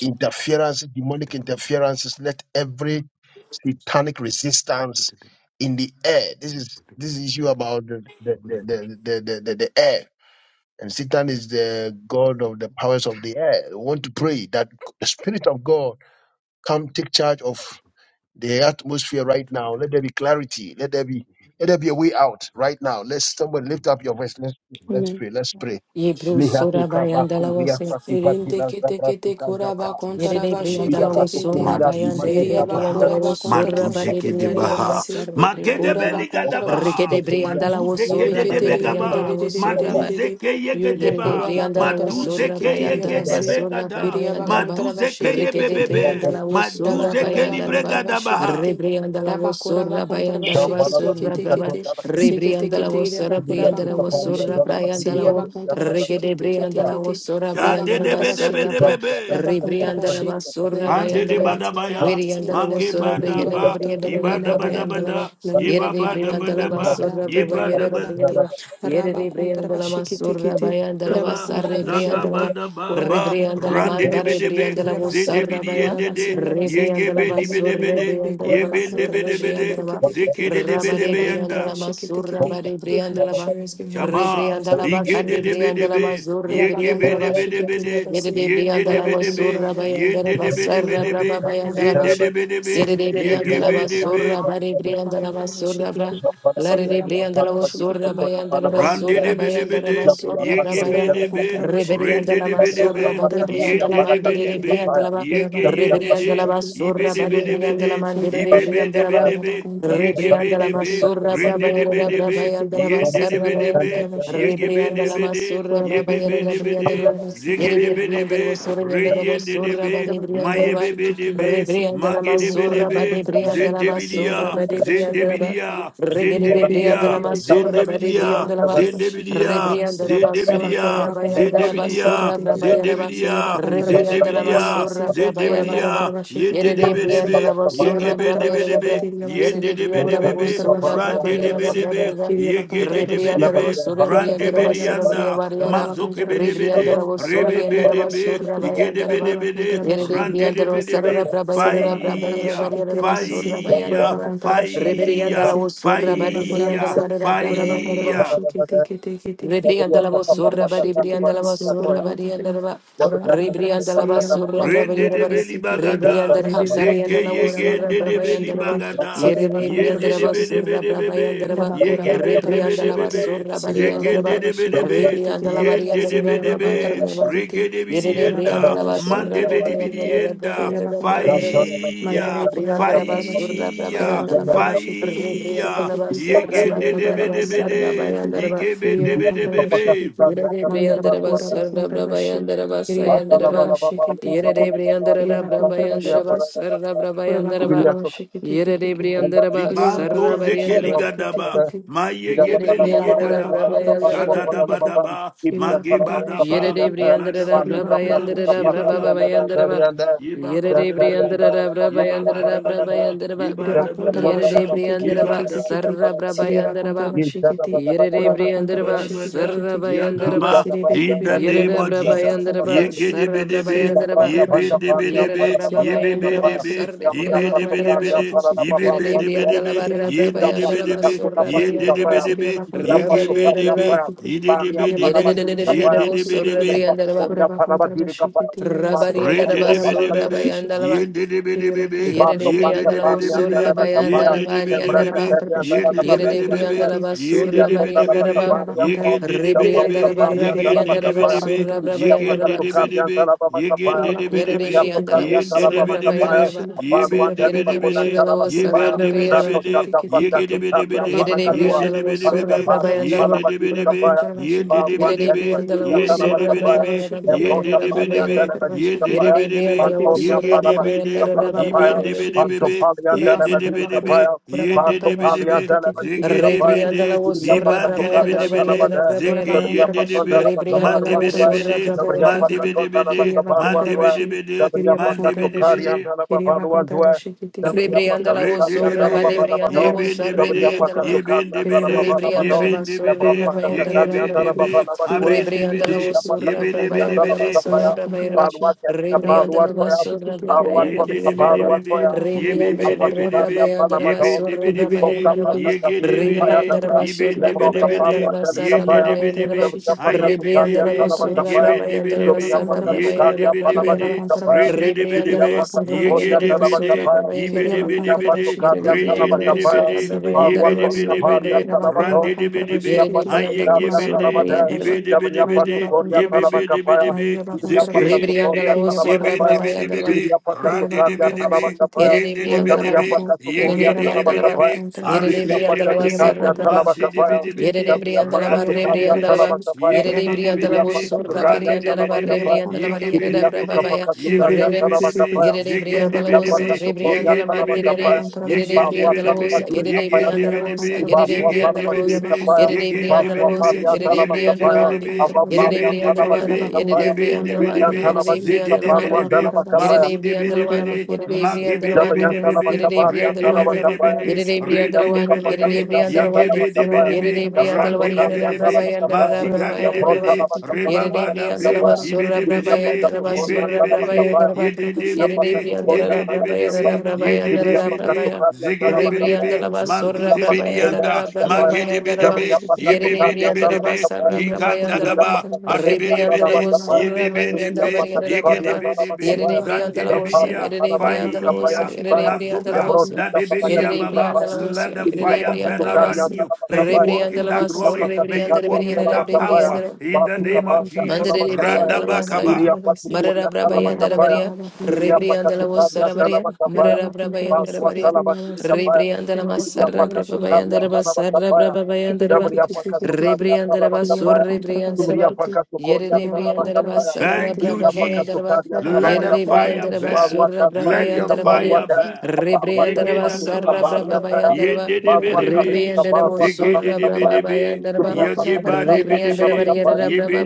Speaker 3: interference, demonic interferences, let every satanic resistance in the air. This is this is issue about the the the the, the, the, the, the air. And Satan is the God of the powers of the air. We want to pray that the Spirit of God come take charge of the atmosphere right now. Let there be clarity. Let there be let there be a way out right now. Let's somebody lift up your voice. Let's let's pray. Let's pray.
Speaker 1: Ye brusora
Speaker 3: Lihatuka
Speaker 1: baianda
Speaker 3: bakuria
Speaker 1: la
Speaker 4: Erente
Speaker 3: sativatila
Speaker 4: kete kete
Speaker 3: zabratuka
Speaker 2: de de de de de de de de de
Speaker 3: zapa.
Speaker 4: koraba
Speaker 1: Yerede
Speaker 4: kontaraba
Speaker 1: briandala
Speaker 2: baha,
Speaker 4: shekete
Speaker 1: was
Speaker 4: kete.
Speaker 1: surra
Speaker 3: Idabatukuria
Speaker 1: bayan de
Speaker 3: dimadika
Speaker 4: Beriaba
Speaker 3: baria
Speaker 1: briandala
Speaker 4: koraba
Speaker 1: was
Speaker 2: baha,
Speaker 1: surra
Speaker 4: kontaraba
Speaker 3: dikusa.
Speaker 1: bade
Speaker 2: baha,
Speaker 4: shekete
Speaker 1: briandala
Speaker 2: baha,
Speaker 4: riabase.
Speaker 1: masar de
Speaker 2: baha,
Speaker 4: Koraba
Speaker 1: briandala
Speaker 2: beliga da
Speaker 4: kontaraba
Speaker 1: rike
Speaker 3: Dobratuka
Speaker 2: baha,
Speaker 1: de
Speaker 4: shekete.
Speaker 3: pelia
Speaker 1: briandala was
Speaker 2: maduze
Speaker 1: surra
Speaker 2: de
Speaker 3: dibrasukuria
Speaker 1: bade
Speaker 2: bega
Speaker 3: bandam.
Speaker 1: briandala
Speaker 2: ba,
Speaker 1: was surra
Speaker 2: maduze
Speaker 4: Yebeketeriyerererererererere.
Speaker 2: yege de
Speaker 1: Yere
Speaker 2: ba,
Speaker 3: Lobratika
Speaker 1: briandala
Speaker 2: maduze
Speaker 1: osura bayandara
Speaker 2: yege de
Speaker 3: bandam.
Speaker 4: Yobokorabakondorabasheketeriyabase.
Speaker 2: bega
Speaker 1: basura
Speaker 2: da
Speaker 1: bayandara ba
Speaker 2: maduze ye
Speaker 1: rekede
Speaker 2: bebebe,
Speaker 4: Kiriyabakontorabasheketeketekete.
Speaker 1: briandala was sura
Speaker 2: maduze
Speaker 1: bayandara ba
Speaker 2: librega da baha,
Speaker 4: Rabakorabakondorabashekete.
Speaker 1: rebriandala osura bayandara
Speaker 3: Shambhala
Speaker 1: sura
Speaker 3: baduri
Speaker 1: braba
Speaker 4: Rabakorabakondorabasheketeketekete.
Speaker 3: katonda.
Speaker 1: rebriandala was sura briandala
Speaker 4: Seketeketeriyabakorabakondorabashe.
Speaker 1: osura bayandala o rekede briandala
Speaker 4: Siriyabakontorabasheketeketekete.
Speaker 1: osura
Speaker 2: shade
Speaker 1: briandala
Speaker 2: de be de be
Speaker 1: basara
Speaker 2: de
Speaker 4: Rabakontorabashekete.
Speaker 2: be ye
Speaker 1: ba rebriandala
Speaker 4: Rabakontorabashe.
Speaker 1: was sura
Speaker 4: Clarity,
Speaker 1: bayandara
Speaker 2: ba
Speaker 1: ba
Speaker 2: ba
Speaker 4: clarity, clarity. Seigneur,
Speaker 1: Variandalava
Speaker 4: lève-toi,
Speaker 1: Sura
Speaker 4: lève-toi,
Speaker 2: Maduzekedebaha,
Speaker 1: Briandala
Speaker 2: Maduzekedebaha, Maduzekedebaha, Magedebeligadaba,
Speaker 4: lève-toi,
Speaker 2: Maduzekedebegaba, Maduzekeyegedeba,
Speaker 1: Briandala
Speaker 4: donne-lui la clarté.
Speaker 2: Maduzekeyegedebegada,
Speaker 1: Brabayandalava,
Speaker 2: Maduzekeyebebebe, Maduzekelibregadabaha, Shadedebedebedebe, Handedebadabaya, Magebadaba,
Speaker 4: Donne-lui la
Speaker 1: Yerede
Speaker 4: clarté,
Speaker 2: Ibadabadabada,
Speaker 4: donne-lui
Speaker 1: Briandalava
Speaker 4: la
Speaker 1: Sura
Speaker 4: clarté, donne-lui la
Speaker 1: Brabayandala
Speaker 2: ba.
Speaker 4: clarté.
Speaker 1: Briandalava,
Speaker 4: Rabba
Speaker 1: Yerede
Speaker 4: contra
Speaker 1: Briandalama
Speaker 4: bashikete
Speaker 1: Sura
Speaker 4: kete.
Speaker 1: Bayandalava
Speaker 4: Rabba
Speaker 2: Daba,
Speaker 4: contra
Speaker 1: Sarre
Speaker 2: Zagaba
Speaker 1: Briandalava,
Speaker 4: bashikete.
Speaker 2: da
Speaker 4: Koraba
Speaker 2: Baba,
Speaker 4: koraba
Speaker 1: Rebriandala
Speaker 2: Rande
Speaker 4: contra
Speaker 2: de
Speaker 1: Mandare
Speaker 2: Bedebe,
Speaker 4: bashikete
Speaker 1: Briandalava
Speaker 4: riabasi.
Speaker 1: Sarra
Speaker 2: Zedebidi
Speaker 1: Baya,
Speaker 2: and
Speaker 4: Koraba
Speaker 2: Dede,
Speaker 4: siriabasi.
Speaker 2: Yegebe
Speaker 1: Rebriandalava
Speaker 2: di
Speaker 1: Sura
Speaker 2: Bedebede,
Speaker 4: Yebebebebebe
Speaker 1: Briandalava
Speaker 4: koraba
Speaker 2: Yebel de
Speaker 4: contra
Speaker 1: Sura
Speaker 2: Bedebede,
Speaker 4: bashikete
Speaker 1: Briandalava,
Speaker 4: kete kete.
Speaker 2: Zekede de
Speaker 1: Rabade
Speaker 4: Siriaba contra
Speaker 2: Bedebeanda,
Speaker 1: Briandalama
Speaker 4: bashikete
Speaker 1: Sura
Speaker 4: kete.
Speaker 1: Bade
Speaker 4: Give him
Speaker 1: Briandalava,
Speaker 4: insurance, give him
Speaker 2: Shaba,
Speaker 4: insurance, give
Speaker 1: Rebriandala
Speaker 3: Thank
Speaker 4: him
Speaker 1: baka de
Speaker 2: Vigede de
Speaker 4: insurance.
Speaker 1: briandala
Speaker 2: Bedebe,
Speaker 1: mazur
Speaker 2: Yegebe
Speaker 1: rebriandala
Speaker 2: de
Speaker 1: ba.
Speaker 2: Bedebede,
Speaker 1: Yede
Speaker 4: Rabacontrabashikitirabasi,
Speaker 1: de
Speaker 2: Yende de
Speaker 1: surra
Speaker 2: Bedebe,
Speaker 1: wasura
Speaker 4: Kurabacontrabasi,
Speaker 1: bayandala
Speaker 2: Yende de
Speaker 1: basara
Speaker 4: Sira,
Speaker 1: braba
Speaker 2: Bedebedebe,
Speaker 1: bayandala ba.
Speaker 2: Zende
Speaker 4: Kurabacontrabashi,
Speaker 2: de Bedebe,
Speaker 1: Yede de
Speaker 4: Sira,
Speaker 1: briandala
Speaker 2: Yegebe de Be,
Speaker 1: basura bari briandala basura ba.
Speaker 4: Kurabacontrabashikiti,
Speaker 1: Lare
Speaker 4: Sira,
Speaker 1: de briandala wasura
Speaker 4: Rabacontrabashikiti,
Speaker 1: bayandala
Speaker 2: Rande de
Speaker 1: basura bayandala
Speaker 4: Kurabacontrabashikiti,
Speaker 2: Bedebede,
Speaker 1: surra braba ya.
Speaker 2: Yegebe
Speaker 4: Sira,
Speaker 2: de Be, Rende
Speaker 1: Rebriandala
Speaker 2: de
Speaker 4: Rabacontrabashikiti,
Speaker 1: masura
Speaker 2: Bedebe,
Speaker 1: bari briandala
Speaker 2: Yende de
Speaker 1: mandere de
Speaker 4: Rabacontrabashikiti,
Speaker 2: Bedebe,
Speaker 1: briandala ba.
Speaker 2: Yege yende de,
Speaker 1: Rebriandala
Speaker 4: Kurabacontrabashikiti,
Speaker 1: basura
Speaker 4: Sira,
Speaker 1: bari
Speaker 2: Ibedebedebede,
Speaker 1: briandala mandere de
Speaker 4: Rabacontrabashi,
Speaker 1: briandala
Speaker 3: you.
Speaker 1: ba.
Speaker 2: ibebedebedebe,
Speaker 3: Thank
Speaker 1: Rebrianda la
Speaker 2: yegebedebe,
Speaker 4: Kurabacontrabashikiti,
Speaker 1: masurra
Speaker 4: Sira,
Speaker 1: brabaya da
Speaker 2: rendedebedebe,
Speaker 1: brabaya da
Speaker 4: Rabacontrabashikiti,
Speaker 1: la basarra
Speaker 4: Sira,
Speaker 1: baya.
Speaker 2: yendedebedebe,
Speaker 1: Rebrianda la
Speaker 4: Rabacontrabashikiti,
Speaker 2: yegebedebede,
Speaker 1: masurra brabaya
Speaker 4: Kurabakantara
Speaker 1: da
Speaker 4: Bashiki
Speaker 2: yebebedebede,
Speaker 1: brianda la
Speaker 4: Kiriabasi.
Speaker 1: yere brianda
Speaker 2: zegedebedebe,
Speaker 1: la masurra yanda la masurra
Speaker 2: reyendedebe,
Speaker 1: ba
Speaker 4: Yabakun
Speaker 1: rebrianda la ba
Speaker 4: Taravashi Kiti
Speaker 2: mayebebedebe,
Speaker 4: Yavasi,
Speaker 1: rebrianda la
Speaker 4: Lobukura
Speaker 1: masurra
Speaker 2: magedebedebe,
Speaker 1: ba
Speaker 4: Bakun
Speaker 1: rebrianda
Speaker 4: Taravashi,
Speaker 1: la
Speaker 4: Kiri
Speaker 2: zendebidia,
Speaker 1: masurra ba
Speaker 4: Bakun Taravashi
Speaker 1: rebrianda la
Speaker 4: Kiti,
Speaker 1: ba
Speaker 2: zendebidia,
Speaker 1: regere
Speaker 4: Bibi Bibi
Speaker 2: zendebidia,
Speaker 4: Bibi
Speaker 1: rebrianda la
Speaker 4: Bibi
Speaker 1: masurra
Speaker 4: Bibi,
Speaker 1: ba
Speaker 4: Kura
Speaker 2: zendebidia,
Speaker 1: rebrianda la
Speaker 4: Bakun
Speaker 1: ba
Speaker 4: Taravashi Kiti
Speaker 2: zendebidia,
Speaker 1: rebrianda
Speaker 4: Yavasi,
Speaker 1: la masurra
Speaker 4: Rabakura
Speaker 2: zendebidia,
Speaker 4: Bakun
Speaker 1: brabaya la
Speaker 4: Taravashi Kiti
Speaker 2: zendebidia,
Speaker 1: masurra
Speaker 4: Kiti Kiti,
Speaker 1: brabaya ba
Speaker 4: Siri
Speaker 2: zendebidiya,
Speaker 4: Bakun Taravashi
Speaker 1: rebrianda la
Speaker 4: Kiti
Speaker 2: zendebidiya,
Speaker 1: masurra
Speaker 4: Yavasi,
Speaker 1: brabaya
Speaker 4: Kura
Speaker 1: la
Speaker 4: Bakun
Speaker 1: ba
Speaker 2: zendebidiya,
Speaker 4: Taravashi Kiti
Speaker 1: yere
Speaker 2: yendedebedebe,
Speaker 1: rebrianda
Speaker 4: Yavasi,
Speaker 1: la
Speaker 4: Kiri
Speaker 1: masurra
Speaker 4: Bakun
Speaker 1: brabaya
Speaker 4: Taravashi
Speaker 2: yegebendebedebe,
Speaker 1: da
Speaker 4: Kiti
Speaker 1: Yere
Speaker 4: Yavasi,
Speaker 1: de
Speaker 4: Kura
Speaker 1: briandala
Speaker 2: yendedebedebebe,
Speaker 4: Bakun
Speaker 1: was sura
Speaker 4: Taravashi Kiti
Speaker 1: braba yere da
Speaker 4: Yavasi,
Speaker 2: randedebedebe,
Speaker 1: braba da.
Speaker 4: Kiri Bakun Taravashi
Speaker 1: Rebriandala
Speaker 2: yegedebedebe,
Speaker 4: Kiti,
Speaker 1: was sura
Speaker 4: Kiki
Speaker 1: briandala
Speaker 4: Kiti
Speaker 1: was sura
Speaker 2: randebediyanda,
Speaker 4: Yavasi, Kura
Speaker 1: briandala.
Speaker 4: Bakun Taravashi
Speaker 2: mazokebedebede,
Speaker 1: Rebriandala
Speaker 4: Kiti,
Speaker 1: was sura
Speaker 4: Kira Bakun
Speaker 1: yandala was
Speaker 2: rebebedebe,
Speaker 4: Taravashi
Speaker 1: sura
Speaker 4: Kiti,
Speaker 1: bayandala
Speaker 4: Kiriya
Speaker 1: ba.
Speaker 2: yegedebedebede,
Speaker 4: bakontara
Speaker 1: Yere de
Speaker 4: bashikiti
Speaker 1: briandala
Speaker 4: kiti
Speaker 1: was sura
Speaker 2: randedebedebe,
Speaker 4: kiti.
Speaker 1: braba yere
Speaker 4: Siriya
Speaker 1: da braba
Speaker 4: bakontara
Speaker 1: yere da
Speaker 2: Fire,
Speaker 1: yere
Speaker 4: bashikiti
Speaker 1: da
Speaker 4: riya
Speaker 1: was
Speaker 4: basi.
Speaker 1: sura
Speaker 4: Kura
Speaker 1: bayandala
Speaker 2: fire,
Speaker 1: ba.
Speaker 4: bakontara bashikiti riya
Speaker 2: fire,
Speaker 1: Rebriandala
Speaker 4: basi.
Speaker 1: was sura
Speaker 4: Kiriya
Speaker 1: bari
Speaker 4: bakura
Speaker 2: fire,
Speaker 1: briandala
Speaker 4: basi.
Speaker 1: bari da braba
Speaker 4: Kura
Speaker 1: yandala
Speaker 4: bakontara
Speaker 1: ba.
Speaker 2: fire.
Speaker 4: bashikiti kiti kiti.
Speaker 1: Ribri
Speaker 4: Kura
Speaker 1: Rebriandalaba
Speaker 4: bakontara
Speaker 1: surra bari
Speaker 4: bashikiti riya
Speaker 1: briandalaba
Speaker 4: basi. Kura
Speaker 1: surra bari and
Speaker 4: bakontara
Speaker 1: Dava
Speaker 4: Kura
Speaker 1: ribri
Speaker 4: bakontara basi.
Speaker 1: andalaba
Speaker 4: Riya
Speaker 1: rebriandalaba surra
Speaker 4: bakura
Speaker 3: you.
Speaker 1: brabari
Speaker 2: Rende de
Speaker 4: bakontara
Speaker 1: andalaba
Speaker 2: beli
Speaker 4: bashikiti.
Speaker 2: bagada,
Speaker 1: rebriandalaba
Speaker 4: Rebe bebe
Speaker 1: sari
Speaker 2: zeke
Speaker 4: bebe
Speaker 1: andalaba
Speaker 4: kura
Speaker 1: surra
Speaker 2: yegende
Speaker 4: bakontara
Speaker 2: de
Speaker 1: brabari
Speaker 2: beli
Speaker 1: andalaba
Speaker 4: bashikiti.
Speaker 2: bagada,
Speaker 1: yere
Speaker 4: Siriya bakontara
Speaker 2: yende de
Speaker 1: rebriandalaba
Speaker 2: be
Speaker 4: bashikiti.
Speaker 2: de be
Speaker 1: surra
Speaker 2: de
Speaker 1: brabari
Speaker 2: bebe,
Speaker 1: andalaba
Speaker 4: Rabakura
Speaker 2: yege be
Speaker 4: bakuntara
Speaker 2: de be de
Speaker 1: rebriandalaba
Speaker 4: bashikiti,
Speaker 2: bebe,
Speaker 1: surra bari
Speaker 4: Siria
Speaker 1: and
Speaker 2: zekende de
Speaker 4: bakuntara
Speaker 1: Dava
Speaker 2: de be de
Speaker 4: bashikiti
Speaker 2: be,
Speaker 1: ribri
Speaker 4: kiti kiti,
Speaker 1: andalaba
Speaker 2: yende de be
Speaker 4: Siria
Speaker 1: rebriandalaba
Speaker 2: de
Speaker 1: bari
Speaker 4: bakuntara
Speaker 2: be,
Speaker 1: andalaba brabari andalaba
Speaker 4: bashikiti,
Speaker 2: reke de
Speaker 1: yere
Speaker 4: Siria
Speaker 2: bidienda,
Speaker 4: bakuntara
Speaker 1: rebriandalaba surra
Speaker 4: bashikiti
Speaker 2: mande be di
Speaker 4: kiti
Speaker 1: brabari
Speaker 4: kiti,
Speaker 1: andalaba
Speaker 2: bidienda,
Speaker 4: Iria bakuntara
Speaker 1: brabari andalaba
Speaker 4: bashi,
Speaker 1: brabari andalaba yere
Speaker 4: Maya
Speaker 2: fire,
Speaker 4: bakura
Speaker 1: rebriandalaba
Speaker 4: bakuntara bashi,
Speaker 1: surra brabari
Speaker 4: Ura
Speaker 2: fire,
Speaker 1: andalaba
Speaker 4: bakuntara
Speaker 3: Thank
Speaker 4: bashikiti kiti kiti
Speaker 2: fire,
Speaker 1: rebriandalaba
Speaker 4: kiti,
Speaker 1: surra bari
Speaker 2: yegende
Speaker 4: Sibiki
Speaker 2: de be
Speaker 1: andalaba
Speaker 2: de be
Speaker 4: bakuntara
Speaker 1: surra
Speaker 2: de,
Speaker 1: bari and
Speaker 4: bashikiti,
Speaker 1: Dava
Speaker 2: yege be
Speaker 4: Siria
Speaker 2: de be de
Speaker 4: bakuntara
Speaker 2: bebe.
Speaker 4: bashikiti,
Speaker 1: Yere
Speaker 4: Mandara
Speaker 1: Briandara
Speaker 4: bakura
Speaker 1: Sarda
Speaker 4: bakuntara bashi,
Speaker 1: Brabayandara
Speaker 4: Kiria
Speaker 1: Basayandara
Speaker 4: bakuntara
Speaker 1: Ba
Speaker 4: bashikiti
Speaker 1: Yere
Speaker 4: kiti,
Speaker 1: Briandara
Speaker 4: Kiria bakuntara
Speaker 1: Brabayandara
Speaker 4: bashikiti,
Speaker 1: Basarda
Speaker 4: Ura
Speaker 1: Brabayandara
Speaker 4: bakuntara
Speaker 1: Ba
Speaker 4: bashikiti
Speaker 1: Yere
Speaker 4: kiti kiti,
Speaker 1: Briandara Ba
Speaker 4: Kiria
Speaker 2: Libanto
Speaker 1: Sarda
Speaker 4: bakuntara
Speaker 1: Bariandara
Speaker 2: zekeli
Speaker 1: Ba
Speaker 4: bashikiti kiti
Speaker 2: gadaba,
Speaker 3: you.
Speaker 4: kiti,
Speaker 2: maye
Speaker 3: Thank
Speaker 1: Yere
Speaker 2: gebreli
Speaker 4: Yabakura
Speaker 1: Briandara
Speaker 2: gedadaba,
Speaker 4: Bakundara
Speaker 1: Brabayandara
Speaker 4: Bashikiti
Speaker 2: shadadaba
Speaker 4: Kitty,
Speaker 2: daba,
Speaker 4: Kiriya
Speaker 2: mageba
Speaker 4: Bakundara
Speaker 2: daba,
Speaker 4: Bashikiti,
Speaker 1: Yerere briandara
Speaker 2: ibadaba
Speaker 4: Syria
Speaker 2: daba
Speaker 1: braba
Speaker 4: Bakundara
Speaker 2: da,
Speaker 1: yandara
Speaker 4: Bashikiti,
Speaker 1: braba
Speaker 2: yebaba
Speaker 1: baba
Speaker 2: daba
Speaker 1: yandara ba.
Speaker 2: daba, yebaba
Speaker 1: Yerere
Speaker 2: daba
Speaker 1: briandara
Speaker 2: daba,
Speaker 1: braba
Speaker 2: yebaba
Speaker 1: yandara
Speaker 2: daba
Speaker 1: braba
Speaker 2: daba,
Speaker 1: yandara ba.
Speaker 4: Kiri
Speaker 2: yebaba
Speaker 4: bakontar
Speaker 2: daba
Speaker 1: Yerere
Speaker 4: bashikiti kiti
Speaker 1: ba
Speaker 2: daba da,
Speaker 4: kiti kiti.
Speaker 1: sarra braba
Speaker 4: Siri
Speaker 1: yandara
Speaker 4: bakontar
Speaker 1: ba.
Speaker 4: bashikiti.
Speaker 1: Yerere
Speaker 4: Kura bakontar
Speaker 1: ba
Speaker 4: bashikiti
Speaker 2: Badabada,
Speaker 1: sarra
Speaker 4: kiti
Speaker 1: ba
Speaker 4: kiti.
Speaker 1: yandara ba.
Speaker 2: Yagaba,
Speaker 4: Siri baby
Speaker 2: In
Speaker 4: baby
Speaker 2: the
Speaker 4: baby
Speaker 2: name
Speaker 1: Yerere
Speaker 4: baby.
Speaker 2: of
Speaker 1: braba
Speaker 4: Kura
Speaker 2: Jesus.
Speaker 1: yandara
Speaker 4: bakontar
Speaker 2: Ye
Speaker 1: ba
Speaker 4: bashi.
Speaker 2: gede
Speaker 1: sarra
Speaker 2: bede
Speaker 1: braba
Speaker 2: be,
Speaker 4: Siri
Speaker 1: yandara ba.
Speaker 4: bakontar
Speaker 2: ye bende
Speaker 4: bashikiti.
Speaker 2: bede
Speaker 1: Yerere
Speaker 2: be,
Speaker 1: braba
Speaker 4: Siri
Speaker 1: ba
Speaker 2: ye be
Speaker 4: bakontar
Speaker 1: yandara ba
Speaker 2: bede
Speaker 4: bashi.
Speaker 2: be,
Speaker 1: sarre
Speaker 2: ye
Speaker 4: Kura
Speaker 1: briandara
Speaker 2: bede
Speaker 1: ba
Speaker 4: bakontar
Speaker 2: bede
Speaker 1: yerere ba.
Speaker 2: bede,
Speaker 4: bashikiti
Speaker 2: ye
Speaker 4: kiti
Speaker 2: be
Speaker 1: Yerere
Speaker 4: kiti.
Speaker 2: bede
Speaker 3: you.
Speaker 2: bede
Speaker 1: briandala
Speaker 2: be,
Speaker 4: Kiri
Speaker 2: ye
Speaker 1: braba
Speaker 4: bakontar
Speaker 3: Julia
Speaker 2: dede
Speaker 1: yandara
Speaker 3: Pato
Speaker 2: bede
Speaker 1: ba
Speaker 4: bashikiti
Speaker 2: be,
Speaker 4: kiti
Speaker 1: sorra ba
Speaker 2: ye
Speaker 4: kiti.
Speaker 1: yandara
Speaker 2: dede
Speaker 1: ba.
Speaker 2: bede
Speaker 4: Siri
Speaker 2: be, ye
Speaker 4: bakontar
Speaker 2: ge
Speaker 4: bashikiti
Speaker 2: bede
Speaker 4: kiti
Speaker 2: be,
Speaker 4: kiti.
Speaker 2: ye dede
Speaker 4: Kiri
Speaker 2: bede
Speaker 1: Yere de
Speaker 2: be,
Speaker 4: bakontar
Speaker 2: ye
Speaker 4: bashikiti
Speaker 1: briandala
Speaker 2: dede
Speaker 1: was
Speaker 4: kiti
Speaker 2: bede be.
Speaker 4: kiti. Kura
Speaker 3: Konya
Speaker 4: bakontar
Speaker 3: Panabadiri Kapaya,
Speaker 4: bashikiti yabasi.
Speaker 3: Pato Palua
Speaker 4: Kura
Speaker 3: Baraka,
Speaker 4: bakontar
Speaker 2: Rin-di-di-bi-di-bi-bi,
Speaker 4: bashikiti. Kiri
Speaker 2: yin-di-di-bi-di-bi-bi,
Speaker 4: bakontar
Speaker 3: Bato
Speaker 4: bashikiti.
Speaker 3: panta pali
Speaker 2: yin-di-di-bi-di-bi-bi,
Speaker 3: antara bata
Speaker 4: Yebebebebebebe.
Speaker 3: paya. Sembra
Speaker 4: Koraba
Speaker 2: yin-di-di-bi-di-bi-bi,
Speaker 4: kontra
Speaker 3: sekali antara
Speaker 4: bashiki
Speaker 3: laba
Speaker 4: tiki
Speaker 3: bali
Speaker 4: tiki tiki
Speaker 2: yin-di-di-bi-di-bi-bi,
Speaker 3: antara.
Speaker 4: tiki.
Speaker 3: Ibiya kota laba
Speaker 2: yin-di-di-bi-di-bi-bi,
Speaker 4: Sebebebebebebe.
Speaker 3: kapali
Speaker 4: Koraba kontra.
Speaker 3: ampo. Sembra
Speaker 2: yigin-di-di-bi-di-bi,
Speaker 3: sekali antara laba
Speaker 4: Dededededededededede.
Speaker 3: kapaya.
Speaker 4: Koraba
Speaker 2: yigin-di-di-bi-di-bi,
Speaker 4: kontra
Speaker 3: Ibiya
Speaker 4: bashiki tiri
Speaker 3: pakatu
Speaker 4: yamasi.
Speaker 3: kari
Speaker 2: yigin-di-di-bi-di-bi,
Speaker 3: antara laba kapaya.
Speaker 4: Seria ba contra
Speaker 2: yigin-di-di-bi-di-bi,
Speaker 3: Ibiya
Speaker 4: bashi kete,
Speaker 3: pakali antara
Speaker 4: seria
Speaker 3: laba
Speaker 4: ba contra
Speaker 2: yin-di-di-bi-di-bi,
Speaker 3: kapaya.
Speaker 4: bashi,
Speaker 2: Ye ye ye
Speaker 3: Apalu
Speaker 2: ye
Speaker 4: seria
Speaker 2: ye
Speaker 4: ba
Speaker 2: ye
Speaker 3: antara laba
Speaker 2: ye
Speaker 4: contra
Speaker 2: ye ye
Speaker 3: kota
Speaker 4: bashi,
Speaker 2: ye
Speaker 3: antara laba
Speaker 2: ye
Speaker 4: queria ba
Speaker 3: kupaya.
Speaker 2: bin bin bin de
Speaker 4: contra
Speaker 2: be de
Speaker 4: bashi
Speaker 3: Brato
Speaker 2: be
Speaker 4: kete
Speaker 2: de
Speaker 3: sata
Speaker 4: kete
Speaker 2: ye
Speaker 3: fakta
Speaker 2: ge de,
Speaker 4: kete,
Speaker 2: be de
Speaker 3: tukali
Speaker 2: be
Speaker 4: ora
Speaker 2: de
Speaker 4: ba
Speaker 3: ampara
Speaker 4: contra
Speaker 2: ye de
Speaker 3: katua.
Speaker 4: bashi,
Speaker 2: de, be de be
Speaker 4: ora
Speaker 3: Panta
Speaker 4: ba
Speaker 2: be,
Speaker 1: sorra
Speaker 3: bari
Speaker 4: contra
Speaker 2: ye
Speaker 4: bashi,
Speaker 3: kupala
Speaker 1: brabayandala.
Speaker 2: de de be
Speaker 3: bajuri
Speaker 2: de,
Speaker 4: ora ba
Speaker 2: be,
Speaker 3: kapaya.
Speaker 4: contra
Speaker 2: ye
Speaker 4: bashi
Speaker 2: de
Speaker 3: Pamu
Speaker 2: de
Speaker 4: kete
Speaker 1: Yere
Speaker 4: kete kete,
Speaker 1: briandala wo
Speaker 3: antara
Speaker 4: queria
Speaker 3: laba
Speaker 4: ba
Speaker 1: sorra
Speaker 2: be de
Speaker 3: kapaya.
Speaker 4: contra
Speaker 2: be,
Speaker 1: brabayana
Speaker 4: bashi
Speaker 2: ye
Speaker 4: kete,
Speaker 1: brabayana
Speaker 2: de
Speaker 3: Embonta
Speaker 2: de,
Speaker 4: queria
Speaker 3: pali
Speaker 2: be de
Speaker 4: ba
Speaker 2: be,
Speaker 1: brabayana.
Speaker 3: antara
Speaker 4: contra
Speaker 3: laba
Speaker 2: ye
Speaker 4: bashi
Speaker 2: de
Speaker 1: Yere
Speaker 2: de
Speaker 3: kapaya.
Speaker 4: kete,
Speaker 2: be de, be, ye de de be de be,
Speaker 1: briandala
Speaker 4: bebe
Speaker 1: wo
Speaker 3: Antonia
Speaker 2: ye
Speaker 4: bebe bebe
Speaker 2: ge
Speaker 1: sorra
Speaker 2: de,
Speaker 4: bebe,
Speaker 2: be
Speaker 3: Palabadika
Speaker 2: de
Speaker 1: brabayana
Speaker 4: ora ba
Speaker 2: ye
Speaker 4: contra
Speaker 2: bin
Speaker 3: Pandapaya,
Speaker 2: de
Speaker 1: brabayana.
Speaker 2: be
Speaker 4: bashi
Speaker 2: de be
Speaker 4: kete,
Speaker 2: be,
Speaker 3: Antopalia
Speaker 4: ora
Speaker 2: ye
Speaker 4: ba
Speaker 2: de, de
Speaker 4: contra
Speaker 3: Dalabadika
Speaker 4: baku,
Speaker 3: Paya,
Speaker 4: ora ba
Speaker 3: Marco
Speaker 4: contra
Speaker 2: be
Speaker 4: bashi
Speaker 3: Palia
Speaker 2: de
Speaker 4: kete kete
Speaker 2: ge
Speaker 4: kete
Speaker 2: ge
Speaker 3: Dalabadika
Speaker 1: Re
Speaker 2: de
Speaker 4: kete
Speaker 3: Paya,
Speaker 4: kete,
Speaker 1: briandala
Speaker 2: de
Speaker 1: wo
Speaker 3: Julia
Speaker 1: sorra
Speaker 4: queria ba
Speaker 2: yebin de, yegidibidibidi, yin de
Speaker 4: contra
Speaker 1: brabayana
Speaker 2: be
Speaker 3: Pacatocalia
Speaker 4: bashi
Speaker 2: de didibidibi, yin didibidibi, yin didibidibi, de, didibidibi, yin didibidibi, yegidibidi, yibin dibidibibi, yin de yin de zigidibidi, iban didibidibidi,
Speaker 4: kete,
Speaker 1: brabayana
Speaker 3: Salabade,
Speaker 4: ora ba
Speaker 2: ziki
Speaker 1: brabayana.
Speaker 3: Sabria
Speaker 4: contra
Speaker 2: de
Speaker 4: bashi,
Speaker 3: Patonda
Speaker 2: didibi,
Speaker 1: Re
Speaker 4: ora ba
Speaker 2: man
Speaker 1: briandala
Speaker 2: de
Speaker 3: Labacabarua,
Speaker 1: wo
Speaker 2: be
Speaker 4: contra
Speaker 2: de be
Speaker 1: sorra
Speaker 4: bashi
Speaker 2: de,
Speaker 4: kete
Speaker 3: Sabria
Speaker 4: kete
Speaker 2: man
Speaker 1: brabayana.
Speaker 2: de
Speaker 4: kete
Speaker 2: be de
Speaker 3: Pacatonda
Speaker 2: be de,
Speaker 4: Kiria
Speaker 2: man
Speaker 4: bakontara
Speaker 2: de be
Speaker 3: Labacabarua,
Speaker 2: de
Speaker 4: bashi,
Speaker 2: be de,
Speaker 3: Sabria
Speaker 4: kiria
Speaker 2: man de
Speaker 4: bakontara
Speaker 2: be de be
Speaker 4: bashi,
Speaker 3: Pacatocalia
Speaker 2: de.
Speaker 4: kiria bakontara
Speaker 3: Dalababalua,
Speaker 4: bashi kiti
Speaker 1: Re
Speaker 4: kiti
Speaker 3: Sabria
Speaker 4: kiti,
Speaker 1: briandala
Speaker 3: Pacatocalia
Speaker 4: kiria
Speaker 1: sorra bade
Speaker 2: Rin-di-di-bi,
Speaker 4: bakura
Speaker 1: briandala
Speaker 3: Dalababalabado,
Speaker 4: bakontara
Speaker 1: wo
Speaker 4: bashi kiti
Speaker 2: yibin-di-bi-di,
Speaker 3: Sabria
Speaker 4: kiti kiti,
Speaker 3: Pacatocalia
Speaker 4: kiria
Speaker 2: yibin-di-bi-di,
Speaker 4: bakontara
Speaker 1: Ribriandara
Speaker 3: Dalababalabado,
Speaker 4: bashi,
Speaker 3: Nebra
Speaker 1: basura
Speaker 2: yibin-di-bi-di,
Speaker 4: kiria bakontara
Speaker 1: brabayandara
Speaker 3: Pacatacalia
Speaker 4: bashi
Speaker 1: brava.
Speaker 4: kiti,
Speaker 2: yigi-bi-di-bi,
Speaker 3: Dalababalabado,
Speaker 4: kiria bakontara
Speaker 1: Ribriandala
Speaker 2: abin-di-bi-di,
Speaker 4: bashi
Speaker 3: Julia
Speaker 4: kiti
Speaker 1: osura
Speaker 4: kiti
Speaker 3: Pacatocalia
Speaker 4: kiti,
Speaker 1: brabayandara
Speaker 2: yibi-di-bi-di-bi-di,
Speaker 4: kiria
Speaker 3: Dalabacapaya,
Speaker 1: basura
Speaker 4: bakontara
Speaker 1: brabayandara.
Speaker 3: Barua
Speaker 4: bashi,
Speaker 3: Jessica
Speaker 4: kura
Speaker 3: Barua
Speaker 1: Ribriandala
Speaker 4: bakontara
Speaker 3: Toya,
Speaker 4: bashi
Speaker 1: basura
Speaker 4: kiti kiti
Speaker 3: Barua
Speaker 1: brabayandara
Speaker 4: kiti,
Speaker 3: Tonica
Speaker 1: brabayandara.
Speaker 3: Barua
Speaker 2: yin-di-di-bi-di-bi-di, bi
Speaker 4: kura
Speaker 3: Toya,
Speaker 4: bakontara
Speaker 3: Ili
Speaker 4: bashi
Speaker 1: Ribriandara
Speaker 4: kiti
Speaker 1: barra
Speaker 3: Apatutalia
Speaker 2: yibin
Speaker 1: brabayandara
Speaker 3: Panamado,
Speaker 1: basura
Speaker 3: Liko
Speaker 1: brabayandara.
Speaker 3: Sapata Tabini
Speaker 4: Quería va
Speaker 3: Paya
Speaker 1: Ribriandara
Speaker 4: contra
Speaker 3: Dasa,
Speaker 4: la chiqui
Speaker 1: basura
Speaker 4: tiki
Speaker 3: Yabroka
Speaker 4: tiki
Speaker 1: brabayandara
Speaker 3: Barua
Speaker 4: tiki.
Speaker 3: Jelica
Speaker 1: basara
Speaker 4: Quería va
Speaker 3: Paya,
Speaker 4: contra la
Speaker 1: brabayandara.
Speaker 3: Jovia
Speaker 4: chiqui tiki. Quería
Speaker 3: Pacatucaria
Speaker 4: va
Speaker 1: Ribriandala
Speaker 4: contra la
Speaker 3: Panamata
Speaker 1: osura
Speaker 4: chiqui.
Speaker 3: Paya,
Speaker 1: brabayandara
Speaker 4: Quería va
Speaker 3: Jovia
Speaker 1: basara
Speaker 4: contra la chiqui.
Speaker 3: Pacatucaria
Speaker 1: brabayandara
Speaker 4: Quería va
Speaker 1: brabayandara.
Speaker 3: Panamadinica
Speaker 4: contra la
Speaker 3: Paya,
Speaker 4: chiqui.
Speaker 3: Jivia
Speaker 1: Ribriandala
Speaker 4: Quería va
Speaker 1: basura
Speaker 4: contra la
Speaker 3: Pacatucoria
Speaker 1: brabayandara
Speaker 4: chiqui tiki
Speaker 3: Tanamata
Speaker 1: basura
Speaker 4: tiki.
Speaker 3: Paya,
Speaker 4: Quería va
Speaker 1: brabayandara.
Speaker 3: Jivia
Speaker 4: contra la chiqui
Speaker 1: Yere
Speaker 3: Pacatucaria
Speaker 4: tiki tiki
Speaker 1: Ribriandala
Speaker 3: Tanamata
Speaker 4: tiki.
Speaker 3: Paya,
Speaker 1: osura
Speaker 2: Reyendedebede,
Speaker 4: Si bi bi bi
Speaker 3: Barua
Speaker 1: brabayandara
Speaker 4: bi bi
Speaker 3: Tonica
Speaker 4: bi.
Speaker 1: basura
Speaker 3: Baria
Speaker 2: yebedebedebede,
Speaker 1: brabayandara.
Speaker 4: Raba va
Speaker 3: Tanamado,
Speaker 4: contra la
Speaker 3: Jivia
Speaker 2: randedebedebe,
Speaker 4: chiqui tiki.
Speaker 1: Yerebriandala was
Speaker 3: Pacatucaria
Speaker 4: Mara va
Speaker 1: Sura
Speaker 2: ayegebede,
Speaker 4: contra
Speaker 3: Tanamada,
Speaker 4: la
Speaker 1: Briandalava,
Speaker 4: chiqui.
Speaker 3: Jabria
Speaker 4: Maria va
Speaker 2: ibedebedebede,
Speaker 3: Patucoria
Speaker 4: contra la chiqui.
Speaker 3: Tanamata Paya,
Speaker 2: yebebedebedebe,
Speaker 4: Maria va
Speaker 3: Zibriya
Speaker 4: contra la
Speaker 3: Pakato
Speaker 4: chiqui.
Speaker 3: Koria
Speaker 1: Ribriandala
Speaker 2: zekeyendede,
Speaker 1: was
Speaker 4: Quería va
Speaker 1: Sura
Speaker 4: contra
Speaker 3: Talabakapaya,
Speaker 4: la chiqui
Speaker 1: Brabayandalava,
Speaker 2: yebedebedebebe,
Speaker 4: tiki.
Speaker 3: Zibriya
Speaker 4: Quería
Speaker 3: Pakato
Speaker 4: va
Speaker 3: Karia
Speaker 4: contra la
Speaker 2: randedebedebe,
Speaker 4: chiqui tiki.
Speaker 3: Talabakapaya,
Speaker 4: Mandara
Speaker 3: Zibriya
Speaker 1: Yerebriandalava,
Speaker 2: yendedebedebe,
Speaker 4: va
Speaker 3: Pakato Koria
Speaker 4: Mandara bakura
Speaker 1: Yerebriandalava,
Speaker 3: Talabakapaya,
Speaker 4: bakontra
Speaker 3: Zibriya
Speaker 4: bashi.
Speaker 3: Pakato
Speaker 1: Yerebriandalava,
Speaker 4: Kiriya
Speaker 2: yegedebedebe,
Speaker 3: Karia
Speaker 1: Sarra
Speaker 4: bakontra
Speaker 1: Braba.
Speaker 4: bashi kiti
Speaker 3: Talabakapaya,
Speaker 4: kiti
Speaker 1: Yere
Speaker 2: Mazidibidibidi,
Speaker 4: kiti.
Speaker 3: Zibriya
Speaker 1: brianda la
Speaker 4: Kiriya
Speaker 3: Pakato
Speaker 1: barre
Speaker 3: Karia
Speaker 4: bakontra
Speaker 1: brianda la
Speaker 4: bashi.
Speaker 1: ba.
Speaker 2: Randibidibidi,
Speaker 3: Talabakapaya,
Speaker 1: Yere
Speaker 4: Kura
Speaker 1: brianda
Speaker 4: bakontra
Speaker 1: la
Speaker 3: Zibriya
Speaker 4: bashi
Speaker 2: Yigidibidibidi,
Speaker 1: vosor
Speaker 3: Pakato
Speaker 1: da
Speaker 4: kiti
Speaker 3: Karia
Speaker 4: kiti.
Speaker 1: barianda la barre
Speaker 2: Randibidibidi,
Speaker 3: Talabakapaya,
Speaker 1: brianda la barriere da
Speaker 3: Zibriya
Speaker 1: brava
Speaker 2: Yigibidibidi,
Speaker 3: Pakato
Speaker 1: baya.
Speaker 3: Karia
Speaker 1: Reve.
Speaker 2: Yibidibidibi,
Speaker 3: Talabakapaya,
Speaker 1: Yerere
Speaker 4: Kureba
Speaker 1: brianda la
Speaker 3: Zibriya
Speaker 4: contra
Speaker 1: vosa.
Speaker 2: Zigindibidibi,
Speaker 3: Pakato
Speaker 1: Re
Speaker 4: bashi
Speaker 3: Koria
Speaker 1: brianda
Speaker 4: kiti.
Speaker 1: la
Speaker 2: Yigindibidibi,
Speaker 4: Kirieba
Speaker 1: mandere.
Speaker 3: Talabakapaya,
Speaker 4: contra bashi
Speaker 1: yere
Speaker 3: Balua
Speaker 4: kiti
Speaker 1: brianda la
Speaker 4: kiti
Speaker 2: Yigindibidibi,
Speaker 1: vosa.
Speaker 3: Talabajuri
Speaker 4: kiti.
Speaker 1: yere
Speaker 3: Apaya,
Speaker 1: brianda la
Speaker 4: Kirieba
Speaker 2: Yigindibidibi,
Speaker 1: vosa.
Speaker 4: contra
Speaker 1: yere
Speaker 4: bashi.
Speaker 3: Ibasua
Speaker 1: brianda la
Speaker 3: Talabajiri
Speaker 1: vosa.
Speaker 4: Kirieba
Speaker 2: Yigindibidibi,
Speaker 3: Kapaya,
Speaker 4: contra
Speaker 1: yere
Speaker 4: bakura
Speaker 1: brianda la
Speaker 3: Basua
Speaker 4: bakuntra
Speaker 2: Yigindibidibi,
Speaker 1: vosa.
Speaker 3: Paria
Speaker 4: bashi.
Speaker 1: Yere brianda la
Speaker 3: Talabakapaya,
Speaker 4: Kirieba
Speaker 1: mandi.
Speaker 2: Yibidibidibi,
Speaker 4: contra
Speaker 3: Abba
Speaker 1: yere
Speaker 4: bashi.
Speaker 3: Paria
Speaker 1: brianda la
Speaker 4: Mandara
Speaker 1: mandi.
Speaker 2: Yibidibidibi,
Speaker 3: Talabajiri
Speaker 1: yere
Speaker 4: baku.
Speaker 3: Kapaya,
Speaker 1: brianda la
Speaker 4: Mandara
Speaker 1: mandi.
Speaker 3: Udian
Speaker 4: bakura
Speaker 1: yere
Speaker 3: Talabat
Speaker 4: bashi.
Speaker 2: Yibidibidibi,
Speaker 1: brianda la
Speaker 3: Kapalu
Speaker 4: Mandara
Speaker 1: mandi.
Speaker 3: and
Speaker 2: Yegedebedebedebe,
Speaker 4: bakura
Speaker 3: Dalabakapaya.
Speaker 4: bashi.
Speaker 1: Yedede
Speaker 4: Mandara
Speaker 1: Briandalawande,
Speaker 4: bakura
Speaker 1: Yedede
Speaker 4: bashi.
Speaker 3: Jaba
Speaker 1: Briandalawande,
Speaker 3: ya
Speaker 4: Mandara
Speaker 3: salaba
Speaker 4: bakuntra.
Speaker 1: Yedede
Speaker 3: kaba ya salaba
Speaker 1: Briandalawande,
Speaker 4: Mandara
Speaker 3: kaba ya.
Speaker 4: bakura
Speaker 1: Yedede
Speaker 4: bashi.
Speaker 3: Ili ya suka
Speaker 1: Briandalawande,
Speaker 4: Mandara
Speaker 3: pasa
Speaker 1: Yedede
Speaker 4: bakura
Speaker 3: suka ya
Speaker 4: bashi.
Speaker 1: Briandalawande,
Speaker 3: salaba kaba
Speaker 4: Kureba
Speaker 3: ya.
Speaker 1: Yedede
Speaker 4: contra bashi
Speaker 3: Japan to
Speaker 1: Briandalawari,
Speaker 4: kiti
Speaker 3: kali
Speaker 1: Yedede
Speaker 3: ya
Speaker 4: kirieba
Speaker 3: salaba
Speaker 4: bashi.
Speaker 3: kaba
Speaker 1: Brabayandara
Speaker 3: ya.
Speaker 4: Kureba contra
Speaker 3: Japan
Speaker 1: Brabayandaraba,
Speaker 4: bashi
Speaker 3: salaba
Speaker 4: kiti
Speaker 3: kaba ya
Speaker 4: kiti.
Speaker 1: Yedede
Speaker 3: salaba kaba
Speaker 1: Briandalawa
Speaker 3: ya.
Speaker 4: Sirieba
Speaker 1: Sura
Speaker 4: contra
Speaker 3: Ili ya
Speaker 4: bashi
Speaker 3: pasa
Speaker 4: kiti
Speaker 1: Brabayandaraba
Speaker 3: suka
Speaker 4: kiti.
Speaker 3: ya
Speaker 1: Sura
Speaker 3: salaba
Speaker 4: Kiria
Speaker 3: kaba ya.
Speaker 1: Brabayandaraba,
Speaker 4: Bakontara
Speaker 3: Ili ya
Speaker 1: Yedede
Speaker 4: Bashikiti
Speaker 3: pasa
Speaker 4: Kiti
Speaker 3: suka
Speaker 1: Briandara
Speaker 3: ya
Speaker 4: Kiti,
Speaker 3: salaba kaba
Speaker 1: Brabayara
Speaker 4: Siria
Speaker 3: ya. Ili
Speaker 4: Bakontara
Speaker 3: ya
Speaker 1: Brabayandara
Speaker 4: Bashikiti,
Speaker 1: Brabaya.
Speaker 4: Kura Bakontara
Speaker 1: Rebriandalaba
Speaker 4: Bashikiti
Speaker 1: sorra
Speaker 4: Kiti Kiti,
Speaker 2: Bidianda,
Speaker 1: brabayandara
Speaker 4: Kiria
Speaker 2: Magi de
Speaker 4: Bakontara
Speaker 1: brababayandalaba.
Speaker 2: Bidibi,
Speaker 4: Bashikiti
Speaker 2: Ye
Speaker 1: Yere
Speaker 4: Kiti
Speaker 2: Bibi de
Speaker 4: Kiti,
Speaker 1: rebriandalaba
Speaker 2: Bidibi,
Speaker 1: sarra
Speaker 4: Miria
Speaker 2: gikan
Speaker 4: Bakura
Speaker 1: brabayandalaba.
Speaker 2: Yebedianda,
Speaker 4: Bakontara Bashi,
Speaker 1: Rebriandalabo
Speaker 2: Magedebedebe,
Speaker 4: Kiria
Speaker 1: sora
Speaker 4: Bakontara
Speaker 1: brabayandalaba
Speaker 2: Yebebedebedebe, Gikandadaba, Adebedebede,
Speaker 4: Bashikiti Kiti
Speaker 1: yandara
Speaker 2: zanti
Speaker 4: Kiti,
Speaker 1: braba.
Speaker 2: Yegedebedebe,
Speaker 1: Yere
Speaker 4: Siria Bakontara
Speaker 1: rebriandalabosa,
Speaker 4: Bashi,
Speaker 3: Samparia
Speaker 2: Zantedebedia,
Speaker 1: yere
Speaker 4: Kura
Speaker 3: Panabasiri
Speaker 4: Bakontara
Speaker 3: Kapaya
Speaker 1: rebriandalabosa,
Speaker 2: Fire,
Speaker 1: yere
Speaker 3: Sipaya,
Speaker 4: Bashikiti Kiti
Speaker 2: Mazuka,
Speaker 4: Kiti,
Speaker 1: rebriandalabosa.
Speaker 3: Lebrotu
Speaker 4: Kiria
Speaker 1: Yere
Speaker 2: Dadebedia
Speaker 3: Saparakasiri
Speaker 4: Bakura
Speaker 2: Baba,
Speaker 3: Kapaya,
Speaker 4: Basi,
Speaker 1: rebriandalabosa,
Speaker 2: let the
Speaker 1: yere
Speaker 3: Siria
Speaker 4: Kiria
Speaker 2: fire burn
Speaker 4: Bakontara
Speaker 3: Pakatukaria
Speaker 2: around
Speaker 1: rebriandalabasi.
Speaker 4: Basi,
Speaker 2: you. May you
Speaker 3: Salabakapaya,
Speaker 4: Kiria
Speaker 2: walk in
Speaker 4: Bakontara
Speaker 1: Rebriandalaba
Speaker 2: that
Speaker 3: Siria
Speaker 4: Basi,
Speaker 1: sora
Speaker 2: glory. May you
Speaker 1: rebriandalaba
Speaker 3: Pakatukaria
Speaker 2: walk
Speaker 4: Quería va
Speaker 2: in
Speaker 1: yere
Speaker 2: that
Speaker 4: contra
Speaker 3: Salabakapaya,
Speaker 2: power.
Speaker 4: vesi,
Speaker 1: rebriandalaba.
Speaker 2: In the
Speaker 3: Batu
Speaker 4: quería
Speaker 2: name
Speaker 4: va
Speaker 2: of
Speaker 3: Kabaria
Speaker 4: contra
Speaker 2: Jesus.
Speaker 1: Mandere
Speaker 4: vesi,
Speaker 1: rebri
Speaker 3: Salabakapaya,
Speaker 1: andala
Speaker 4: quería va
Speaker 1: wasaya.
Speaker 2: Radabakaba.
Speaker 3: Suria
Speaker 4: contra vesi,
Speaker 3: Patukuria
Speaker 1: Marara brabaya
Speaker 4: mandara
Speaker 1: andala
Speaker 4: va
Speaker 3: Salabakapaya,
Speaker 4: por
Speaker 1: baria.
Speaker 4: va contra
Speaker 3: Siria
Speaker 1: Rebri andala
Speaker 3: Pakatukaria
Speaker 1: wasara
Speaker 4: vesi,
Speaker 1: baria.
Speaker 4: quería
Speaker 3: Salabakapaya,
Speaker 1: Marara
Speaker 4: va contra
Speaker 1: brabaya
Speaker 3: Batu
Speaker 1: andala
Speaker 4: vesi,
Speaker 1: baria.
Speaker 4: quería
Speaker 3: Salabasiri
Speaker 4: vesi,
Speaker 3: Kapaya,
Speaker 1: Rebri andala
Speaker 4: quería va
Speaker 3: Siria
Speaker 4: contra
Speaker 1: masara
Speaker 4: vesi,
Speaker 1: brabaya
Speaker 3: Pakatukaria
Speaker 1: andala basara
Speaker 3: Salabakapaya,
Speaker 1: brabaya andala ba.
Speaker 4: tipikiti
Speaker 3: Dabria
Speaker 4: kiti kiti kiti,
Speaker 1: Rebri
Speaker 3: Pakatukaria
Speaker 1: andala
Speaker 4: quería
Speaker 1: basur
Speaker 4: va
Speaker 3: Salabakapaya,
Speaker 1: rebri
Speaker 4: contra
Speaker 1: andala
Speaker 4: vesi
Speaker 3: Sumria
Speaker 1: ba.
Speaker 4: kiti,
Speaker 1: Yere
Speaker 3: Pakatukoria
Speaker 4: quería
Speaker 1: rebri
Speaker 4: va
Speaker 1: andala
Speaker 4: contra
Speaker 3: Salabakapaya,
Speaker 4: vesi
Speaker 1: basara
Speaker 2: Thank
Speaker 4: kiti,
Speaker 2: you,
Speaker 3: Siria
Speaker 1: brabaya andala
Speaker 2: Jesus.
Speaker 3: Pakatukaria
Speaker 4: quería
Speaker 1: ba.
Speaker 4: va
Speaker 2: Let
Speaker 1: Yere
Speaker 2: the
Speaker 4: contra
Speaker 3: Salabakapaya,
Speaker 1: rebri
Speaker 4: contra
Speaker 2: fire
Speaker 1: andala
Speaker 4: vesi,
Speaker 2: burn.
Speaker 1: basura
Speaker 3: Balwata
Speaker 2: Let
Speaker 4: quería
Speaker 1: brabaya
Speaker 4: va
Speaker 2: your
Speaker 3: Basilica
Speaker 1: andala
Speaker 4: contra
Speaker 1: baria.
Speaker 2: fire
Speaker 3: Balwata,
Speaker 4: vesi,
Speaker 2: burn.
Speaker 1: Rebri
Speaker 3: Balwata
Speaker 1: andala
Speaker 4: quería va
Speaker 2: Yegida
Speaker 4: contra
Speaker 3: Basilica
Speaker 1: basara
Speaker 4: vesi
Speaker 2: dabaha.
Speaker 4: kiti,
Speaker 3: Baria
Speaker 1: brabaya
Speaker 3: Para,
Speaker 1: andala ba.
Speaker 4: quería va
Speaker 3: Balwata
Speaker 4: contra
Speaker 2: Yendidibidibid.
Speaker 3: Basilica
Speaker 4: vesi
Speaker 1: Rebriandarabo
Speaker 4: kiti
Speaker 3: Barwata
Speaker 4: kiti kiti,
Speaker 1: Sura
Speaker 3: Basilica
Speaker 1: Braba
Speaker 2: Zigididibidibid.
Speaker 4: quería
Speaker 1: Bayandaraba
Speaker 3: Jubilia
Speaker 4: va
Speaker 3: Pata to
Speaker 2: Yegiba
Speaker 4: contra
Speaker 3: Gloria and
Speaker 4: vesi
Speaker 2: dibidibid.
Speaker 4: kiti
Speaker 1: Rebriandarabariera
Speaker 4: kiti kiti
Speaker 1: Braba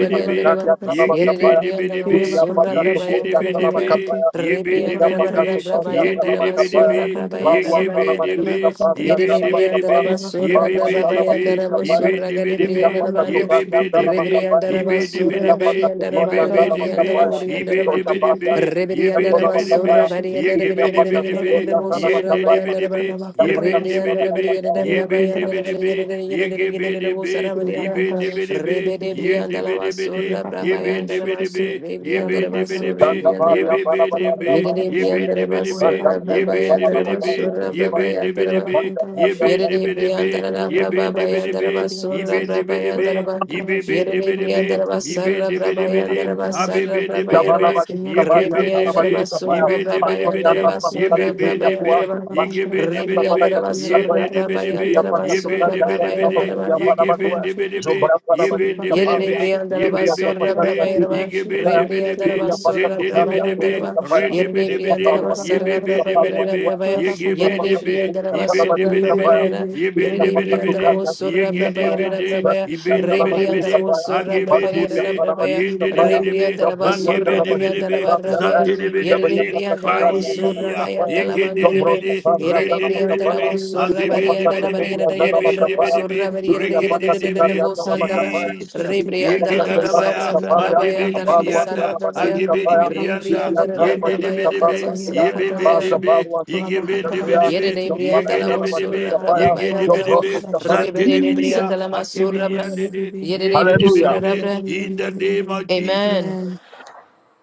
Speaker 4: Kiriaba contra
Speaker 2: Ye
Speaker 4: Pasikiti,
Speaker 2: gibby dibby
Speaker 1: Yerebriandarabo
Speaker 2: dibby,
Speaker 4: Kiriaba
Speaker 1: Sura
Speaker 4: contra
Speaker 2: ye diddy
Speaker 4: Pashikiti,
Speaker 1: Brabayandaraba
Speaker 4: Kiti,
Speaker 2: dibby,
Speaker 4: Kiti,
Speaker 2: ye bin
Speaker 4: Kiriaba
Speaker 2: dibby
Speaker 4: contra
Speaker 2: dibby,
Speaker 1: Rebriandarabara
Speaker 2: ye
Speaker 4: Pashikiti,
Speaker 2: diddy
Speaker 1: Brabayandaraba
Speaker 4: Kiriaba
Speaker 1: Sura
Speaker 2: dibby,
Speaker 4: contra
Speaker 2: ye
Speaker 4: Pasi,
Speaker 2: gibby
Speaker 1: Brabayandarabariandaraba
Speaker 4: Kiriaba
Speaker 2: dibby,
Speaker 4: contra
Speaker 2: ye bin
Speaker 4: Pashi,
Speaker 2: dibby
Speaker 1: Yerebriandaraba
Speaker 2: dibby,
Speaker 4: Kuraba
Speaker 2: ye
Speaker 4: contra
Speaker 1: Sura
Speaker 2: bibby
Speaker 4: Pashikiti,
Speaker 2: dibby,
Speaker 4: Kiti,
Speaker 1: Brabayandarabo
Speaker 2: ye
Speaker 4: Kiti,
Speaker 2: bin
Speaker 1: Sura
Speaker 2: dibby
Speaker 4: Kiriaba
Speaker 2: dibby,
Speaker 4: contra
Speaker 2: ye
Speaker 1: Gadebriandarabandi
Speaker 2: bibby
Speaker 4: Pashikiti,
Speaker 2: dibby, ye
Speaker 1: Rebriandaraba
Speaker 4: Kiriaba
Speaker 2: bin dibby
Speaker 4: contra
Speaker 1: Sura
Speaker 4: Pashi,
Speaker 2: dibby, ye
Speaker 1: Bariandaraba
Speaker 2: bibby
Speaker 4: Kuraba contra
Speaker 2: dibby, ye
Speaker 4: Pashikiti,
Speaker 2: bin
Speaker 1: Rebriandaraburiandaraba
Speaker 2: dibby
Speaker 4: Kiti, Kiti,
Speaker 2: dibby, ye bin
Speaker 4: Kiriaba
Speaker 1: Rebriandaba
Speaker 2: dibby
Speaker 4: contra
Speaker 1: Sura
Speaker 2: dibby, ye
Speaker 1: Barianda
Speaker 4: Pashikiti,
Speaker 2: gibby dibby
Speaker 4: Kiriaba
Speaker 2: dibby,
Speaker 4: contra
Speaker 1: Brianda
Speaker 2: ye
Speaker 1: Sura
Speaker 4: Pashi,
Speaker 3: Zanabakapaya,
Speaker 2: diddy
Speaker 1: Bayandaba
Speaker 2: dibby,
Speaker 4: Kuraba
Speaker 2: ye
Speaker 4: contra
Speaker 3: Zapata
Speaker 2: bin
Speaker 3: to
Speaker 4: Pasi,
Speaker 2: dibby
Speaker 1: Rebrianda
Speaker 2: dibby,
Speaker 3: Zanabakapaya,
Speaker 2: ye
Speaker 1: Brianda
Speaker 4: Kiriaba
Speaker 2: bin
Speaker 1: Bayanda
Speaker 2: dibby
Speaker 4: contra
Speaker 2: dibby, ye gibby dibby
Speaker 1: Brianda Sara
Speaker 2: be,
Speaker 4: Kureba
Speaker 2: ye
Speaker 1: Barianda
Speaker 2: bin
Speaker 4: kontara
Speaker 2: de be de be,
Speaker 1: Rebede
Speaker 2: ye de
Speaker 4: bashigikigikigiki.
Speaker 1: Brianda
Speaker 2: be de
Speaker 1: Lava
Speaker 2: be de,
Speaker 1: Sura
Speaker 4: Kureba
Speaker 2: ye
Speaker 4: kontara
Speaker 2: bin
Speaker 1: Brabayanda
Speaker 2: de be de
Speaker 4: bashigite.
Speaker 1: Namasu
Speaker 2: be, ye
Speaker 1: Rebrianda
Speaker 4: Kureba
Speaker 2: bin de be
Speaker 4: kontara
Speaker 2: de
Speaker 1: Rabasu
Speaker 2: be,
Speaker 3: Thank
Speaker 4: bashigite.
Speaker 1: Rebrianda
Speaker 2: ye be
Speaker 1: Rabasu
Speaker 2: be de
Speaker 4: Kureba
Speaker 2: be,
Speaker 4: kete
Speaker 1: Yedede
Speaker 2: ye
Speaker 4: bashi.
Speaker 2: bin
Speaker 1: Brianda
Speaker 2: de be de be,
Speaker 4: Kureba
Speaker 1: Rabasura
Speaker 2: ye
Speaker 4: kontara
Speaker 2: bin de
Speaker 1: Brabayanda
Speaker 2: be de be,
Speaker 1: Rabasura
Speaker 2: ye
Speaker 4: bashigitigikigiki.
Speaker 2: bin de
Speaker 1: Brabayanda
Speaker 2: be de
Speaker 4: Kureba
Speaker 1: Rabasura
Speaker 2: be,
Speaker 4: kontara
Speaker 2: ye bin
Speaker 3: you.
Speaker 2: de
Speaker 4: bashigite.
Speaker 1: Yerere
Speaker 2: be de be,
Speaker 1: briandara la
Speaker 4: Kureba
Speaker 2: ye
Speaker 1: braba
Speaker 2: bin
Speaker 4: kontara
Speaker 2: de be de be,
Speaker 1: bayandara
Speaker 2: ye
Speaker 1: basura
Speaker 4: bashigitigikigiki.
Speaker 2: bin de
Speaker 1: braba
Speaker 2: be de be,
Speaker 4: kete
Speaker 1: yandara ba.
Speaker 2: ye
Speaker 4: kontara
Speaker 2: be be de
Speaker 1: Yerere
Speaker 2: be de be,
Speaker 1: briandara
Speaker 2: ye
Speaker 4: bashigitigikigiki.
Speaker 2: bin
Speaker 1: basara
Speaker 2: de be
Speaker 1: braba
Speaker 2: de be
Speaker 4: Kureba
Speaker 2: de,
Speaker 1: yandara
Speaker 4: kontara
Speaker 2: a be
Speaker 1: basara
Speaker 2: be de
Speaker 4: bashigite.
Speaker 1: braba
Speaker 2: be de
Speaker 1: yandara
Speaker 2: be,
Speaker 3: Yavana
Speaker 1: ba.
Speaker 3: Badi
Speaker 4: Kureba
Speaker 2: ye
Speaker 1: Re
Speaker 2: ge
Speaker 3: Kabari and
Speaker 4: kontara
Speaker 2: be de
Speaker 1: briandara
Speaker 2: be,
Speaker 3: Sarabadi
Speaker 2: ye
Speaker 3: Sapaya,
Speaker 1: basura
Speaker 2: bin
Speaker 4: bashigitigikigiki.
Speaker 2: de
Speaker 1: braba
Speaker 2: be de
Speaker 3: Pastor
Speaker 2: be de,
Speaker 3: and
Speaker 1: yandara
Speaker 2: ye
Speaker 3: Pasamica
Speaker 1: basura
Speaker 2: be be
Speaker 1: braba
Speaker 3: Zidia
Speaker 4: Rabakantarabashi,
Speaker 2: de be,
Speaker 3: Tua,
Speaker 1: yandara ba.
Speaker 2: ye
Speaker 3: Pastor
Speaker 2: ge be
Speaker 1: Re
Speaker 2: de be
Speaker 4: Rabakantarabashi,
Speaker 2: de be,
Speaker 3: Savana
Speaker 1: briandara
Speaker 3: Kazinka
Speaker 2: ye
Speaker 1: basura
Speaker 2: de
Speaker 3: Toya,
Speaker 2: de be
Speaker 1: braba
Speaker 2: de
Speaker 4: Rabakantarabashi,
Speaker 3: Zidia
Speaker 4: Kiti,
Speaker 2: be
Speaker 3: Pasa
Speaker 4: Kiti,
Speaker 2: ye
Speaker 1: basura
Speaker 2: bin
Speaker 3: Sukari
Speaker 4: Kiti,
Speaker 2: de
Speaker 3: and
Speaker 2: be
Speaker 1: braba
Speaker 2: de be
Speaker 4: Rabak,
Speaker 2: de,
Speaker 3: Sarabakuri and
Speaker 2: ye give in
Speaker 3: Banabatua,
Speaker 2: de be
Speaker 4: Rabakantarabashi,
Speaker 2: de
Speaker 4: Kiti,
Speaker 2: be,
Speaker 3: Zumbra
Speaker 2: ye
Speaker 4: Siri,
Speaker 3: Sarabadi
Speaker 2: bin de be de
Speaker 3: Sapaya,
Speaker 2: be,
Speaker 4: Rabakantarabashi,
Speaker 2: ye
Speaker 4: Kiti,
Speaker 1: Yerebriandaraba
Speaker 2: be
Speaker 3: Zidia
Speaker 2: be de
Speaker 1: Surra
Speaker 3: Sapataka,
Speaker 2: be,
Speaker 3: Zidia
Speaker 2: ye
Speaker 1: Brabayaraba,
Speaker 2: give
Speaker 4: Rabakantarabashi,
Speaker 2: in
Speaker 3: Sapaya,
Speaker 2: de
Speaker 4: Kiti,
Speaker 2: be de
Speaker 4: Kiti,
Speaker 2: be,
Speaker 1: Rebriandaraba
Speaker 3: Zidia
Speaker 4: Kiti,
Speaker 3: Pasa
Speaker 2: zin
Speaker 1: Surra
Speaker 2: de de
Speaker 3: Sukari
Speaker 2: be de
Speaker 3: and
Speaker 2: be,
Speaker 3: Zidia
Speaker 1: Brabayandaraba,
Speaker 3: Sapaya,
Speaker 4: Rabakantarabashi,
Speaker 2: ren de be
Speaker 4: Kiti,
Speaker 2: de be de,
Speaker 1: Yerebriandaraba
Speaker 3: Mutapalua,
Speaker 2: ye be
Speaker 1: Sarra
Speaker 2: be de
Speaker 4: Korabakantarabaku,
Speaker 2: be
Speaker 1: Brabayara
Speaker 2: de
Speaker 3: Zipalua Tua,
Speaker 2: be,
Speaker 1: Brabaya,
Speaker 2: ye give
Speaker 3: Zidia
Speaker 2: be
Speaker 3: Pasa
Speaker 2: de
Speaker 4: Korabakantarabashi,
Speaker 2: be,
Speaker 3: Sukuri and
Speaker 1: Yerebriandaraba
Speaker 2: ye bin de
Speaker 1: Surra
Speaker 2: be
Speaker 3: Sarabadi
Speaker 2: de be
Speaker 3: Sapaya,
Speaker 2: de,
Speaker 1: Brabayara,
Speaker 4: Yebebebebe,
Speaker 2: ye bin
Speaker 3: Zidia
Speaker 2: de be
Speaker 3: Pasa
Speaker 2: de be
Speaker 1: Yerebriandaraba
Speaker 2: de,
Speaker 3: Sukari
Speaker 4: yebebebebe,
Speaker 3: and
Speaker 2: ye
Speaker 1: Surra
Speaker 3: Zidia
Speaker 2: ge de be
Speaker 1: Brabayara
Speaker 2: de,
Speaker 4: yenterabase,
Speaker 3: Sapaya,
Speaker 1: Brabaya,
Speaker 2: ye
Speaker 3: Zidia
Speaker 2: bin de be de be
Speaker 3: Sarabadi
Speaker 4: yentakabase,
Speaker 2: de,
Speaker 1: Rebriandaraba
Speaker 3: Sapaya,
Speaker 2: I
Speaker 1: Surra
Speaker 2: give be de
Speaker 1: Brabayara
Speaker 3: Manjuria
Speaker 4: yentakabase,
Speaker 2: be,
Speaker 3: Sarabadi
Speaker 1: Brabaya,
Speaker 2: ye de de
Speaker 3: Sapaya,
Speaker 2: be de
Speaker 4: yebebebebe,
Speaker 2: be,
Speaker 1: Rebriandaraba
Speaker 2: ma
Speaker 3: Zaburi
Speaker 2: ge be
Speaker 1: Surra
Speaker 3: andara
Speaker 2: de be
Speaker 3: bajiri
Speaker 2: de
Speaker 4: yebebebebe,
Speaker 2: be,
Speaker 3: kapar kata.
Speaker 2: zan de de be de be
Speaker 3: Zabari
Speaker 1: Yerere
Speaker 4: yebebebebebe,
Speaker 2: de,
Speaker 3: apata
Speaker 1: briandala wo
Speaker 3: tukari andara
Speaker 1: surra
Speaker 2: fire.
Speaker 4: yebebebebe,
Speaker 3: bakapaya.
Speaker 2: Ye
Speaker 1: bayandala
Speaker 2: ye de de de de
Speaker 3: Jombros
Speaker 1: manderere.
Speaker 2: de
Speaker 4: yebebebebebe,
Speaker 3: kapari
Speaker 1: Yerere
Speaker 3: andara
Speaker 2: de de de de de be be be be be
Speaker 1: briandala
Speaker 3: bakapaya.
Speaker 1: wo
Speaker 2: be
Speaker 4: yebebebebe,
Speaker 2: aze
Speaker 1: surra
Speaker 3: Bibiri apata
Speaker 4: yabakora
Speaker 1: bariandala
Speaker 3: tukari
Speaker 2: Yigindidibidi,
Speaker 1: bariyerere
Speaker 3: andara
Speaker 4: bakontrabashi,
Speaker 1: yerere wo
Speaker 3: bakapaya.
Speaker 1: surra
Speaker 3: Bibiri
Speaker 1: bariyerere
Speaker 2: rindidibidibi,
Speaker 3: apata
Speaker 2: de be de
Speaker 3: tukari
Speaker 4: Syria
Speaker 1: yerere
Speaker 2: be
Speaker 1: wo
Speaker 3: andara
Speaker 1: sandaba.
Speaker 3: bakapaya.
Speaker 4: bakontrabashi, kete
Speaker 2: Jesus.
Speaker 4: kete
Speaker 3: Bibiri
Speaker 2: Ye ye
Speaker 4: kete
Speaker 2: ye ye ye ye de
Speaker 3: apata
Speaker 2: de de de de de de de de de de de de
Speaker 1: Rebriandala
Speaker 2: da
Speaker 4: kete,
Speaker 2: da
Speaker 3: kendala
Speaker 2: ya
Speaker 1: masarra
Speaker 4: Syria
Speaker 2: man
Speaker 3: bakapaya.
Speaker 2: de be li
Speaker 1: brabayandala
Speaker 2: bi
Speaker 4: bakontrabashi,
Speaker 2: di
Speaker 3: Apalu
Speaker 4: kete,
Speaker 1: masarra
Speaker 2: anda,
Speaker 3: andara bajiri
Speaker 1: brabaya.
Speaker 2: age
Speaker 4: Syria
Speaker 2: be li bi
Speaker 3: kapaya.
Speaker 2: di
Speaker 4: bakontrabashi,
Speaker 3: Bibiri
Speaker 2: anda,
Speaker 4: kete
Speaker 3: andara
Speaker 2: ye
Speaker 1: Rebriandala
Speaker 4: kete
Speaker 2: de
Speaker 3: bajiri
Speaker 2: de
Speaker 4: kete,
Speaker 2: be de
Speaker 1: brabayandala
Speaker 3: kapari
Speaker 2: be
Speaker 4: Syria
Speaker 3: andara.
Speaker 2: ye
Speaker 1: masarra
Speaker 2: be be de
Speaker 1: brabaya.
Speaker 3: Basa
Speaker 4: bakontrabashi,
Speaker 2: be
Speaker 3: baru
Speaker 2: ye
Speaker 3: andiri
Speaker 2: ge
Speaker 3: biri
Speaker 2: ben de be de
Speaker 3: kapaya.
Speaker 4: Rabakontrabashi,
Speaker 2: be
Speaker 1: Yerere
Speaker 4: kete,
Speaker 2: ye
Speaker 3: Jombana
Speaker 2: ge
Speaker 1: briandala
Speaker 2: de
Speaker 1: wo
Speaker 3: andara
Speaker 2: be de
Speaker 3: bajiri
Speaker 2: be
Speaker 1: surra
Speaker 4: Nanira,
Speaker 2: ye
Speaker 3: kapaya.
Speaker 2: ge de
Speaker 4: wala
Speaker 2: be
Speaker 1: brabayandala
Speaker 2: de
Speaker 4: kung
Speaker 1: wo.
Speaker 3: Jombros
Speaker 2: be
Speaker 4: kakabashi
Speaker 3: kapari.
Speaker 1: Rebere
Speaker 4: kikiri
Speaker 2: li li anda
Speaker 4: basi,
Speaker 1: briandala
Speaker 2: anda ge
Speaker 4: bibi
Speaker 1: masurra bra.
Speaker 4: bibi
Speaker 2: ge
Speaker 4: bibi
Speaker 2: ge zan Yigidadabaya, mandibelibidiyanda,
Speaker 4: bibi,
Speaker 2: agibelibidiyanda, yindidibidibi, de ye
Speaker 1: Yerere
Speaker 2: de de be
Speaker 3: Hallelujah.
Speaker 2: de
Speaker 1: surra
Speaker 4: bibi
Speaker 2: be
Speaker 1: bra.
Speaker 4: bibi
Speaker 2: In
Speaker 4: bibi
Speaker 2: the name
Speaker 4: bibi
Speaker 2: of
Speaker 1: Amen.
Speaker 2: Jesus.
Speaker 4: bibi.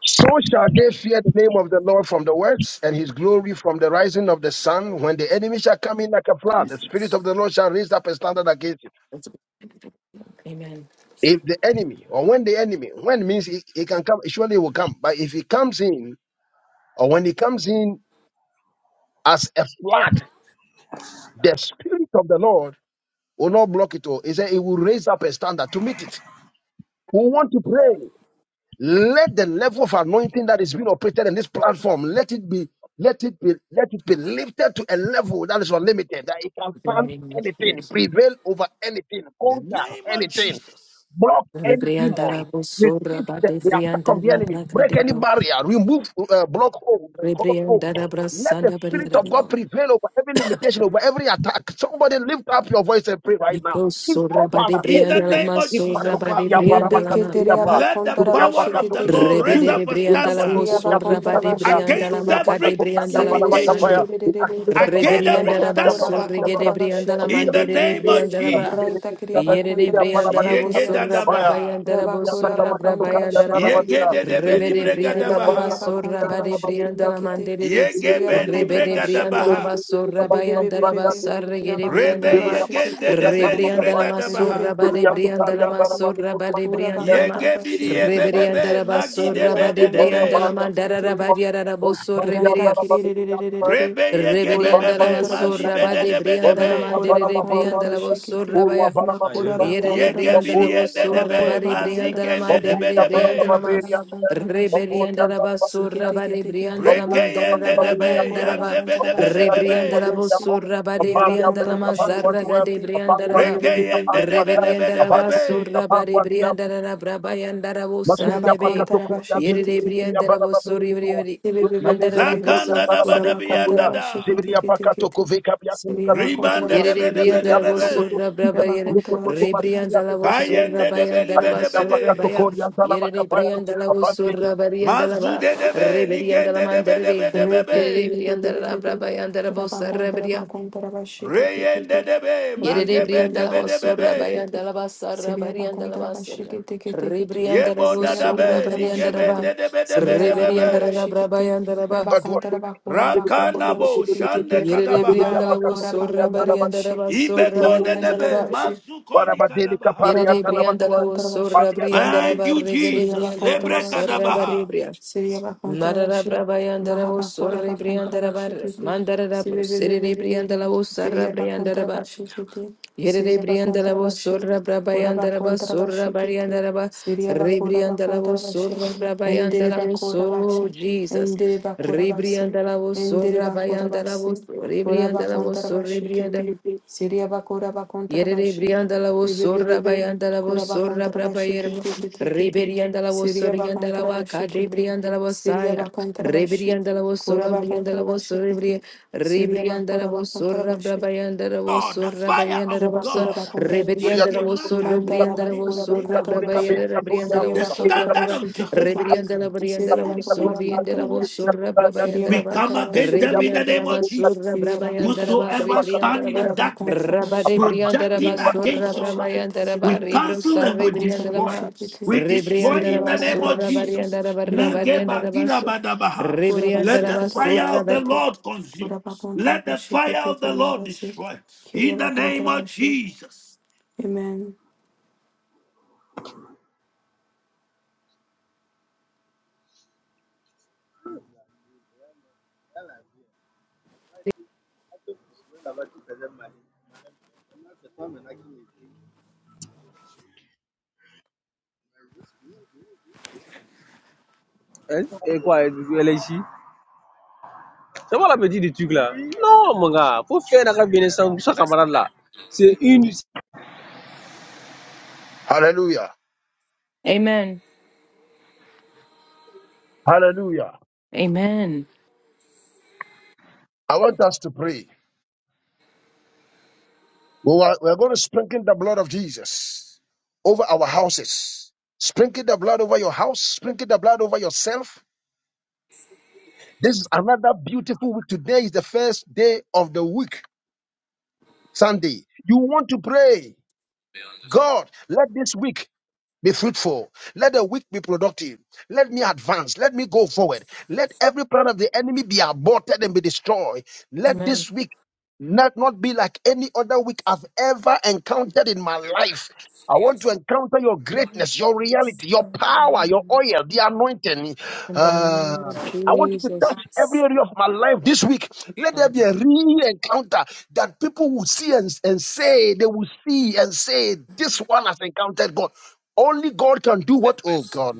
Speaker 3: So shall they fear the name of the Lord from the works and his glory from the rising of the sun. When the enemy shall come in like a flood, the spirit of the Lord shall raise up a standard against him.
Speaker 1: Amen.
Speaker 3: If the enemy, or when the enemy, when means he, he can come, surely he will come. But if he comes in, or when he comes in as a flood, the spirit of the Lord will not block it all. He said he will raise up a standard to meet it. We want to pray. Let the level of anointing that is being operated in this platform, let it be, let it be, let it be lifted to a level that is unlimited, that it can stand anything,
Speaker 1: Amen.
Speaker 3: prevail over anything,
Speaker 2: In the
Speaker 3: conquer
Speaker 2: name of
Speaker 3: anything,
Speaker 2: Jesus.
Speaker 3: block any
Speaker 1: Rebrianda la
Speaker 3: demon,
Speaker 1: bosora
Speaker 3: resist
Speaker 1: ba
Speaker 3: the,
Speaker 1: de
Speaker 3: the attack
Speaker 1: brianda
Speaker 3: of the
Speaker 1: la
Speaker 3: enemy,
Speaker 1: braca
Speaker 3: break
Speaker 1: de
Speaker 3: any
Speaker 1: bro.
Speaker 3: barrier, remove uh, block holes, and crossroads.
Speaker 1: Rebrianda la
Speaker 3: Let the
Speaker 1: brasanda
Speaker 3: spirit
Speaker 1: bariada
Speaker 3: of God
Speaker 1: lo.
Speaker 3: prevail over every limitation, over every attack. Somebody lift up your voice and pray right now.
Speaker 1: Ipro sora ba de
Speaker 3: Ipopa
Speaker 2: In the
Speaker 1: brianda la
Speaker 2: name of
Speaker 1: masora
Speaker 2: Jesus,
Speaker 1: ba de
Speaker 2: Father.
Speaker 1: brianda la ma.
Speaker 4: Rebeketeria
Speaker 3: la,
Speaker 2: Let the
Speaker 4: bakontara
Speaker 3: Jubria
Speaker 2: power of
Speaker 3: Pakato,
Speaker 2: the
Speaker 4: bashikete kete
Speaker 2: Lord
Speaker 3: Jesus,
Speaker 2: raise
Speaker 1: Rebede
Speaker 4: kete.
Speaker 3: Jesus.
Speaker 2: up
Speaker 1: de
Speaker 2: a
Speaker 3: Ita
Speaker 1: brianda la
Speaker 2: standard
Speaker 4: Seria
Speaker 3: Patukuria,
Speaker 1: bosora ba
Speaker 4: bakontara
Speaker 1: de
Speaker 3: Vindicatoria,
Speaker 1: brianda la
Speaker 4: bashikete
Speaker 2: against
Speaker 3: Jubria
Speaker 1: maca
Speaker 4: kete.
Speaker 2: every
Speaker 1: de
Speaker 3: Pakato, Nadia
Speaker 1: brianda la
Speaker 2: limitation,
Speaker 3: Barabakapaya.
Speaker 1: bosande.
Speaker 3: We
Speaker 4: Serererererererere.
Speaker 3: activate the blood of
Speaker 2: against
Speaker 3: Peter,
Speaker 2: every
Speaker 3: blood
Speaker 1: Rebrianda
Speaker 3: of
Speaker 1: la
Speaker 4: Raita
Speaker 3: Peter,
Speaker 4: kora
Speaker 3: blood
Speaker 1: basso
Speaker 3: of
Speaker 2: standard
Speaker 3: Peter, blood
Speaker 1: regede
Speaker 4: bakontara
Speaker 3: of Peter,
Speaker 1: brianda
Speaker 3: blood
Speaker 1: la
Speaker 3: of
Speaker 4: bashikete
Speaker 2: in the
Speaker 1: mandere
Speaker 4: kete
Speaker 2: name
Speaker 4: kete.
Speaker 2: of
Speaker 1: rebrianda la ba.
Speaker 2: Jesus.
Speaker 4: Raita kria
Speaker 1: Yere
Speaker 4: bakontara
Speaker 1: rebrianda la
Speaker 4: bashikete
Speaker 1: bosorra
Speaker 4: riabasi.
Speaker 2: Yegedadabaha,
Speaker 1: brabayanda la
Speaker 4: Rabakora
Speaker 1: bosorra
Speaker 4: bakontara
Speaker 1: brabayanda la ba.
Speaker 4: bashikete kete kete.
Speaker 1: Rebede brianda la
Speaker 4: Rebekeria
Speaker 2: yegededebelibregadabaha,
Speaker 1: basorra
Speaker 4: bakontara
Speaker 1: bade brianda
Speaker 4: bashikete
Speaker 1: la
Speaker 4: kete.
Speaker 1: mandere re.
Speaker 4: Seria bakontara
Speaker 1: Rebede brianda la
Speaker 4: bashikete.
Speaker 2: yegebenibregadabaha,
Speaker 1: basorra bayanda la
Speaker 4: Bebebebebebe.
Speaker 1: basa regede brianda
Speaker 4: Rabakontara
Speaker 1: la
Speaker 2: rebe
Speaker 1: ba.
Speaker 4: bashikete
Speaker 3: Peter.
Speaker 4: kete kete.
Speaker 1: Rebrianda
Speaker 3: Barra,
Speaker 1: la masorra
Speaker 2: yegendedebelibregadabaha,
Speaker 3: Thank
Speaker 1: bade
Speaker 4: Rebekora
Speaker 1: brianda
Speaker 4: bakontara
Speaker 1: la
Speaker 4: baku.
Speaker 1: masorra bade
Speaker 4: Kura
Speaker 1: brianda la
Speaker 4: bakontara
Speaker 1: ma.
Speaker 4: bashiki tikiti.
Speaker 1: Rebrianda
Speaker 2: yegebidiyebebebe,
Speaker 1: la basorra
Speaker 4: Siria
Speaker 1: bade
Speaker 4: bakontara
Speaker 1: brianda la
Speaker 2: magidebededebe,
Speaker 4: bashiki
Speaker 1: mandara
Speaker 4: tikiti.
Speaker 1: rabadia rabosorre
Speaker 4: Raita
Speaker 1: beria.
Speaker 4: kiriririririri.
Speaker 2: rebe
Speaker 4: Kura
Speaker 1: Reberianda la
Speaker 2: yegebebebe,
Speaker 4: bakontara
Speaker 1: basura,
Speaker 4: bashiki
Speaker 1: bade
Speaker 4: ti.
Speaker 1: brianda la
Speaker 4: Raba
Speaker 2: mandibedebedebe.
Speaker 4: kura
Speaker 1: mandere de
Speaker 4: bakontara
Speaker 1: brianda la
Speaker 4: bashiki
Speaker 1: basura
Speaker 4: ti.
Speaker 1: baya.
Speaker 7: Ah, il veut
Speaker 4: Makura
Speaker 7: faire comme
Speaker 1: Yere
Speaker 7: ça.
Speaker 1: de
Speaker 4: bakontara
Speaker 1: brianda la
Speaker 4: bashi.
Speaker 2: Yegebiliende
Speaker 1: basura,
Speaker 2: debe,
Speaker 4: Makura
Speaker 1: bade
Speaker 4: bakontara
Speaker 1: brianda la
Speaker 2: mazikende
Speaker 4: bashi.
Speaker 1: mandere
Speaker 2: debe
Speaker 1: de brianda
Speaker 4: Miribi
Speaker 1: la
Speaker 2: debe,
Speaker 1: ma.
Speaker 4: kura bakontara bashiki
Speaker 1: Reberianda
Speaker 4: ti.
Speaker 1: la
Speaker 3: you.
Speaker 1: basura,
Speaker 4: Sikiti
Speaker 1: bade
Speaker 4: kiti kiti
Speaker 1: brianda la
Speaker 4: kiti.
Speaker 1: mandara da
Speaker 2: rekeyende debe,
Speaker 4: Raita
Speaker 1: brabayanda
Speaker 4: kura
Speaker 1: la ba.
Speaker 2: yande
Speaker 4: bakontara
Speaker 2: debe debe
Speaker 4: bashiki ti
Speaker 1: Rebrianda la
Speaker 2: be,
Speaker 4: riabasi.
Speaker 1: basura, bade
Speaker 4: Iria
Speaker 1: brianda la
Speaker 4: bakontara bashiki
Speaker 1: mazarra, gade
Speaker 4: tikiti.
Speaker 1: brianda la
Speaker 4: Bibi
Speaker 1: ba.
Speaker 4: bibi bibi.
Speaker 2: rekeyende debe debe
Speaker 1: Reberianda la
Speaker 2: debe be,
Speaker 1: basura, bade brianda la brabayanda la
Speaker 4: Raba
Speaker 1: busande be.
Speaker 4: kontara bashiki
Speaker 1: Yere de
Speaker 4: tikiti.
Speaker 1: brianda la basura, mandara da
Speaker 4: Sibibibibibibib.
Speaker 1: braso.
Speaker 2: zakanda daba
Speaker 4: Ora ba
Speaker 2: dabi
Speaker 4: contar
Speaker 2: yanda
Speaker 4: ba
Speaker 2: da,
Speaker 4: shikiti kiti kiti. Siri ba contar
Speaker 2: ribande
Speaker 4: ba
Speaker 1: Yere de
Speaker 2: debe
Speaker 4: shikiti
Speaker 2: debe
Speaker 4: riya
Speaker 1: briandara
Speaker 2: debe
Speaker 4: ba si.
Speaker 1: vosurra
Speaker 2: be,
Speaker 4: Riya
Speaker 1: braba
Speaker 4: ba
Speaker 1: yere
Speaker 4: contar ba shikiti.
Speaker 1: rebriandala vosurra
Speaker 2: kayende debe
Speaker 1: bayandara
Speaker 2: libe debe
Speaker 1: vosurra
Speaker 2: de,
Speaker 1: baya yere de briandala
Speaker 3: Abante
Speaker 1: vosurra bariandala ba
Speaker 2: mazude debe,
Speaker 1: rebriandala
Speaker 2: ligende debe
Speaker 1: mandere de
Speaker 2: debe debe
Speaker 1: yere de
Speaker 2: be,
Speaker 1: briandala
Speaker 4: Reketekere,
Speaker 1: braba yandara vosurra
Speaker 4: rabakontara
Speaker 1: bria
Speaker 4: bakontara
Speaker 2: reyende
Speaker 4: basheketekete,
Speaker 2: debe,
Speaker 1: yere de
Speaker 2: magebe
Speaker 4: reketeria
Speaker 1: briandala
Speaker 2: debe debe
Speaker 1: vosurra
Speaker 2: be,
Speaker 4: basheketekete,
Speaker 1: bayandala basarra
Speaker 4: seria
Speaker 1: bariandala
Speaker 4: bakontara
Speaker 1: basurra
Speaker 4: basheketekete,
Speaker 1: rebriandala
Speaker 2: yebo
Speaker 4: seria
Speaker 1: vosurra
Speaker 2: dadabe,
Speaker 4: bakontara
Speaker 1: bariandara ba
Speaker 2: ligebende
Speaker 4: bashekete,
Speaker 2: debe debe
Speaker 4: seria
Speaker 2: debe
Speaker 4: bakontara
Speaker 1: rebriandala
Speaker 2: be,
Speaker 1: braba
Speaker 4: bashekete,
Speaker 1: yandara ba
Speaker 3: Baduasho,
Speaker 4: rabakontara bakora
Speaker 3: Asibilia
Speaker 4: bakontara
Speaker 3: Pocomo,
Speaker 2: Rakanabo
Speaker 4: bashekete,
Speaker 3: Asibilia
Speaker 2: Shande
Speaker 1: yere de
Speaker 3: Asibilia
Speaker 4: matara
Speaker 1: briandala
Speaker 2: Kadabaha.
Speaker 4: bakora
Speaker 3: Pacatocomo,
Speaker 1: vosurra
Speaker 4: bakontara
Speaker 3: Yatanabati,
Speaker 1: bariandara
Speaker 4: bashe,
Speaker 1: basurra
Speaker 3: Asibilia
Speaker 4: keria
Speaker 2: Ibekone
Speaker 3: Tocomo,
Speaker 1: bariandala
Speaker 4: bakontara
Speaker 1: ba
Speaker 2: nebe
Speaker 4: bashi,
Speaker 2: mazukoni
Speaker 3: Barabadeli
Speaker 2: kadabaha.
Speaker 3: Capalia
Speaker 1: Yedidi
Speaker 4: Rabakura
Speaker 1: Briandala
Speaker 3: Tanabatua,
Speaker 1: was
Speaker 4: bakontra
Speaker 1: Sura
Speaker 3: Maria
Speaker 4: bashikiti
Speaker 1: Briandara
Speaker 4: kiti.
Speaker 2: Thank you,
Speaker 1: Barrigedi
Speaker 4: Siria
Speaker 2: Jesus.
Speaker 1: Briandala
Speaker 4: bakontra
Speaker 2: Lebre
Speaker 1: Musara
Speaker 4: bashikiti.
Speaker 2: kadabaha.
Speaker 1: Badibria.
Speaker 4: Siria bakontra
Speaker 1: Madara
Speaker 4: bashi.
Speaker 1: Brabayandara was
Speaker 4: Mahabakura
Speaker 1: Suri
Speaker 4: bakontra
Speaker 1: Briandara Bar
Speaker 4: bashikiti.
Speaker 1: Mandara Siri
Speaker 4: Sibibibibibib.
Speaker 1: Briandala was Sara
Speaker 4: Iria
Speaker 1: Briandara
Speaker 4: bakontra
Speaker 1: Bar.
Speaker 4: bashikiti.
Speaker 1: Yedidi
Speaker 4: Siria
Speaker 1: Briandala
Speaker 4: bakontra
Speaker 1: was
Speaker 4: bashi.
Speaker 1: Sura
Speaker 4: Kura
Speaker 1: Brabayandara Bar
Speaker 4: bakontra
Speaker 1: Sura
Speaker 4: bashikiti.
Speaker 1: Bariandara Bar
Speaker 4: Siria bakura
Speaker 1: Ribriandala
Speaker 4: bakontra
Speaker 1: was Sura
Speaker 4: bashi. Endere
Speaker 1: Brabayandala was
Speaker 4: bakura
Speaker 1: so
Speaker 4: bashi.
Speaker 1: Jesus.
Speaker 4: Endere bakura basi.
Speaker 1: Ribriandala was
Speaker 4: Endere
Speaker 1: Sura
Speaker 4: bakura
Speaker 1: Bayandala was
Speaker 4: basi. Kura
Speaker 1: Ribriandala was
Speaker 4: bakontra
Speaker 1: Sura
Speaker 4: bashikiti.
Speaker 1: Briandala.
Speaker 4: Siria bakura bakontra
Speaker 1: Yerere
Speaker 4: bashi.
Speaker 1: briandala wo sorra
Speaker 4: Bebebebebe,
Speaker 1: bayandala wo
Speaker 4: Kuraba
Speaker 1: sorra brapa yerebo.
Speaker 4: Kontrabashikete, Kete,
Speaker 1: Reberiandala wo
Speaker 4: Syria
Speaker 1: soriandala wa kaje
Speaker 4: Bakontrabashikete,
Speaker 1: briandala wo
Speaker 4: Syria
Speaker 1: saya.
Speaker 4: Bakontrabashi,
Speaker 1: Reberiandala wo solo
Speaker 4: Kuraba
Speaker 1: briandala wo
Speaker 4: Kontrabashikete,
Speaker 1: soribri.
Speaker 4: Syria
Speaker 1: Rebriandala wo
Speaker 4: Bakuraba
Speaker 1: sorra brapa yandala wo
Speaker 2: Oh, the
Speaker 1: sorra
Speaker 2: fire
Speaker 1: bayandala
Speaker 2: of
Speaker 1: wo sor.
Speaker 4: Rabakura
Speaker 2: God.
Speaker 4: bakontara
Speaker 3: Asibilia
Speaker 4: bashi.
Speaker 1: Reberiandala
Speaker 2: Ike
Speaker 1: wo
Speaker 3: Tocomo,
Speaker 2: maka
Speaker 1: sorro
Speaker 4: Mata
Speaker 3: Católica,
Speaker 1: briandala wo
Speaker 3: Católica,
Speaker 2: nupodeke
Speaker 4: rabakura
Speaker 1: sorra
Speaker 2: deka
Speaker 4: bakontara
Speaker 1: brapa
Speaker 2: brekada.
Speaker 4: bashi.
Speaker 1: Brianda
Speaker 3: Católica,
Speaker 1: la
Speaker 4: Kiria,
Speaker 2: The
Speaker 1: Vosura
Speaker 4: bakontara
Speaker 3: Católica, Católica,
Speaker 2: standard
Speaker 1: Brava,
Speaker 4: bashi
Speaker 2: of
Speaker 4: kete
Speaker 2: Jehovah
Speaker 4: kete.
Speaker 1: Rebrianda la
Speaker 2: and this
Speaker 1: Brianda
Speaker 2: is
Speaker 1: la
Speaker 4: Siriya bakura
Speaker 2: every
Speaker 1: Vosura, Brianda la
Speaker 4: bakontara
Speaker 2: Victoria
Speaker 4: bashi.
Speaker 2: team.
Speaker 1: Vosura Brava
Speaker 4: Kiria,
Speaker 2: We
Speaker 1: Yandaraba,
Speaker 2: come
Speaker 4: bakontara
Speaker 2: against
Speaker 4: bashi
Speaker 2: them in
Speaker 4: kete
Speaker 2: the
Speaker 1: Rebrianda la
Speaker 2: name
Speaker 4: kete.
Speaker 2: of
Speaker 1: Vasura
Speaker 2: Jesus.
Speaker 4: Kiriya
Speaker 1: Brava
Speaker 4: bakontara
Speaker 1: Yandaraba,
Speaker 4: bashi.
Speaker 2: Whosoever
Speaker 3: Católica,
Speaker 1: Rebrianda
Speaker 2: stand
Speaker 1: la
Speaker 2: in the
Speaker 1: Ba,
Speaker 4: Kura
Speaker 2: darkness,
Speaker 4: bakontara
Speaker 1: Rabade
Speaker 4: bashi.
Speaker 1: Brianda la
Speaker 4: Kiriya
Speaker 2: projecting
Speaker 4: bakontara
Speaker 1: Vasura
Speaker 2: against your
Speaker 4: bashi
Speaker 1: Brava
Speaker 2: life,
Speaker 4: kete
Speaker 1: Yandaraba,
Speaker 2: we
Speaker 4: kete.
Speaker 2: cancel
Speaker 1: Rebrusa
Speaker 4: Kura
Speaker 2: and we
Speaker 1: Rebrianda
Speaker 4: bakontara
Speaker 1: la
Speaker 2: destroy.
Speaker 4: bashi
Speaker 1: Ma,
Speaker 4: kete.
Speaker 2: We destroy
Speaker 1: Rebrianda
Speaker 4: Siriya
Speaker 1: la
Speaker 2: in the name
Speaker 4: bakontara
Speaker 2: of
Speaker 1: Vasura
Speaker 4: bashi.
Speaker 2: Jesus.
Speaker 1: Varianda la Barra
Speaker 4: Kiriya
Speaker 1: Varianda
Speaker 4: bakontara
Speaker 1: la Vaso,
Speaker 4: bashi.
Speaker 2: Nagebakirabadabaha.
Speaker 4: Kura
Speaker 1: Rebrianda
Speaker 2: Let
Speaker 4: basi
Speaker 1: la
Speaker 2: the
Speaker 4: kete
Speaker 2: fire
Speaker 4: kete
Speaker 1: Vasura
Speaker 2: of
Speaker 1: Vari-
Speaker 2: the
Speaker 4: kete.
Speaker 2: Lord consume.
Speaker 4: Kura bakontara
Speaker 2: Let the
Speaker 4: bashi
Speaker 2: fire
Speaker 4: kete
Speaker 2: of the
Speaker 4: kiriya
Speaker 2: Lord
Speaker 4: basi.
Speaker 2: destroy.
Speaker 4: Kiriya
Speaker 2: In the name of
Speaker 4: bashi.
Speaker 2: Jesus.
Speaker 4: Amen.
Speaker 7: Hein? Et quoi, LHI C'est moi la petite du truc là. Non, mon gars, faut faire un bien ensemble pour sa camarade là. C'est une,
Speaker 3: Hallelujah.
Speaker 1: Amen.
Speaker 3: Hallelujah.
Speaker 1: Amen.
Speaker 3: I want us to pray. We are, we are going to sprinkle the blood of Jesus over our houses. Sprinkle the blood over your house. Sprinkle the blood over yourself. This is another beautiful week. Today is the first day of the week, Sunday. You want to pray, God, let this week be fruitful. Let the week be productive. Let me advance. Let me go forward. Let every plan of the enemy be aborted and be destroyed. Let
Speaker 1: Amen.
Speaker 3: this week not not be like any other week I've ever encountered in my life. I want to encounter your greatness, your reality, your power, your
Speaker 1: In
Speaker 3: oil, the anointing.
Speaker 1: the
Speaker 3: Uh,
Speaker 1: name of
Speaker 3: I want you to
Speaker 1: Jesus.
Speaker 3: touch every area of my life this week. Let there be a real encounter that people will see and, and say, they will see and say, this one has encountered God. Only God can do what, oh God,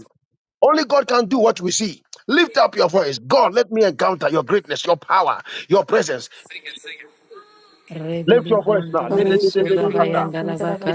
Speaker 3: only God can do what we see. Lift up your voice. God, let me encounter your greatness, your power, your presence. Lift your voice now.
Speaker 1: Rebriandra,
Speaker 4: Lord,
Speaker 3: Lift it, lift
Speaker 4: let
Speaker 3: it, lift it, lift
Speaker 1: Rebriandra,
Speaker 3: it.
Speaker 1: Rebriandra, Rebriandra,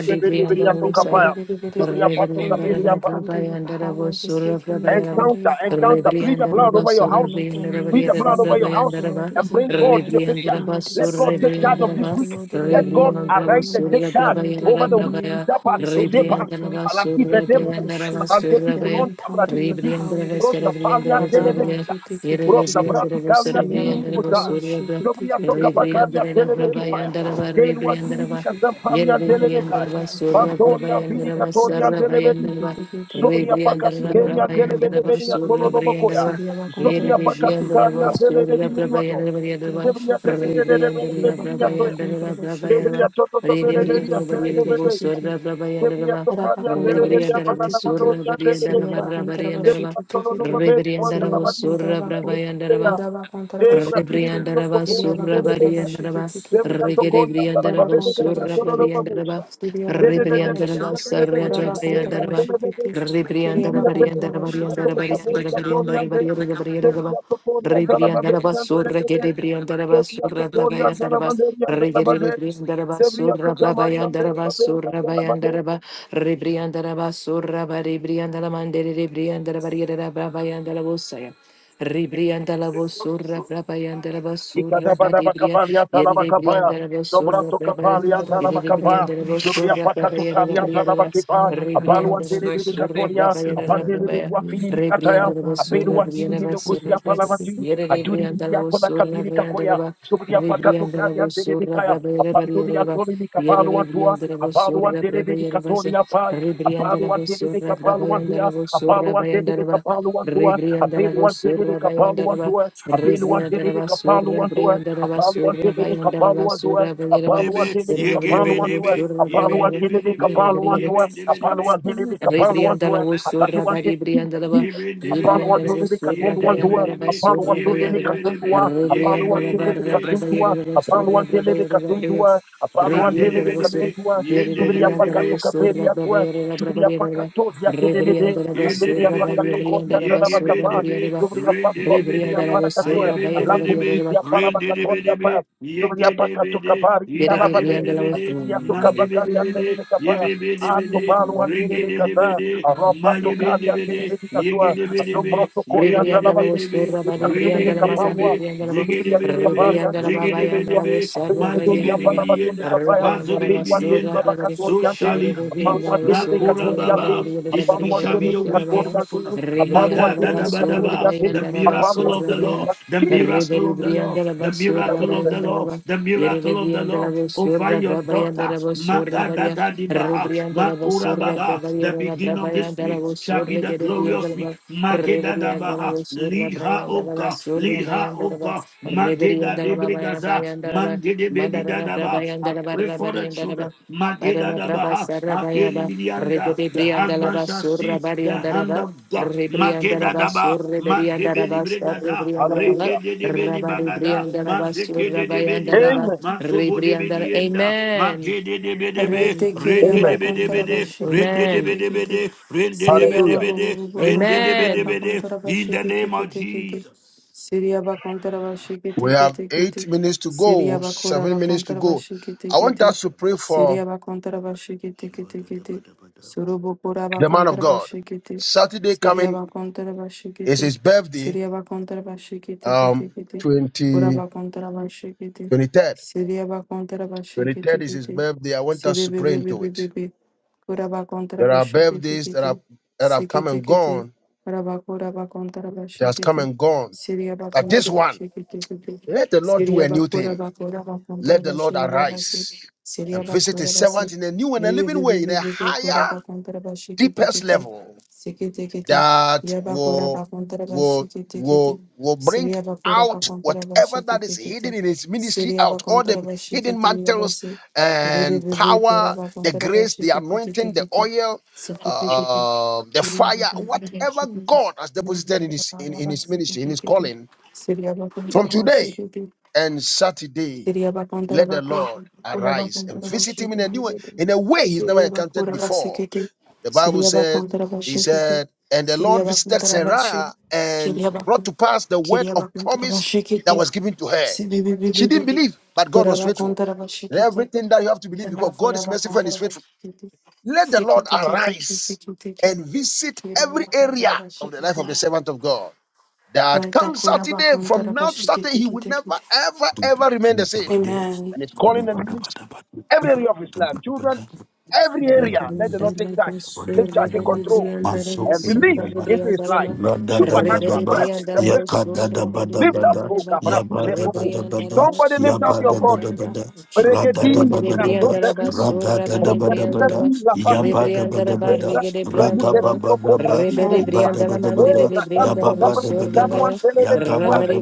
Speaker 3: Lift it, lift it, lift it, lift it, lift it, lift it,
Speaker 4: me
Speaker 3: lift it.
Speaker 4: encounter your
Speaker 1: Rebriandra,
Speaker 4: power this week. Let me encounter
Speaker 3: Encounter,
Speaker 4: your power.
Speaker 3: encounter. Plead the
Speaker 4: And
Speaker 3: blood over
Speaker 4: let
Speaker 3: your house.
Speaker 4: them look at me
Speaker 3: Plead
Speaker 4: and
Speaker 3: the
Speaker 4: say,
Speaker 3: blood over your
Speaker 4: No, the
Speaker 3: house
Speaker 4: Lord
Speaker 3: and
Speaker 4: is in
Speaker 3: bring
Speaker 4: her
Speaker 3: God to
Speaker 4: life.
Speaker 3: the picture.
Speaker 4: The Lord did
Speaker 3: Let God take
Speaker 4: something in
Speaker 3: charge
Speaker 4: her
Speaker 3: of this
Speaker 4: life. The
Speaker 3: week.
Speaker 4: Lord did a
Speaker 3: Let God
Speaker 4: miracle in
Speaker 3: arise
Speaker 4: her
Speaker 3: and
Speaker 4: life.
Speaker 3: take
Speaker 4: The
Speaker 3: charge
Speaker 4: Lord did
Speaker 3: over the week. Zapan,
Speaker 4: miracles in her
Speaker 3: Dozepan,
Speaker 4: life, Lord.
Speaker 3: Palantive
Speaker 4: Forgive
Speaker 3: Tempo,
Speaker 4: the shoes.
Speaker 3: Palantepi
Speaker 4: Let me
Speaker 3: Kulon,
Speaker 4: encounter your
Speaker 3: Abradikiti,
Speaker 4: power
Speaker 1: Rebriandra,
Speaker 4: this week.
Speaker 3: Rosapalia
Speaker 4: Rabba
Speaker 3: Televekita,
Speaker 4: kiti kiti kiti.
Speaker 1: Rebriandra,
Speaker 3: Rosabraticalia
Speaker 4: Siriaba
Speaker 3: Dinipota,
Speaker 4: hintaraba
Speaker 1: Rebriandra,
Speaker 4: shiki
Speaker 3: Jobria
Speaker 4: tiki tiki.
Speaker 3: Tokabacaria
Speaker 1: Rebriandaraba
Speaker 3: Televekipaya,
Speaker 1: Brabayandaraba
Speaker 3: Deluan
Speaker 1: Rebriandaraba
Speaker 3: Dinica
Speaker 4: Shiri
Speaker 3: Sampalia Delevekaya,
Speaker 1: Yerebriandaraba Surra
Speaker 3: Pantolia
Speaker 1: Brabayandaraba
Speaker 3: Vidicatorian
Speaker 1: Sarra
Speaker 3: Televedu,
Speaker 1: Bayandaraba
Speaker 3: Zobria
Speaker 1: Rebriandaraba
Speaker 3: pakatukenia
Speaker 1: Brabayandaraba
Speaker 3: zelebedebede ya
Speaker 1: Surra
Speaker 3: tololobokoya.
Speaker 1: Briandaraba
Speaker 3: Zobria
Speaker 1: Yerebriandaraba
Speaker 3: pakatukania zelebedi
Speaker 1: Surra
Speaker 3: miriwato.
Speaker 1: Brabayandaraba Yandaraba
Speaker 3: Zebria
Speaker 1: Rebriandaraba
Speaker 3: dedededebelebedi ya toya.
Speaker 1: Brabayandaraba
Speaker 3: Zebria
Speaker 1: Brabayandaraba
Speaker 3: tototobelebedi ya
Speaker 1: Rebriandaraba Yerebriandaraba
Speaker 3: zelebede.
Speaker 1: Surra
Speaker 3: Zebria
Speaker 1: Brabayandaraba
Speaker 3: tokania zelebedi ya
Speaker 1: Rebriandaraba
Speaker 3: banana
Speaker 4: Rabakuntarabashikiti,
Speaker 3: mandori
Speaker 1: Surra
Speaker 3: ya
Speaker 4: Syria
Speaker 3: zelebedi
Speaker 1: Bariandaraba
Speaker 3: ya.
Speaker 1: Rabariandaraba
Speaker 3: Zebria
Speaker 4: Bakuntarabashikiti,
Speaker 3: tololobobe kwanza
Speaker 4: Syria
Speaker 3: la
Speaker 1: Rebriandaraba
Speaker 3: badiri ya
Speaker 1: Surra
Speaker 4: Bakuntarabaku,
Speaker 3: zelebede ya.
Speaker 1: Brabayandaraba
Speaker 4: Kora
Speaker 3: Zebra dini
Speaker 4: Bakuntarabashikiti,
Speaker 3: dini ya
Speaker 1: Rebriandaraba,
Speaker 3: tokoni
Speaker 4: Kiria
Speaker 3: ya zelebedi ya.
Speaker 1: Surabriandaraba,
Speaker 4: Bakuntarabashikiti,
Speaker 3: Zebria
Speaker 4: Kitty,
Speaker 3: tokoni ya
Speaker 1: Regerebriandaraba,
Speaker 3: zelebedi ya
Speaker 4: Rabakuntarabashikit,
Speaker 3: tololobobusa.
Speaker 1: Surabriandaraba,
Speaker 4: Syria
Speaker 1: Rebriandaraba,
Speaker 4: Bakuntarabashi, Kora
Speaker 1: Sarabriandaraba,
Speaker 4: Rabakuntarabashikitikiti,
Speaker 1: Rebriandaraba, Riandaraba, Riandaraba, Riandaraba,
Speaker 4: Siriabakuntarabashikitikiti,
Speaker 1: Riandaraba, Riandaraba, Rebriandaraba, Suragerebriandaraba, Surabriandaraba, Regerebriandaraba,
Speaker 3: Devriya tutamariyan dere
Speaker 1: Surabriandaraba,
Speaker 3: baberiyan dere
Speaker 1: Surabriandaraba, Rebriandaraba, Surabriandaraba, Rebriandaraba, Ribrianda la vosura, brabayanda la vosura, badibria, yeni de brianda la vosura, brabare, yeni
Speaker 4: Siriabakuntarabakun,
Speaker 1: de brianda la vosura,
Speaker 3: pakato pakato
Speaker 1: brabayara la
Speaker 3: kalia
Speaker 1: briera,
Speaker 3: talabakipa. Apalua
Speaker 1: ribrianda la
Speaker 3: telebidi
Speaker 4: Korabakuntarabashikiti,
Speaker 1: vosura,
Speaker 4: Kiriabakuntarabashikitikiti, Rabakuntarabashikiti, Siriabakuntarabashi, Korabakuntarabashikiti, Kiriabakuntarabashikitikiti, Korabakuntarabashikiti,
Speaker 3: katoria.
Speaker 1: brabayara la
Speaker 3: Apandelebe
Speaker 1: brabaya,
Speaker 4: Siriabakuntarabashikiti, Siriabakuntarabashikiti,
Speaker 3: kuafini mikataya. Ikadabadabakapaliantalabakapaya. Sobratokapaliantalabakapaya. Jubriapakatokaliantalabakipa. Apaluatelebedekatoria. Apandelebekuafilimikataya.
Speaker 1: ribrianda la vosura, briana vasera,
Speaker 3: Apeluatilimedokusiapalavati.
Speaker 4: Korabakuntarabashikiti,
Speaker 1: yeni de brianda la vosura, brianda la
Speaker 3: Adurifidiakonakabilikakoya.
Speaker 1: va, ribrianda la vosura,
Speaker 3: Jubriapakatokaliantelebekaya.
Speaker 1: brabayara barriera va, yeni de
Speaker 3: Apandoliatolimikapaluantua.
Speaker 1: brianda la vosura, brabayara vasa,
Speaker 3: Apaluantelebedikatoriapa.
Speaker 1: ribrianda la vosura, brabayanda
Speaker 3: Apaluantelebekapaluantia.
Speaker 1: la vosura, bayanda la va,
Speaker 3: Apaluantelebekapaluantua.
Speaker 1: Rebriandaraba surra bayandaraba,
Speaker 3: Apeluantelebekapaluantua. Abilu antilimi
Speaker 1: Rebriandaraba surra
Speaker 3: kapalu antua.
Speaker 1: bayandaraba,
Speaker 3: Apalu
Speaker 1: surra
Speaker 3: antilimi
Speaker 1: bayandaraba,
Speaker 3: kapalu unto us.
Speaker 1: surra bayaraba,
Speaker 3: Apalu
Speaker 2: Dibby,
Speaker 3: antilimi
Speaker 2: ye gibby
Speaker 3: kapalu
Speaker 1: Rebriandaraba
Speaker 2: dibby,
Speaker 3: antua.
Speaker 1: surra
Speaker 2: ye
Speaker 3: Apalu
Speaker 2: bin
Speaker 1: bayaraba,
Speaker 2: dibby
Speaker 3: antilimi
Speaker 2: dibby,
Speaker 3: kapalu
Speaker 2: ye
Speaker 3: antua.
Speaker 2: bin dibby dibby,
Speaker 3: Apalu antilimi
Speaker 1: Rebriandaraba
Speaker 3: kapalu
Speaker 1: Rebriandala
Speaker 3: antua.
Speaker 1: was
Speaker 3: Apalu
Speaker 1: Sura Bari
Speaker 3: antilimi Jesus,
Speaker 1: Briandalaba,
Speaker 2: ye
Speaker 3: Jesus.
Speaker 2: bin dibby
Speaker 3: Upon one to
Speaker 1: Rebriandala
Speaker 2: dibby,
Speaker 1: was
Speaker 3: live
Speaker 1: Sura
Speaker 2: ye
Speaker 3: Katundu one to
Speaker 2: dibby
Speaker 3: us,
Speaker 1: Bayandaraba,
Speaker 2: dibby,
Speaker 3: upon one
Speaker 1: Sura
Speaker 2: ye
Speaker 3: to
Speaker 2: bin
Speaker 3: live
Speaker 1: Bayanaba,
Speaker 2: dibby dibby,
Speaker 3: Katundua,
Speaker 2: ye
Speaker 3: upon one
Speaker 2: gibby
Speaker 3: to
Speaker 1: Rebriandala
Speaker 3: live
Speaker 2: dibby,
Speaker 1: Barra
Speaker 3: Katundua,
Speaker 1: Brabayaraba,
Speaker 3: upon one
Speaker 1: Sura
Speaker 3: to live
Speaker 1: Brabayaraba,
Speaker 3: Katundua, upon
Speaker 2: yan
Speaker 3: one to
Speaker 2: dibby
Speaker 3: live
Speaker 2: dibby,
Speaker 1: Rebriandarabasura,
Speaker 3: Katundua,
Speaker 2: ye
Speaker 3: Subiria
Speaker 2: dibby
Speaker 3: Pacato
Speaker 1: Rebriandarabasura,
Speaker 3: Caperia to us,
Speaker 1: Brabayara,
Speaker 3: Subiria
Speaker 1: Brabayara,
Speaker 3: Pacato, Yatinimide, Adibiria
Speaker 1: Rebriandarabasura,
Speaker 3: Pacato
Speaker 2: Yididibidibidi,
Speaker 3: Codia
Speaker 1: Rebriandarabasura,
Speaker 3: Tarabacapa,
Speaker 2: yigibidibidi,
Speaker 1: Rebriandarabasura,
Speaker 3: Jubria Pastor Sivia
Speaker 2: rididibidibidi,
Speaker 1: Rebriandarabasura,
Speaker 3: Paracatoa,
Speaker 1: Bayara,
Speaker 3: Alambum
Speaker 2: hayibidibidibidi,
Speaker 1: Bayara,
Speaker 3: Sivia Paramacatonda Pa,
Speaker 2: rididibidibidi,
Speaker 3: Jubria Pacato
Speaker 2: yigidibidi,
Speaker 3: Cabari Italavade,
Speaker 2: yidadibidibidi,
Speaker 1: Rebriandarabasura.
Speaker 3: Asibria Tocabacaria
Speaker 2: nandibidibidi,
Speaker 3: Telecapa,
Speaker 2: yibibidibidi,
Speaker 3: Atopalua Telecasa,
Speaker 2: rigididibidi,
Speaker 3: Arapato Caria
Speaker 2: mayibidibidi,
Speaker 3: Telemedicatua,
Speaker 2: yigidibidibidi,
Speaker 3: Asombroto Coria
Speaker 1: Rebriandala
Speaker 3: Zalavate,
Speaker 1: was
Speaker 2: yindidibidibidi,
Speaker 1: Sura Bade
Speaker 3: Itandele
Speaker 1: Briandala Mazandi
Speaker 2: riyindidibi,
Speaker 3: Capalua,
Speaker 1: Briandala
Speaker 3: Jubria
Speaker 2: zigidibidibidi,
Speaker 3: Tocabaria
Speaker 1: Rebriandala Baba
Speaker 3: Telecapa,
Speaker 1: Yandala was
Speaker 2: zigidibidibidi,
Speaker 1: Sarva
Speaker 3: Abelia
Speaker 1: Bayandala
Speaker 2: mandibidibidi
Speaker 3: Palabato de
Speaker 2: yenda,
Speaker 3: Capaya,
Speaker 1: Rebriandala was
Speaker 3: Abetuan
Speaker 2: pazobidibidi
Speaker 1: Sura
Speaker 2: yenda.
Speaker 1: Bade
Speaker 2: So
Speaker 3: Telebacatoria,
Speaker 2: shall it be.
Speaker 3: Apalua
Speaker 1: Rebriandala was Sura
Speaker 2: Nakura
Speaker 1: badi,
Speaker 3: Telecatoria,
Speaker 2: Baba. This we
Speaker 3: Apalua
Speaker 2: shall
Speaker 1: Rebriandala
Speaker 2: be
Speaker 1: was
Speaker 2: a
Speaker 1: Sura
Speaker 2: week of
Speaker 1: Baya
Speaker 3: Telecatoria,
Speaker 2: fruitfulness.
Speaker 3: upon what they
Speaker 1: Rebriandala
Speaker 3: did
Speaker 1: was Sura
Speaker 2: Magadadabadaba, The
Speaker 1: Bayandala was
Speaker 2: miracle of
Speaker 1: Sura
Speaker 2: the
Speaker 3: in
Speaker 1: Baya
Speaker 2: Lord, the
Speaker 3: Jesus.
Speaker 2: miracle of the Lord,
Speaker 1: Rebriandala
Speaker 2: the
Speaker 1: was Sura
Speaker 2: miracle
Speaker 3: Heavenly
Speaker 2: of the
Speaker 3: Father.
Speaker 2: Lord,
Speaker 1: Bayandala
Speaker 2: the miracle of the Lord
Speaker 1: Yerebriandala was
Speaker 2: over
Speaker 1: Sura
Speaker 2: your daughter.
Speaker 1: Brabayandala was Sura Baya
Speaker 2: Magadadadibaha,
Speaker 1: Rebrianda la basura,
Speaker 2: Makurababa, The
Speaker 1: brabayanda la
Speaker 2: beginning of this
Speaker 1: brabayanda la
Speaker 2: week shall
Speaker 1: basura,
Speaker 2: be the
Speaker 1: que rebrianda
Speaker 2: glorious
Speaker 1: la
Speaker 2: week.
Speaker 1: ba- rebrianda la
Speaker 2: Magedadabaha,
Speaker 1: basura,
Speaker 2: Lead her,
Speaker 1: brayanda
Speaker 2: O
Speaker 1: la
Speaker 2: God,
Speaker 1: basura,
Speaker 2: lead her,
Speaker 1: bayanda
Speaker 2: O
Speaker 1: la ba-
Speaker 2: God.
Speaker 1: rebrianda la ba- baya-
Speaker 2: Magedadebregaza,
Speaker 1: bayanda la ba- mandara la
Speaker 2: Mandedebelidadaba.
Speaker 1: brabayanda
Speaker 2: I
Speaker 1: la ba-
Speaker 2: Pray for the
Speaker 1: rabarianda la
Speaker 2: children.
Speaker 1: ba- bara
Speaker 2: Mageda
Speaker 1: la
Speaker 2: Dabaha,
Speaker 1: brabasara baya
Speaker 2: Aferi
Speaker 1: ba-
Speaker 2: Midianda. The
Speaker 1: rebrianda la
Speaker 2: husband shall
Speaker 1: basura,
Speaker 2: see the
Speaker 1: barianda la
Speaker 2: hand
Speaker 1: ba-
Speaker 2: of God.
Speaker 1: rebrianda la
Speaker 2: Mageda Daba,
Speaker 1: basura, rebrianda la
Speaker 2: Madebeli
Speaker 1: basura,
Speaker 2: Bregada,
Speaker 1: rebrianda la ba-
Speaker 3: Hallelujah.
Speaker 2: Reke de Debeli Bagada,
Speaker 1: rabarebrianda la
Speaker 2: Mazeke
Speaker 1: basura,
Speaker 2: de
Speaker 1: bayanda la
Speaker 2: Debelida,
Speaker 1: ba-
Speaker 3: Amen.
Speaker 2: Mazobo de
Speaker 1: rebrianda la-
Speaker 2: Bedienda,
Speaker 1: Amen.
Speaker 2: Magede de Bedebe,
Speaker 4: Rete
Speaker 2: Rende
Speaker 4: kiriaba
Speaker 2: de
Speaker 3: Amen.
Speaker 4: kontaraba
Speaker 1: Amen.
Speaker 2: Bedebede,
Speaker 4: shikiti
Speaker 2: Rende de
Speaker 1: Amen.
Speaker 4: kiti kiti.
Speaker 2: Bedebede, Rende de
Speaker 4: Siriaba
Speaker 3: Hallelujah.
Speaker 4: bobo
Speaker 2: Bedebede,
Speaker 4: bobo
Speaker 2: Rende
Speaker 4: bobo
Speaker 2: de
Speaker 4: kuraba
Speaker 1: Rebede
Speaker 2: Bedebede,
Speaker 4: kontaraba
Speaker 2: in the
Speaker 4: shikiti
Speaker 2: name of
Speaker 4: kiti kiti.
Speaker 2: Jesus.
Speaker 4: Siriaba kontaraba
Speaker 3: We
Speaker 4: shikiti
Speaker 3: have
Speaker 4: kiti
Speaker 3: eight
Speaker 4: kiti.
Speaker 3: minutes to go,
Speaker 4: Siriaba
Speaker 3: seven
Speaker 4: kuraba
Speaker 3: minutes to
Speaker 4: kontaraba
Speaker 3: go.
Speaker 4: shikiti
Speaker 3: I want
Speaker 4: kiti.
Speaker 3: us to pray for
Speaker 4: Siriaba kontaraba shikiti kiti kiti. Surubu kuraba
Speaker 3: the man of
Speaker 4: kontaraba
Speaker 3: God.
Speaker 4: shikiti.
Speaker 3: Saturday coming
Speaker 4: Siriaba kontaraba
Speaker 3: is
Speaker 4: shikiti.
Speaker 3: his birthday,
Speaker 4: Siriaba kontaraba shikiti
Speaker 3: um,
Speaker 4: kiti kiti.
Speaker 3: twenty
Speaker 4: Kuraba kontaraba shikiti.
Speaker 3: twenty 23rd.
Speaker 4: Siriaba kontaraba
Speaker 3: 23rd
Speaker 4: shikiti
Speaker 3: is his
Speaker 4: kiti.
Speaker 3: birthday. I want
Speaker 4: Se
Speaker 3: us to pray into it.
Speaker 4: Sibibibibibibibib. Kuraba kontra
Speaker 3: There are
Speaker 4: bashikiti
Speaker 3: birthdays that have
Speaker 4: kiti.
Speaker 3: that have come
Speaker 4: Sikiti
Speaker 3: and
Speaker 4: kiti.
Speaker 3: gone,
Speaker 4: Raba kuraba kontra
Speaker 3: that has come
Speaker 4: bashikiti.
Speaker 3: and gone.
Speaker 4: Siria
Speaker 3: But this
Speaker 4: bakontra
Speaker 3: one,
Speaker 4: bashikiti kiti.
Speaker 3: let the Lord do
Speaker 4: Siria
Speaker 3: a new
Speaker 4: bakura
Speaker 3: thing.
Speaker 4: bakura bakontra
Speaker 3: Let the Lord
Speaker 4: bashikiti basi.
Speaker 3: arise
Speaker 4: Siria
Speaker 3: and visit
Speaker 4: bakura
Speaker 3: his servant
Speaker 4: basi.
Speaker 3: in a new and a living way, in a
Speaker 4: Bibibibibibibi kuraba se. Bebe bebe bebe bebe
Speaker 3: higher,
Speaker 4: kuraba kontra bashikiti
Speaker 3: deepest
Speaker 4: kiti.
Speaker 3: level
Speaker 4: Sikiti kiti.
Speaker 3: that
Speaker 4: Yaba
Speaker 3: will,
Speaker 4: kuraba kontra
Speaker 3: will,
Speaker 4: bashikiti
Speaker 3: will,
Speaker 4: kiti.
Speaker 3: will bring
Speaker 4: Siria bakura
Speaker 3: out
Speaker 4: bakontra
Speaker 3: whatever that is
Speaker 4: bashikiti
Speaker 3: hidden
Speaker 4: kiti.
Speaker 3: in his ministry
Speaker 4: Siria
Speaker 3: out, all
Speaker 4: bakontra
Speaker 3: the hidden mantles
Speaker 4: bashikiti
Speaker 3: and
Speaker 4: Rebebebe
Speaker 3: power,
Speaker 4: koraba
Speaker 3: the
Speaker 4: kontara ba
Speaker 3: grace, the
Speaker 4: shekete tete
Speaker 3: anointing, the
Speaker 4: kete.
Speaker 3: oil,
Speaker 4: Sekete kete.
Speaker 3: uh, the
Speaker 4: Kuraba
Speaker 3: fire,
Speaker 4: kontara ba
Speaker 3: whatever
Speaker 4: shekete.
Speaker 3: God has deposited in
Speaker 4: Yoraba
Speaker 3: his
Speaker 4: ba
Speaker 3: in,
Speaker 4: ba
Speaker 3: in
Speaker 4: ba
Speaker 3: his ministry, in
Speaker 4: sekete
Speaker 3: his
Speaker 4: kete.
Speaker 3: calling.
Speaker 4: Seriaba
Speaker 3: From
Speaker 4: kontara ba
Speaker 3: today,
Speaker 4: shekete
Speaker 3: and Saturday,
Speaker 4: Siria bakandara
Speaker 3: let the Lord
Speaker 4: bakuji, kura
Speaker 3: arise and
Speaker 4: bakandara
Speaker 3: visit him in
Speaker 4: bashiki
Speaker 3: a new way,
Speaker 4: kikete.
Speaker 3: in a way he's never
Speaker 4: Siria
Speaker 3: encountered
Speaker 4: bakura
Speaker 3: before.
Speaker 4: basikete.
Speaker 3: The Bible
Speaker 4: Siria
Speaker 3: says,
Speaker 4: bakandara
Speaker 3: He
Speaker 4: bashiki kikete.
Speaker 3: said, and the Lord
Speaker 4: Siria
Speaker 3: visited
Speaker 4: bakandara bashi.
Speaker 3: Sarah and
Speaker 4: Kiria
Speaker 3: brought
Speaker 4: bakun.
Speaker 3: to pass the word
Speaker 4: Kiria
Speaker 3: of
Speaker 4: bakandara
Speaker 3: promise that
Speaker 4: bashikete.
Speaker 3: was given to her.
Speaker 4: Sibi bi bi bi
Speaker 3: She
Speaker 4: bi
Speaker 3: didn't
Speaker 4: bi.
Speaker 3: believe, but God
Speaker 4: Kura
Speaker 3: was faithful.
Speaker 4: bakandara
Speaker 3: And
Speaker 4: bashikete.
Speaker 3: everything that you have to believe
Speaker 4: Dala
Speaker 3: because God
Speaker 4: kura
Speaker 3: is merciful and is
Speaker 4: bakandara
Speaker 3: faithful.
Speaker 4: bashikete.
Speaker 3: Let the Lord
Speaker 4: Sikete kete kete
Speaker 3: arise
Speaker 4: kete kete.
Speaker 3: and visit
Speaker 4: Kiria
Speaker 3: every area
Speaker 4: bakandara
Speaker 3: of the life
Speaker 4: bashikete.
Speaker 3: of the servant of God. That
Speaker 4: Raita
Speaker 3: come
Speaker 4: kura
Speaker 3: Saturday,
Speaker 4: bakandara
Speaker 3: from now to Saturday,
Speaker 4: bashikete
Speaker 3: he will
Speaker 4: kete
Speaker 3: never,
Speaker 4: kete.
Speaker 3: ever, ever remain the same.
Speaker 4: Amen.
Speaker 3: And it's calling and ministry every area of his life. Children, every area. Let the Lord take charge.
Speaker 2: Yabba
Speaker 3: Take charge, take control,
Speaker 2: Yabba
Speaker 3: and release into his life. Supernatural blessings and breakthroughs. Lift up, oh, Kabra, Puse, Puku. somebody lift up your voice. Regedi, grasso, sefi. Prosepita, di, la fasive. De, grassi, de, mute, pito, koba, ti,
Speaker 4: Amen.
Speaker 3: uhuta. Eh, brasanto, kabra, kitanwan, telebe, kukuate.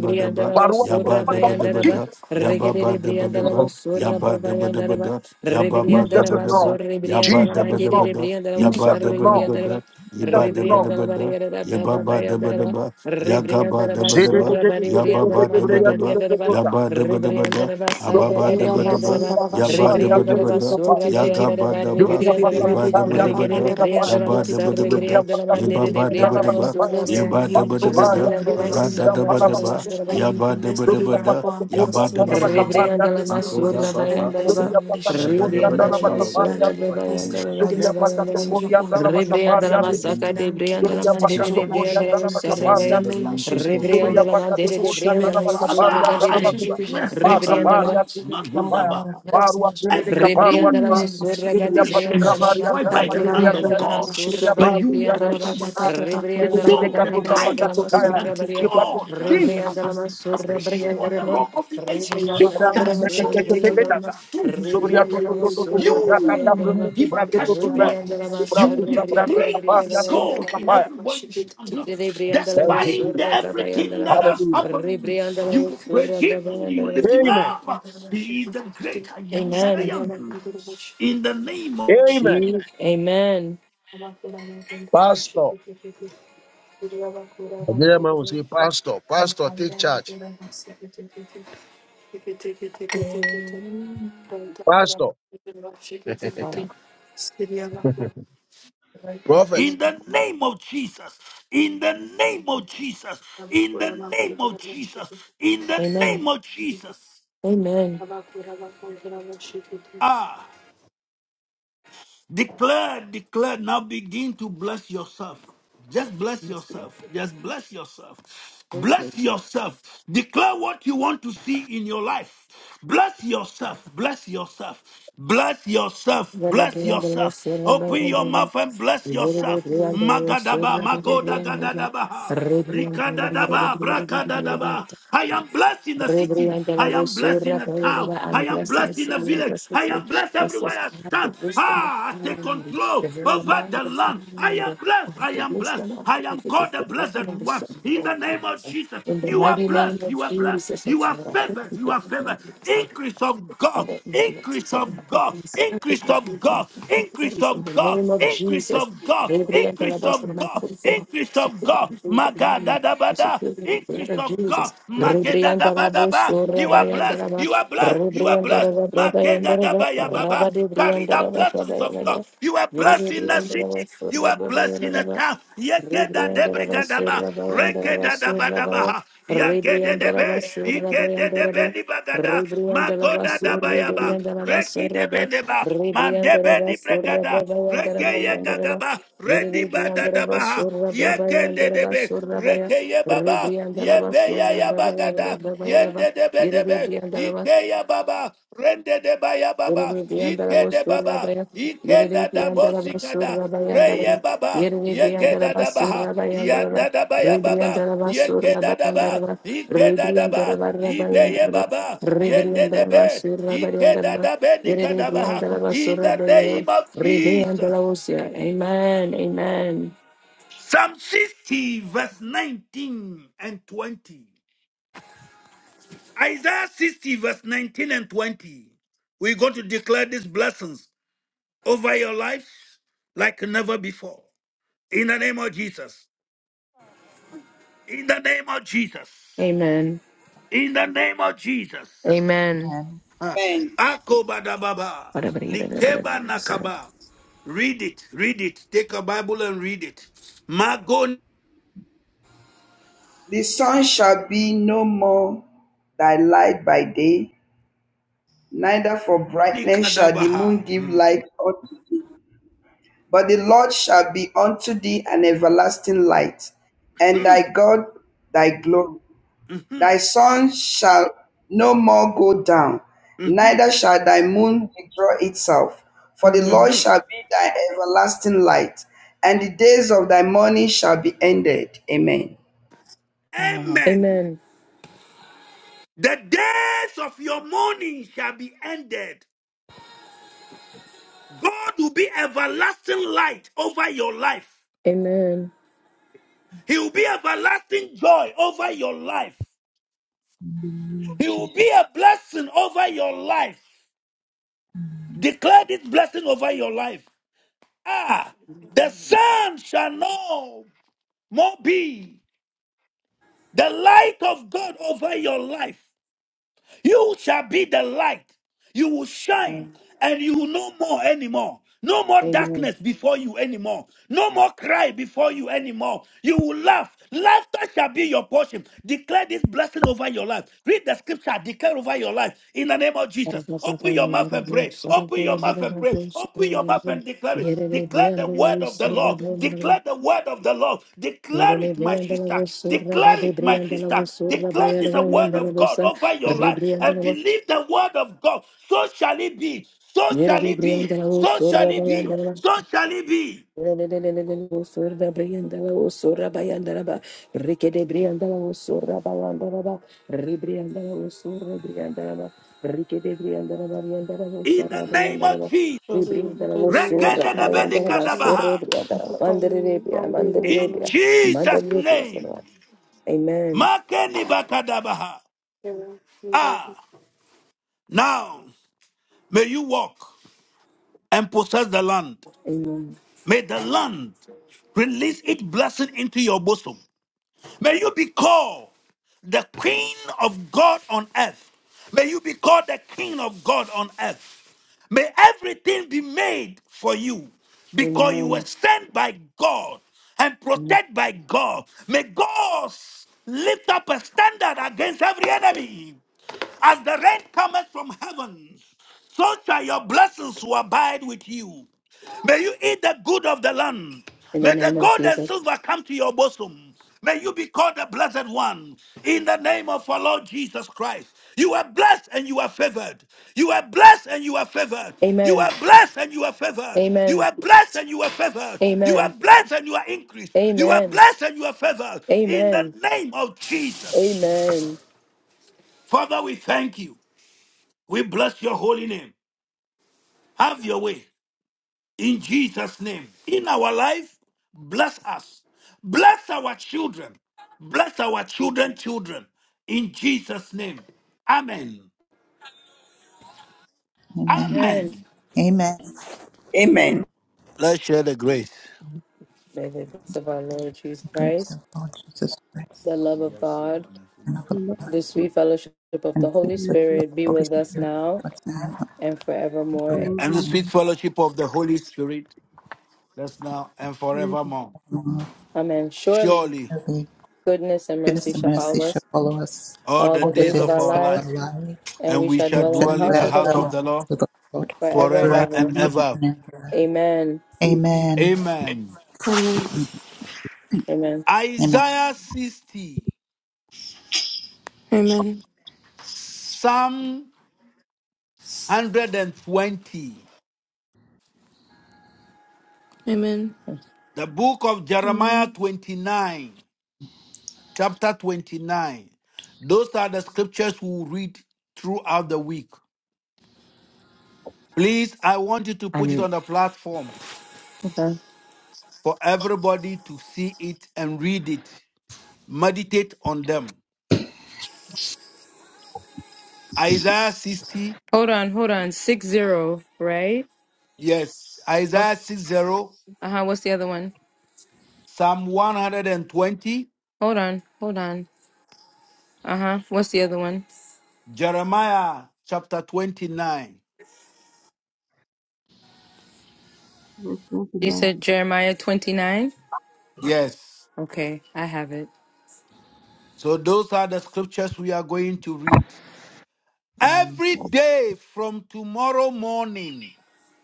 Speaker 3: Baruch Sokopatapa. Jesus.
Speaker 1: Regedere Briandalavo
Speaker 3: Lord.
Speaker 1: Sura Babayandaraba,
Speaker 2: dabba
Speaker 3: Jesus is
Speaker 1: Rebriandaraba
Speaker 3: Lord.
Speaker 2: dabba,
Speaker 1: Surri
Speaker 2: yabba
Speaker 3: Jesus
Speaker 1: Briandalama
Speaker 2: dabba
Speaker 3: is Lord.
Speaker 1: Gedere
Speaker 2: dabba,
Speaker 1: Briandalavo
Speaker 2: Yaba
Speaker 3: Jesus is
Speaker 1: Sarri
Speaker 2: daba
Speaker 3: Lord.
Speaker 2: daba
Speaker 1: Briandalaba,
Speaker 2: da, yiba daba daba
Speaker 1: Rebriandalava
Speaker 2: da,
Speaker 1: Riera
Speaker 2: yaba ba daba
Speaker 1: Babayandaraba,
Speaker 2: daba, yaga ba
Speaker 1: Rebriandaraba
Speaker 2: daba
Speaker 3: Jesus
Speaker 2: daba,
Speaker 1: Sura
Speaker 3: is
Speaker 1: Bari
Speaker 2: yaba ba
Speaker 1: Briandalama
Speaker 2: daba daba,
Speaker 1: Rabadiandaraba,
Speaker 2: yaba daba daba da,
Speaker 1: Rebriandaraba
Speaker 2: aba
Speaker 1: Sarra
Speaker 2: ba
Speaker 4: I am
Speaker 1: Gede
Speaker 2: daba
Speaker 4: blessed in
Speaker 2: daba,
Speaker 4: the
Speaker 1: Briandaraba,
Speaker 4: name of
Speaker 2: yaba daba daba
Speaker 1: Rebriandaraba
Speaker 2: da,
Speaker 3: Lord.
Speaker 1: Sura
Speaker 2: yaga ba
Speaker 1: Bayandaraba,
Speaker 2: daba,
Speaker 1: Rebriandaraba,
Speaker 2: yiba daba daba da,
Speaker 1: Regedere Briandalama
Speaker 2: yaba daba
Speaker 1: Sarri
Speaker 2: daba da,
Speaker 1: Briandalama,
Speaker 2: yaba
Speaker 1: Dere
Speaker 2: ba daba
Speaker 1: Briandalava
Speaker 2: daba,
Speaker 1: Sura Baya,
Speaker 2: yaba daba daba
Speaker 4: Jesus. I
Speaker 2: da,
Speaker 4: am blessed
Speaker 1: Rebriandalama
Speaker 2: ra
Speaker 4: in the
Speaker 2: da
Speaker 4: name
Speaker 1: Sarra
Speaker 4: of
Speaker 2: daba
Speaker 4: Jesus.
Speaker 2: daba,
Speaker 4: I
Speaker 1: Bayandaraba,
Speaker 4: am
Speaker 2: yaba daba
Speaker 4: blessed
Speaker 2: daba
Speaker 3: Zubriya
Speaker 4: everywhere I
Speaker 2: da,
Speaker 4: go.
Speaker 3: pata
Speaker 4: I'm
Speaker 3: to
Speaker 2: yaba
Speaker 4: blessed in
Speaker 2: daba
Speaker 4: this
Speaker 2: daba
Speaker 4: house. I
Speaker 2: da,
Speaker 4: am
Speaker 1: Rebriandala
Speaker 4: blessed at
Speaker 2: mako
Speaker 4: work.
Speaker 2: da
Speaker 1: Masura
Speaker 2: ba
Speaker 4: I am
Speaker 2: ba,
Speaker 4: blessed in
Speaker 2: yo,
Speaker 1: Bayandalaba,
Speaker 4: my
Speaker 2: shimmy,
Speaker 4: relationship. I am blessed.
Speaker 1: Rebriandala
Speaker 4: Je déclare
Speaker 1: Masura
Speaker 4: qu'il pense,
Speaker 2: hello.
Speaker 4: il
Speaker 1: Bayandalaba,
Speaker 4: est pense ses
Speaker 1: Bayandalaba,
Speaker 4: décisions
Speaker 3: kodiyan dala baka
Speaker 4: aujourd'hui même.
Speaker 1: Rebriandala
Speaker 3: pariyan
Speaker 2: I'm
Speaker 4: Je
Speaker 3: de.
Speaker 1: Masaka
Speaker 4: déclare
Speaker 1: de
Speaker 4: qu'il prend
Speaker 1: Briandala
Speaker 3: Zubria
Speaker 4: sa
Speaker 2: not
Speaker 1: Mandere
Speaker 3: pakato
Speaker 4: décision
Speaker 1: de
Speaker 3: kuria
Speaker 1: Briandala
Speaker 4: aujourd'hui
Speaker 3: sana
Speaker 4: même. Que
Speaker 2: bad.
Speaker 4: cette
Speaker 3: makapari
Speaker 1: Sarabaya,
Speaker 4: semaine,
Speaker 3: antua.
Speaker 4: les choses se
Speaker 3: Zubria
Speaker 4: déclenchent.
Speaker 1: Rebriandala
Speaker 4: Que
Speaker 3: pakato
Speaker 1: Mandere
Speaker 4: cette
Speaker 1: de
Speaker 3: kuria
Speaker 4: semaine,
Speaker 3: sana
Speaker 4: les
Speaker 1: Briandala
Speaker 4: choses se
Speaker 3: makapari
Speaker 1: Sura
Speaker 4: déclenchent.
Speaker 1: de
Speaker 4: Que
Speaker 3: antana
Speaker 4: tout ce
Speaker 3: matua.
Speaker 4: que j'ai vu,
Speaker 3: Pata
Speaker 4: Seigneur,
Speaker 1: Bre,
Speaker 3: pari atuni
Speaker 4: Lord,
Speaker 3: mikapaya.
Speaker 4: Lord, bless the
Speaker 3: Paru
Speaker 4: nation
Speaker 2: I
Speaker 4: of
Speaker 3: atuni
Speaker 4: the enemy
Speaker 3: mikaparu
Speaker 4: and the
Speaker 1: Rebriandala
Speaker 3: atua.
Speaker 4: peace
Speaker 1: was
Speaker 4: of the nation in
Speaker 1: Suraga
Speaker 3: Zubria
Speaker 1: de
Speaker 4: physical.
Speaker 3: patu
Speaker 1: Briandalaba,
Speaker 3: kavari
Speaker 4: Rata
Speaker 3: antana
Speaker 4: kura
Speaker 3: madiri ate.
Speaker 4: bakunta
Speaker 1: Rebriandalama
Speaker 2: know,
Speaker 4: raba
Speaker 3: Zubria
Speaker 1: Suraba
Speaker 2: but
Speaker 1: de
Speaker 3: patu sato
Speaker 1: Briandalaba,
Speaker 3: tukuta. Zubria bide
Speaker 1: Rebriandalama
Speaker 2: So the
Speaker 1: de
Speaker 3: katu
Speaker 2: time
Speaker 3: sapakato
Speaker 2: has
Speaker 1: Briandalama
Speaker 2: come
Speaker 3: kaya.
Speaker 2: that
Speaker 1: Surabaria,
Speaker 3: Zubatu
Speaker 2: God has
Speaker 3: kukida.
Speaker 1: Rebriandalama
Speaker 2: established you on the
Speaker 1: Surabriandalaba,
Speaker 2: rock of the ages,
Speaker 3: Zubria
Speaker 2: that
Speaker 1: Rebriandalama
Speaker 3: mtete tejo tete
Speaker 1: Surabriandalama,
Speaker 3: dasa.
Speaker 2: you do his
Speaker 3: Zubria
Speaker 2: work.
Speaker 3: tutu
Speaker 1: Rebriandalama
Speaker 3: tutu tu. tu tu.
Speaker 2: You
Speaker 3: Bratata
Speaker 2: will
Speaker 1: Surabriandalaba,
Speaker 3: brututu
Speaker 2: give a
Speaker 3: brate tutu pe.
Speaker 2: testimony.
Speaker 1: Rebriandalama
Speaker 3: Zubria
Speaker 2: You will
Speaker 3: tu
Speaker 2: be
Speaker 3: sabrati kapari
Speaker 2: praised
Speaker 1: Surabriandalaba,
Speaker 3: antuni
Speaker 2: God in
Speaker 3: mikapaya.
Speaker 2: every way you stand up.
Speaker 1: Rebriandalama
Speaker 3: Thank you,
Speaker 2: Despite
Speaker 3: Jesus.
Speaker 2: the everything that
Speaker 1: Surabriandalaba,
Speaker 2: has
Speaker 3: Hallelujah.
Speaker 2: happened, you
Speaker 1: Rebriandalama
Speaker 2: will praise him, you lift
Speaker 1: Surabriandalaba.
Speaker 2: him
Speaker 3: Amen.
Speaker 4: Abakora
Speaker 2: up.
Speaker 4: bakuntera
Speaker 2: He is the
Speaker 4: bashikiti.
Speaker 2: great I am that I
Speaker 1: Amen.
Speaker 2: am. In the name of
Speaker 3: Amen.
Speaker 1: Jesus. Amen.
Speaker 3: Pastor. Again, man will say, Pastor, Pastor, take charge.
Speaker 1: Amen.
Speaker 3: Pastor, prophet.
Speaker 2: In the name of Jesus, in the name of Jesus, in the name of Jesus, in the
Speaker 1: Amen.
Speaker 2: name of Jesus.
Speaker 1: Amen.
Speaker 4: Abakora bakuntera bashikiti.
Speaker 2: Ah, declare, declare, now begin to bless yourself. Just bless yourself. Just bless yourself. Bless yourself. Declare what you want to see in your life. Bless yourself. Bless yourself. Bless yourself.
Speaker 1: Whether the
Speaker 2: Bless
Speaker 1: end of the
Speaker 2: yourself.
Speaker 1: Sarah by
Speaker 2: Open your
Speaker 1: Andala,
Speaker 2: mouth and bless
Speaker 1: the Yoruba
Speaker 2: yourself.
Speaker 1: Brianda, Sarah
Speaker 2: Magadaba,
Speaker 1: by the
Speaker 2: Magoda
Speaker 1: Brianda,
Speaker 2: Gadadabaha,
Speaker 1: Red
Speaker 2: Rikadadaba,
Speaker 1: Brianda,
Speaker 2: Brakadadaba. I am blessed in the
Speaker 1: Reverie
Speaker 2: city.
Speaker 1: and the
Speaker 2: I
Speaker 1: Lord,
Speaker 2: am
Speaker 1: so
Speaker 2: blessed in the town.
Speaker 1: repayable
Speaker 2: I
Speaker 1: and
Speaker 2: am
Speaker 1: blessed and
Speaker 2: blessed in the
Speaker 1: silly and
Speaker 2: village.
Speaker 1: blessed and
Speaker 2: I
Speaker 1: silly.
Speaker 2: am blessed
Speaker 1: It
Speaker 2: everywhere
Speaker 1: says,
Speaker 2: I
Speaker 1: I have the
Speaker 2: stand.
Speaker 1: wisdom of
Speaker 2: Ah, I take
Speaker 1: God, the
Speaker 2: control
Speaker 1: very
Speaker 2: over
Speaker 1: mind
Speaker 2: the
Speaker 1: of
Speaker 2: land. I am
Speaker 1: God, of
Speaker 2: blessed. I
Speaker 1: the
Speaker 2: am blessed.
Speaker 1: wisdom of
Speaker 2: I
Speaker 1: God,
Speaker 2: am
Speaker 1: it is
Speaker 2: called the
Speaker 1: the wisdom
Speaker 2: blessed
Speaker 1: of the
Speaker 2: one.
Speaker 1: Son
Speaker 2: In
Speaker 1: of
Speaker 2: the name of
Speaker 1: God.
Speaker 2: Jesus,
Speaker 1: In the
Speaker 2: you are
Speaker 1: mighty name
Speaker 2: blessed.
Speaker 1: of
Speaker 2: You are blessed.
Speaker 1: Jesus,
Speaker 2: You
Speaker 1: it's
Speaker 2: are
Speaker 1: Lord, I thank
Speaker 2: favored.
Speaker 1: you
Speaker 2: You
Speaker 1: for the
Speaker 2: are favored.
Speaker 1: ingredients of
Speaker 2: Increase of God.
Speaker 1: other ingredients.
Speaker 2: Increase
Speaker 1: So, I
Speaker 2: of
Speaker 1: thank
Speaker 2: God.
Speaker 1: you for the
Speaker 2: Increase of
Speaker 1: ingredients.
Speaker 2: God.
Speaker 1: I thank you for
Speaker 2: Increase
Speaker 1: this. in the
Speaker 2: of God.
Speaker 1: name of
Speaker 2: Increase
Speaker 1: Jesus,
Speaker 2: of God. God,
Speaker 1: Reverie and the
Speaker 2: increase
Speaker 1: Lord, so
Speaker 2: of
Speaker 1: my
Speaker 2: God,
Speaker 1: food is in my
Speaker 2: increase
Speaker 1: house, you
Speaker 2: of
Speaker 1: put it
Speaker 2: God,
Speaker 1: in the name. I
Speaker 2: Magadadabada,
Speaker 1: secure in the blood
Speaker 2: increase
Speaker 1: of
Speaker 2: of
Speaker 1: Jesus.
Speaker 2: God,
Speaker 1: Rebriandarabo,
Speaker 2: Magadadabadaba. You are blessed,
Speaker 1: Sorabayandaraba,
Speaker 2: you are blessed, you are blessed,
Speaker 1: Rebriandaraba, Rabayandaraba,
Speaker 2: Magadadabayababa. Carry the
Speaker 1: Rabadebriandaraba,
Speaker 2: blessings of
Speaker 1: Rabayandaraba,
Speaker 2: God. You are blessed in the
Speaker 1: Yerebriandaraba,
Speaker 2: city. You are blessed in the
Speaker 1: Sorabayandaraba,
Speaker 2: town.
Speaker 1: Rebriandaraba,
Speaker 2: Yegedadebrigadaba,
Speaker 1: Sorabayandaraba, Sorabaya,
Speaker 2: rekedadabadabaha,
Speaker 1: Rebriandaraba,
Speaker 2: yagededebe,
Speaker 1: Sorabayandaraba,
Speaker 2: yigededebenibagada,
Speaker 1: Rebriandaraba,
Speaker 2: makodadabayaba,
Speaker 1: Sorabayandaraba, Sorabaya,
Speaker 2: rekidebedeba,
Speaker 1: Rebriandaraba,
Speaker 2: mandebenibrigada,
Speaker 1: Sorabayandaraba, Yandaraba,
Speaker 2: gagaba rendi bada
Speaker 1: Yeribriandara basura
Speaker 2: yekende
Speaker 1: brabayandara
Speaker 2: debe
Speaker 1: basura baya.
Speaker 2: rekeye baba
Speaker 1: Ribriandara
Speaker 2: yebeya
Speaker 1: basura
Speaker 2: ya
Speaker 1: brabayandara brabayandara ba.
Speaker 2: yende debe debe
Speaker 1: Yeribriandara bas.
Speaker 2: ikeya baba rende deba ya baba
Speaker 1: Yeribriandara
Speaker 2: ikede
Speaker 1: basura
Speaker 2: baba
Speaker 1: baya.
Speaker 2: ikenda
Speaker 1: Yeribriandara
Speaker 2: dabosikada
Speaker 1: basura bayandara ba.
Speaker 2: reye baba
Speaker 1: Yeribriandara
Speaker 2: yegeda dabaha
Speaker 1: basura bayandara ba.
Speaker 2: yanda daba baba
Speaker 1: Ribriandara basura
Speaker 2: yekeda
Speaker 1: bayandara
Speaker 2: daba
Speaker 1: ba.
Speaker 2: ikeda
Speaker 1: Ribriandara
Speaker 2: daba
Speaker 1: barra
Speaker 2: ibeye
Speaker 1: bayandara ba.
Speaker 2: baba yende
Speaker 1: Ribriandara
Speaker 2: debe
Speaker 1: basura bayandara
Speaker 2: ikeda
Speaker 1: ba.
Speaker 2: dabe nikadabaha
Speaker 1: Yeribriandara
Speaker 2: in
Speaker 1: basura
Speaker 2: the
Speaker 1: bayandara ba.
Speaker 2: name of Jesus
Speaker 1: Ribriandara usia. Amen. Amen.
Speaker 2: Psalm 60, verse 19 and 20. Isaiah 60, verse 19 and 20. We're going to declare these blessings over your life like never before. In the name of Jesus. In the name of Jesus.
Speaker 1: Amen.
Speaker 2: In the name of Jesus.
Speaker 1: Amen.
Speaker 8: Amen.
Speaker 2: Ah,
Speaker 9: Amen.
Speaker 2: Akobadababa.
Speaker 1: Amen.
Speaker 2: Likeba nakaba. Read it. Read it. Take a Bible and read it. Magonikadabaha.
Speaker 9: The sun shall be no more thy light by day, neither for brightness shall the moon give light unto thee. But the Lord shall be unto thee an everlasting light, and thy
Speaker 2: Mhm,
Speaker 9: God thy glory. Thy
Speaker 2: mhm,
Speaker 9: sun shall no more go down, neither
Speaker 2: mhm,
Speaker 9: shall thy moon withdraw itself. For the
Speaker 1: Amen.
Speaker 9: Lord
Speaker 2: mhm.
Speaker 9: shall be thy everlasting light, and the days of thy mourning shall be ended. Amen.
Speaker 8: Amen.
Speaker 2: Amen.
Speaker 1: Amen.
Speaker 2: The days of your mourning shall be ended. God will be everlasting light over your life.
Speaker 1: Amen.
Speaker 2: He will be everlasting joy over your life.
Speaker 10: in the name of
Speaker 2: He will be
Speaker 10: Jesus.
Speaker 2: a blessing over your life. Declare this blessing over your life. Ah, the sun shall no more be the light of God over your life. You shall be the light. You will shine and you will no more anymore. No more
Speaker 1: Amen.
Speaker 2: darkness before you anymore. No more cry before you anymore. You will laugh. Laughter shall be your portion. Declare this blessing over your life. Read the scripture. Declare over your life in the name of
Speaker 1: Father,
Speaker 2: Jesus.
Speaker 1: bless us
Speaker 2: Open
Speaker 1: all
Speaker 2: your
Speaker 1: and
Speaker 2: mouth
Speaker 1: let us
Speaker 2: and
Speaker 1: be
Speaker 2: pray.
Speaker 1: set
Speaker 2: Open
Speaker 1: up
Speaker 2: Open
Speaker 1: for
Speaker 2: your
Speaker 1: your
Speaker 2: mouth
Speaker 1: better
Speaker 2: and
Speaker 1: life,
Speaker 2: pray.
Speaker 1: we serve
Speaker 2: Open your
Speaker 1: you,
Speaker 2: mouth
Speaker 1: Lord.
Speaker 2: and declare it.
Speaker 1: Yet it is the
Speaker 2: Declare
Speaker 1: end
Speaker 2: the
Speaker 1: of the
Speaker 2: word
Speaker 1: world,
Speaker 2: of the
Speaker 1: serve the
Speaker 2: Lord.
Speaker 1: Lord, Lord.
Speaker 2: Declare the word of the Lord.
Speaker 1: Yet
Speaker 2: Declare
Speaker 1: it is
Speaker 2: it,
Speaker 1: the
Speaker 2: my
Speaker 1: end of the
Speaker 2: sister.
Speaker 1: world, serve the
Speaker 2: Declare
Speaker 1: body,
Speaker 2: it,
Speaker 1: the
Speaker 2: my
Speaker 1: end of the
Speaker 2: sister.
Speaker 1: world, serve the by
Speaker 2: Declare
Speaker 1: your
Speaker 2: this the
Speaker 1: way,
Speaker 2: word
Speaker 1: and the
Speaker 2: of
Speaker 1: Lord,
Speaker 2: God
Speaker 1: Son.
Speaker 2: over your
Speaker 1: Yet it
Speaker 2: life
Speaker 1: is the
Speaker 2: and believe the word of God. So shall it be. So shall it
Speaker 1: end of
Speaker 2: be.
Speaker 1: the world,
Speaker 2: So
Speaker 1: serve
Speaker 2: shall
Speaker 1: the by your
Speaker 2: it
Speaker 1: way, and
Speaker 2: be.
Speaker 1: the Lord.
Speaker 2: So shall it be.
Speaker 1: Osura Briandala, Osura Bayandaraba, Rikede Briandala, Osura Bayandaraba, Ribriandala, Osura Briandaraba, Rikede Briandaraba, Briandaraba, Briandala,
Speaker 2: In the
Speaker 1: Osara
Speaker 2: name of
Speaker 1: Briandaraba,
Speaker 2: Jesus.
Speaker 4: Rosie,
Speaker 1: Ribriandala,
Speaker 4: good news,
Speaker 1: Osura Bayandaraba,
Speaker 4: generation,
Speaker 1: Sore
Speaker 2: Rekenenebenikadabaha.
Speaker 4: for
Speaker 1: Briandaraba,
Speaker 4: following
Speaker 1: Mandarabia,
Speaker 4: all days of my
Speaker 2: In
Speaker 1: Mandarabia,
Speaker 4: life.
Speaker 2: Jesus'
Speaker 1: Mandarabia,
Speaker 2: name.
Speaker 1: Sonora. Amen.
Speaker 2: Makenibakadabaha.
Speaker 4: Amen.
Speaker 2: Ah, now may you walk. and possess the land.
Speaker 1: Amen.
Speaker 2: May the land release its blessing into your bosom. May you be called the Queen of God on earth. May you be called the King of God on earth. May everything be made for you because you were
Speaker 1: Amen.
Speaker 2: sent by God and
Speaker 1: In
Speaker 2: protected by God. May God lift up a standard against every enemy. As the rain cometh from heaven, so shall your blessings who abide with you. May you eat the good of the land.
Speaker 1: the
Speaker 2: May the
Speaker 1: name of
Speaker 2: gold and
Speaker 1: Jesus.
Speaker 2: silver come to your bosom. May you be called the blessed one in the name of our Lord Jesus Christ. You are blessed and you are favored. You are blessed and you are favored. You
Speaker 1: Amen.
Speaker 2: are blessed and you are favored. You
Speaker 1: Amen.
Speaker 2: are blessed and you are favored. You are
Speaker 1: Amen.
Speaker 2: blessed and you are increased. You are
Speaker 1: Amen.
Speaker 2: blessed and you are favored in the
Speaker 1: Amen.
Speaker 2: name of Jesus.
Speaker 1: Amen.
Speaker 2: Father, we thank you. We bless your holy name. Have your way in Jesus' name. In our life, bless us. Bless our children. Bless our children, children. In Jesus' name. Amen.
Speaker 8: Amen.
Speaker 1: Amen.
Speaker 2: Amen.
Speaker 8: Amen.
Speaker 9: Amen.
Speaker 2: Let-
Speaker 1: May the peace of our Lord Jesus
Speaker 8: The grace
Speaker 1: Christ,
Speaker 8: of our Lord Jesus Christ
Speaker 1: the love of God,
Speaker 8: and of
Speaker 10: Lord,
Speaker 8: God
Speaker 1: the sweet fellowship of
Speaker 8: and
Speaker 1: the
Speaker 8: the
Speaker 1: Holy
Speaker 10: we pray
Speaker 8: fellowship of
Speaker 1: Spirit
Speaker 8: the
Speaker 1: be
Speaker 8: Holy
Speaker 1: with us
Speaker 8: Spirit be
Speaker 1: now
Speaker 8: with us now
Speaker 1: and
Speaker 10: for
Speaker 8: and
Speaker 1: forevermore.
Speaker 2: And the
Speaker 10: global
Speaker 8: forevermore.
Speaker 2: sweet fellowship of the Holy Spirit, let now and
Speaker 10: prayer
Speaker 2: forevermore.
Speaker 10: and
Speaker 8: Amen.
Speaker 1: Amen. Surely
Speaker 2: Surely
Speaker 8: Surely
Speaker 1: goodness and mercy
Speaker 8: Goodness and
Speaker 1: shall
Speaker 8: mercy
Speaker 1: follow
Speaker 8: shall
Speaker 1: us
Speaker 8: follow us
Speaker 2: all
Speaker 1: all
Speaker 2: the
Speaker 1: the
Speaker 8: all the
Speaker 2: days
Speaker 1: days of
Speaker 2: of
Speaker 1: our
Speaker 8: days
Speaker 2: our
Speaker 8: of
Speaker 1: lives,
Speaker 8: our
Speaker 2: life,
Speaker 8: life,
Speaker 1: and we
Speaker 2: and we
Speaker 1: shall
Speaker 8: and
Speaker 2: shall
Speaker 8: we
Speaker 1: dwell in
Speaker 8: shall
Speaker 1: the
Speaker 2: dwell in
Speaker 10: peace,
Speaker 1: house
Speaker 2: the
Speaker 1: of
Speaker 8: dwell in
Speaker 1: the
Speaker 8: the
Speaker 2: house of
Speaker 1: Lord
Speaker 8: house
Speaker 2: the Lord
Speaker 8: of the Lord
Speaker 1: forever and
Speaker 2: forever
Speaker 8: forever
Speaker 2: and
Speaker 1: ever.
Speaker 8: and
Speaker 10: Lord,
Speaker 8: ever
Speaker 2: ever.
Speaker 8: and ever.
Speaker 1: Amen.
Speaker 10: we pray
Speaker 8: Amen.
Speaker 2: Amen.
Speaker 4: Amen.
Speaker 1: Amen.
Speaker 8: Amen.
Speaker 2: Isaiah 60,
Speaker 4: Amen.
Speaker 2: Psalm 120,
Speaker 4: Amen.
Speaker 2: the book of
Speaker 4: Amen.
Speaker 2: Jeremiah 29, chapter 29. Those are the scriptures we will read throughout the week. Please, I want you to put it on the platform
Speaker 1: Okay.
Speaker 2: for everybody to see it and read it. Meditate on them. Isaiah 60,
Speaker 1: Hold on, hold on. Six zero, right?
Speaker 2: yes,
Speaker 1: Uh
Speaker 2: Isaiah 60,
Speaker 1: huh. What's the other one?
Speaker 2: Psalm 120,
Speaker 1: Hold on, hold on. Uh huh. What's the other one?
Speaker 2: Jeremiah chapter 29.
Speaker 10: for everyone
Speaker 1: You
Speaker 10: today
Speaker 1: said Jeremiah 29?
Speaker 2: Yes.
Speaker 1: Okay, I have it.
Speaker 2: So those are the scriptures we are going to read.
Speaker 1: Mm.
Speaker 2: Every day from tomorrow morning,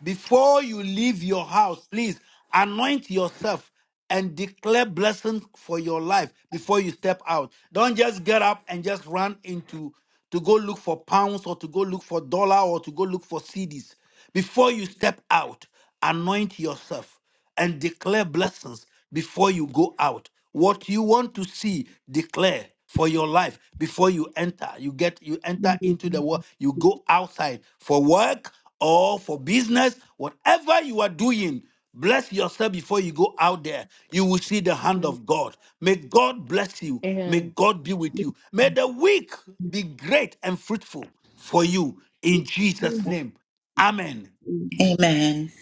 Speaker 2: before you leave your house, please anoint yourself and declare blessings for your life before you step out. Don't just get up and just run into to go look for pounds or to go look for dollar or to go look for CDs. Before you step out, anoint yourself and declare blessings before you go out. What you want to see, declare for your life before you enter. You get you enter
Speaker 10: in
Speaker 2: into the world, you go outside for work or for business, whatever you are doing. Bless yourself before you go out there. You will see the hand
Speaker 1: mm,
Speaker 2: of God. May God bless you. May
Speaker 1: Amen.
Speaker 2: God be with you. May the week be great and fruitful for you in Jesus'
Speaker 10: the life of
Speaker 2: name. Amen.
Speaker 10: the
Speaker 8: Amen.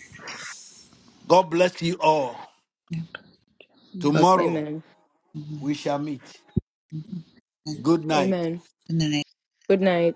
Speaker 2: God bless you all.
Speaker 8: God bless
Speaker 2: Tomorrow,
Speaker 1: Amen.
Speaker 8: you.
Speaker 2: We shall meet.
Speaker 8: Amen. Amen.
Speaker 2: Good night.
Speaker 1: Amen.
Speaker 8: Good night.
Speaker 1: Good night.